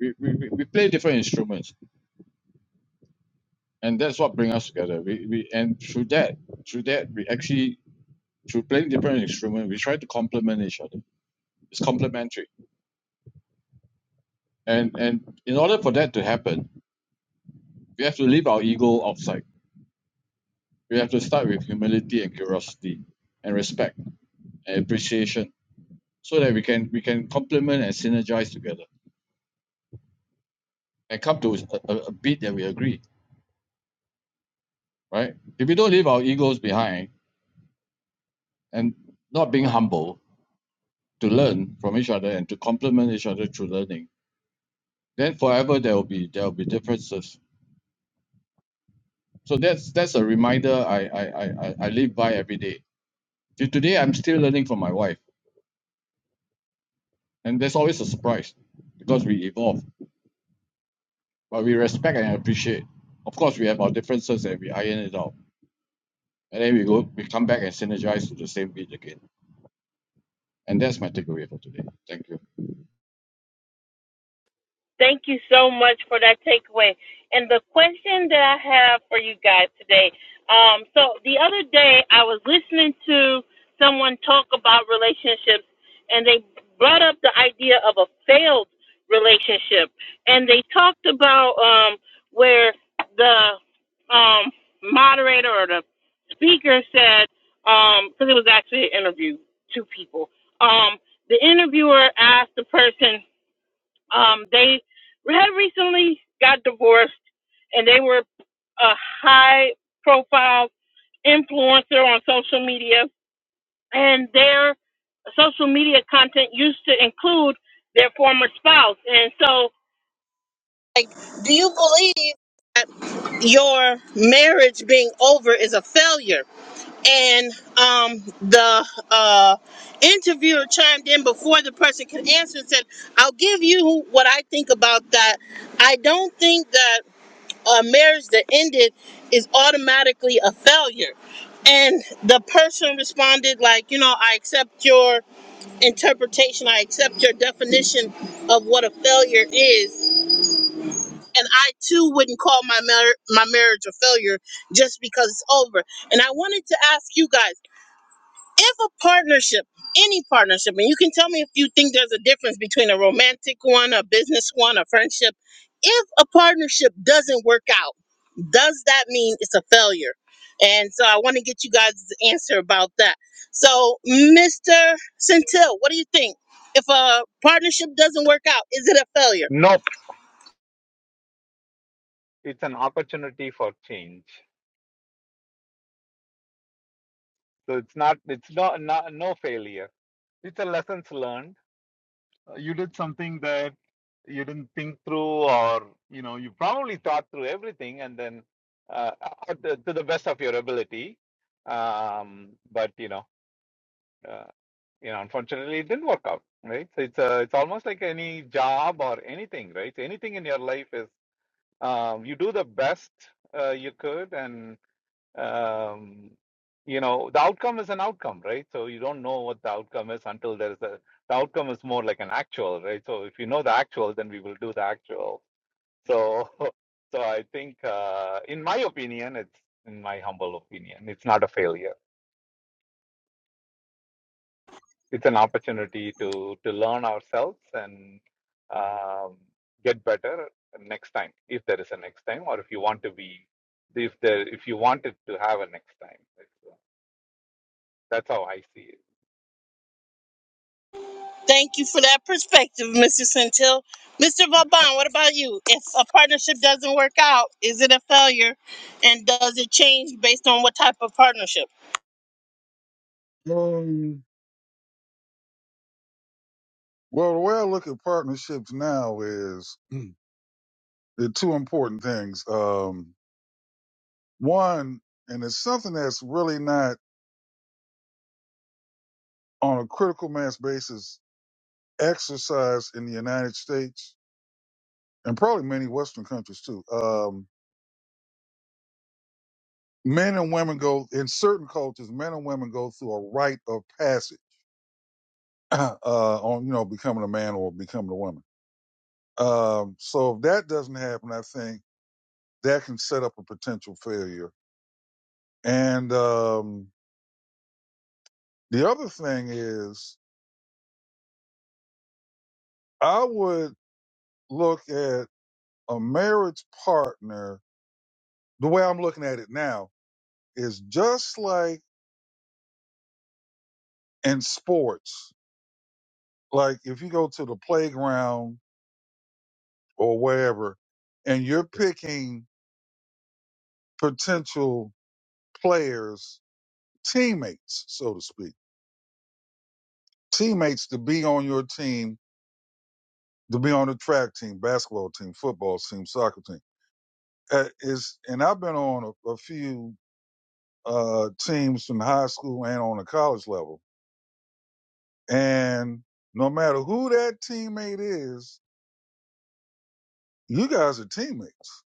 Speaker 7: we, we, we, we play different instruments, and that's what brings us together. We, we and through that, through that, we actually through playing different instruments, we try to complement each other. It's complementary And and in order for that to happen, we have to leave our ego outside. We have to start with humility and curiosity and respect and appreciation so that we can we can complement and synergize together and come to a, a, a beat that we agree, right? If we don't leave our egos behind and not being humble to learn from each other and to complement each other through learning, then forever there will be there will be differences. So that's that's a reminder I I, I, I I live by every day. Till today I'm still learning from my wife And there's always a surprise because we evolve, but we respect and appreciate. Of course, we have our differences and we iron it out. And then we go, we come back and synergize to the same beat again. And that's my takeaway for today. Thank you.
Speaker 1: Thank you so much for that takeaway. And the question that I have for you guys today. Um, so the other day I was listening to someone talk about relationships and they brought up the idea of a failed relationship. And they talked about um, where the um, moderator or the speaker said, because it was actually an interview, two people. Um, the interviewer asked the person um, they had recently got divorced, and they were a high profile influencer on social media, and their social media content used to include their former spouse. And so, like, do you believe that your marriage being over is a failure? and um, the uh, interviewer chimed in before the person could answer and said, I'll give you what I think about that. I don't think that a marriage that ended is automatically a failure. And the person responded,
Speaker 4: Nope, it's an opportunity for change. So it's not, it's not, not no failure. It's a lessons learned uh, you did something that you didn't think through or you know you probably thought through everything and then uh, uh, uh, to, to the best of your ability um, but you know uh, you know unfortunately it didn't work out right so it's a, it's almost like any job or anything right So anything in your life is um, you do the best uh, you could and um, you know the outcome is an outcome right so you don't know what the outcome is until there is a the outcome is more like an actual right so if you know the actual then we will do the actual so *laughs* so i think uh, in my opinion it's in my humble opinion it's not a failure it's an opportunity to to learn ourselves and um, get better next time if there is a next time or if you want to be if there if you want it to have a next time It's, uh, that's how i see it
Speaker 1: Perspective, Mr. Centil. Mr. Vauban, what about you? If a partnership doesn't work out, is it a failure? And does it change based on what type of partnership?
Speaker 2: Um, well, the way I look at partnerships now is *clears throat* the two important things. Um, one, and it's something that's really not on a critical mass basis exercised in the United States and probably many Western countries too. Um, men and women go in certain cultures, men and women go through a rite of passage *clears throat* uh, on you know becoming a man or becoming a woman. Um, so if that doesn't happen, I think that can set up a potential failure. And um, the other thing is, I would look at a marriage partner. The way I'm looking at it now is just like in sports. Like if you go to the playground or wherever, and you're picking potential players, teammates, so to speak teammates to be on your team, to be on the track team, basketball team, football team, soccer team. Uh, is and I've been on a, a few uh, teams from high school and on the college level, and no matter who that teammate is, you guys are teammates.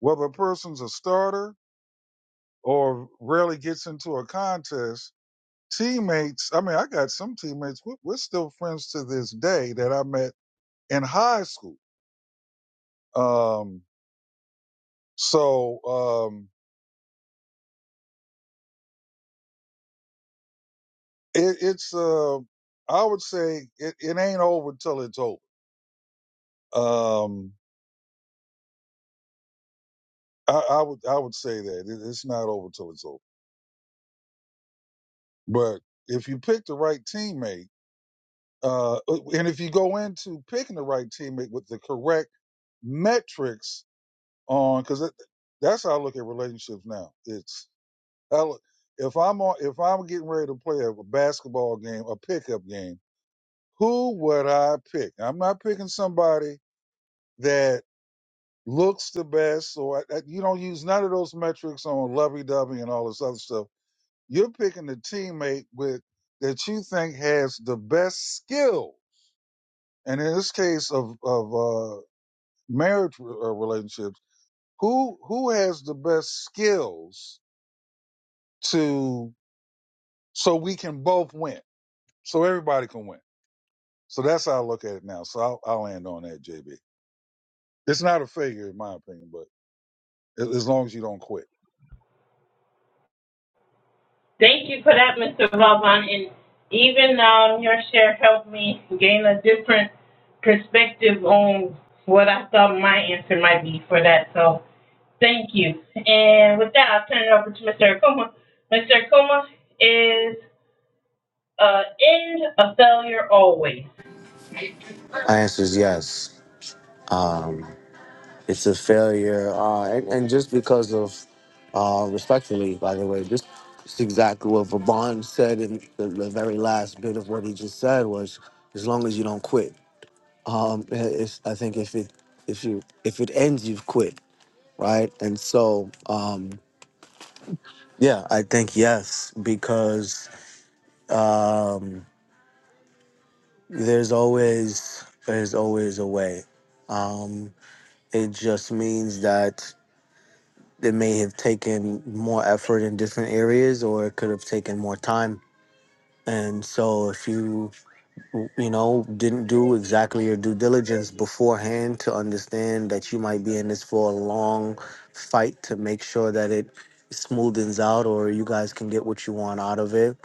Speaker 2: Whether a person's a starter or rarely gets into a contest, teammates. I mean, I got some teammates. We're, we're still friends to this day that I met in high school. Um, so um, It, it's uh, I would say it, it ain't over till it's over. Um, I, I would I would say that it, it's not over till it's over. But if you pick the right teammate, uh, uh, and if you go into picking the right teammate with the correct metrics on, because that's how I look at relationships now. It's I look- if I'm on if I'm getting ready to play a basketball game, a pickup game, who would I pick? I'm not picking somebody that looks the best, or I- I- you don't use none of those metrics on lovey dovey and all this other stuff. You're picking the teammate with that you think has the best skill, and in this case of of uh, marriage re- uh, relationships, who who has the best skills to so we can both win, so everybody can win. So that's how I look at it now. So I'll, I'll end on that, JB. It's not a failure in my opinion, but a- as long as you don't quit.
Speaker 1: Thank you for that, Mr. Valvan. And even um, your share helped me gain a different perspective on what I thought my answer might be for that. So thank you. And with that, I'll turn it over to Mr. Akuma. Mr. Akuma is uh, end a failure always.
Speaker 6: My answer is yes. It's a failure, uh, and, and just because of, uh, respectfully, by the way, this is exactly what Vaughn said in the, the very last bit of what he just said was, as long as you don't quit. Um, it's, I think if it if you if it ends, you've quit, right? And so, um, yeah, I think yes because um, there's always there's always a way. Um, it just means that It may have taken more effort in different areas, or it could have taken more time. And so, if you you know, didn't do exactly your due diligence beforehand to understand that you might be in this for a long fight to make sure that it smoothens out or you guys can get what you want out of it.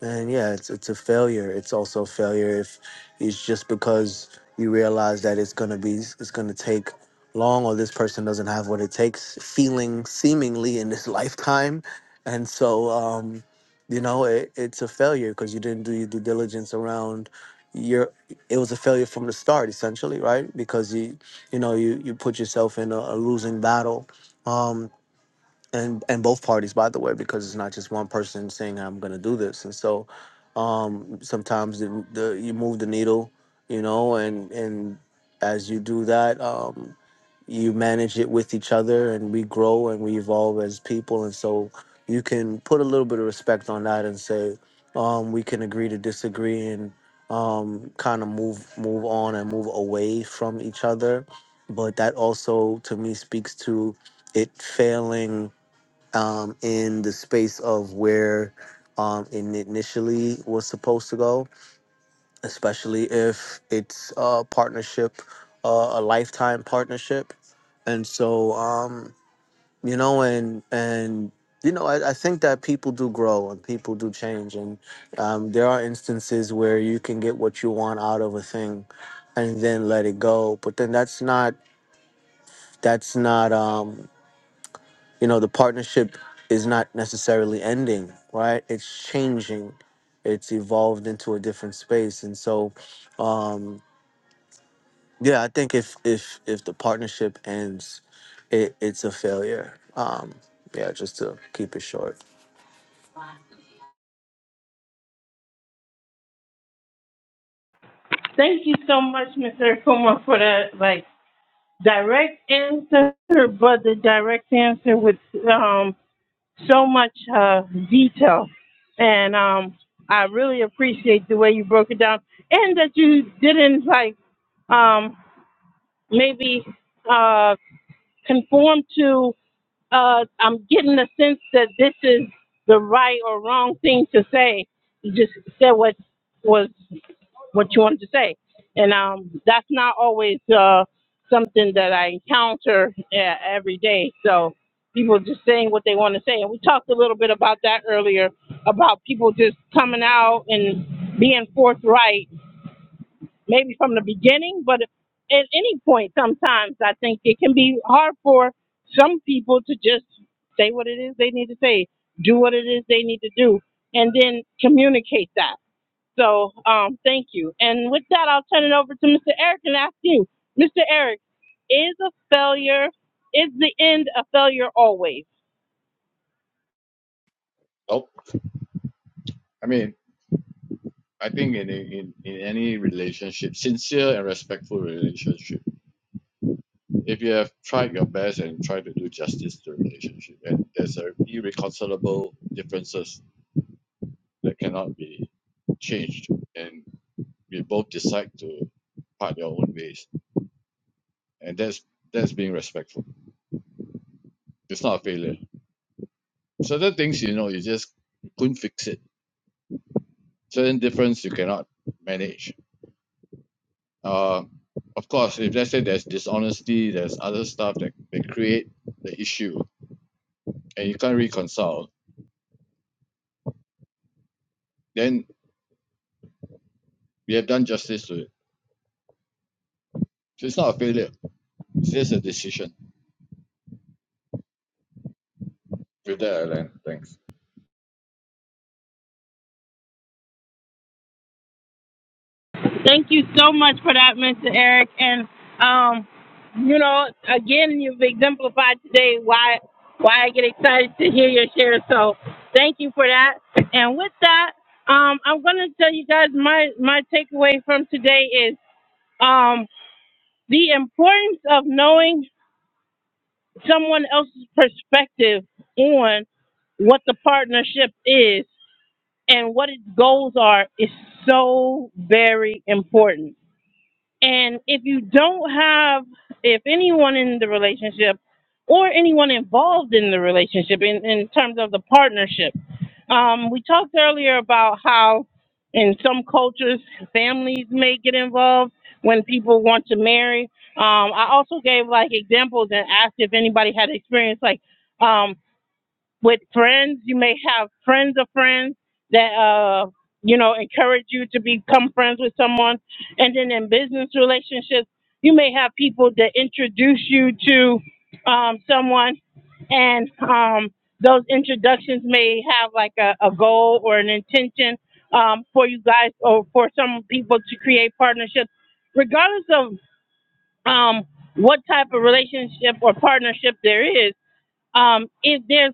Speaker 6: And yeah, it's it's a failure. It's also a failure if it's just because you realize that it's gonna be it's gonna take long or this person doesn't have what it takes, feeling seemingly in this *laughs* lifetime. And so um, you know, it, it's a failure because you didn't do your due diligence around you're it was a failure from the start essentially right because you you know you you put yourself in a, a losing battle um and and both parties by the way because it's not just one person saying i'm gonna do this and so um sometimes the, the you move the needle you know and and as you do that um you manage it with each other and we grow and we evolve as people and so you can put a little bit of respect on that and say um, we can agree to disagree and um, kind of move move on and move away from each other but that also to me speaks to it failing um, in the space of where um, it initially was supposed to go especially if it's a partnership, uh, a lifetime partnership. And so, um, you know, and and you know, I, I think that people do grow and people do change, and um, there are instances where you can get what you want out of a thing, and then let it go. But then that's not that's not um, you know the partnership is not necessarily ending, right? It's changing, it's evolved into a different space, and so. Um, Yeah, I think if if if the partnership ends, it, it's a failure. Um, yeah, just to keep it short.
Speaker 1: Thank you so much, Mr. Akuma, for that like direct answer, but the direct answer with um, so much uh, detail, and um, I really appreciate the way you broke it down, and that you didn't like um, maybe uh, conform to. Uh, I'm getting the sense that this is the right or wrong thing to say. You just said what was what you wanted to say. And um, that's not always uh, something that I encounter uh, every day. So people just saying what they want to say. And we talked a little bit about that earlier about people just coming out and being forthright, maybe from the beginning, but at any point, sometimes I think it can be hard for some people to just say what it is they need to say, do what it is they need to do, and then communicate that. So um, thank you. And with that, I'll turn it over to Mr. Eric and ask you, Mr. Eric, is a failure, is the end a failure always?
Speaker 7: Oh, I mean, I think in, in, in any relationship, sincere and respectful relationship, if you have tried your best and tried to do justice to the relationship, and there's a irreconcilable differences that cannot be changed, and we both decide to part your own ways and that's that's being respectful. It's not a failure. Certain things you know you just couldn't fix it. Certain difference you cannot manage. Uh, of course, if let's say there's dishonesty, there's other stuff that, that create the issue, and you can't reconcile, then we have done justice to it. So it's not a failure. It's just a decision. With that, Alan, thanks.
Speaker 1: Thank you so much for that, Mr. Eric. And, um, you know, again, you've exemplified today why why I get excited to hear your share. So thank you for that. And with that, um, I'm going to tell you guys my, my takeaway from today is um, the importance of knowing someone else's perspective on what the partnership is and what its goals are is so very important. And if you don't have, if anyone in the relationship or anyone involved in the relationship in, in terms of the partnership, um, we talked earlier about how in some cultures families may get involved when people want to marry. Um, I also gave like examples and asked if anybody had experience like um, with friends. You may have friends of friends that uh you know encourage you to become friends with someone, and then in business relationships, you may have people that introduce you to um, someone, and um, those introductions may have like a, a goal or an intention um, for you guys or for some people to create partnerships, regardless of um, what type of relationship or partnership there is um, if there's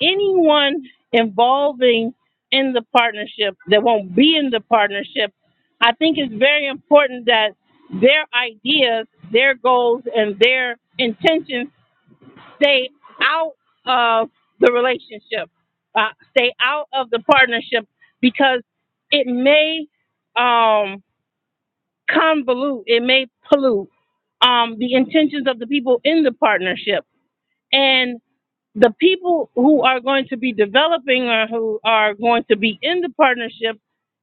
Speaker 1: anyone involving in the partnership that won't be in the partnership, I think it's very important that their ideas, their goals, and their intentions stay out of the relationship, uh, stay out of the partnership, because it may um, convolute, it may pollute um, the intentions of the people in the partnership. and the people who are going to be developing or who are going to be in the partnership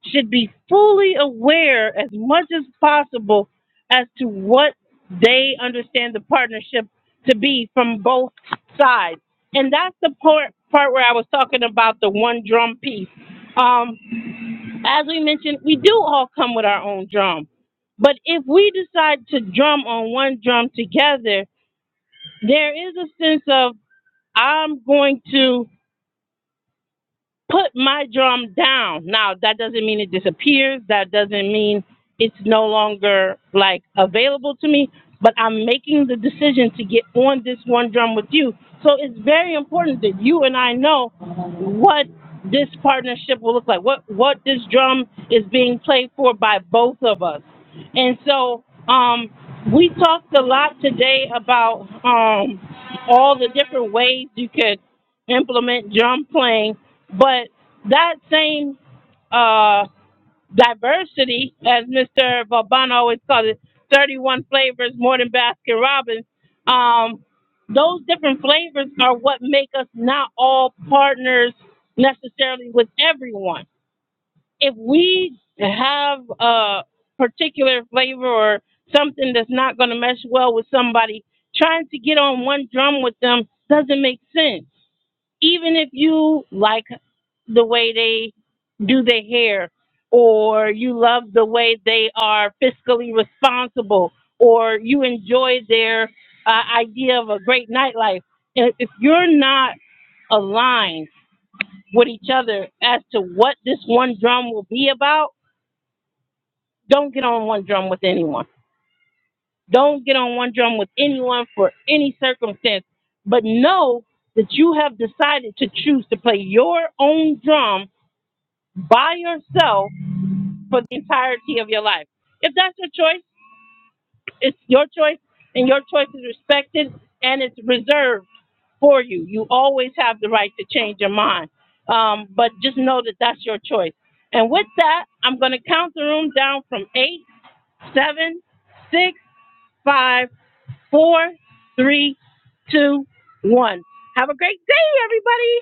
Speaker 1: should be fully aware as much as possible as to what they understand the partnership to be from both sides. And that's the part, part where I was talking about the one drum piece. Um, as we mentioned, we do all come with our own drum. But if we decide to drum on one drum together, there is a sense of I'm going to put my drum down. Now, that doesn't mean it disappears. That doesn't mean it's no longer like available to me, but I'm making the decision to get on this one drum with you. So it's very important that you and I know what this partnership will look like, what what this drum is being played for by both of us. And so um we talked a lot today about um all the different ways you could implement drum playing but that same uh, diversity, as Mr. Vauban always calls it, 31 flavors more than Baskin Robbins, um, those different flavors are what make us not all partners necessarily with everyone. If we have a particular flavor or something that's not going to mesh well with somebody, trying to get on one drum with them doesn't make sense even if you like the way they do their hair, or you love the way they are fiscally responsible, or you enjoy their uh, idea of a great nightlife. If if you're not aligned with each other as to what this one drum will be about, don't get on one drum with anyone. Don't get on one drum with anyone for any circumstance. But know that you have decided to choose to play your own drum by yourself for the entirety of your life. If that's your choice, it's your choice, and your choice is respected and it's reserved for you. You always have the right to change your mind, um, but just know that that's your choice. And with that, I'm going to count the room down from eight, seven, six, five, four, three, two, one. Have a great day, everybody.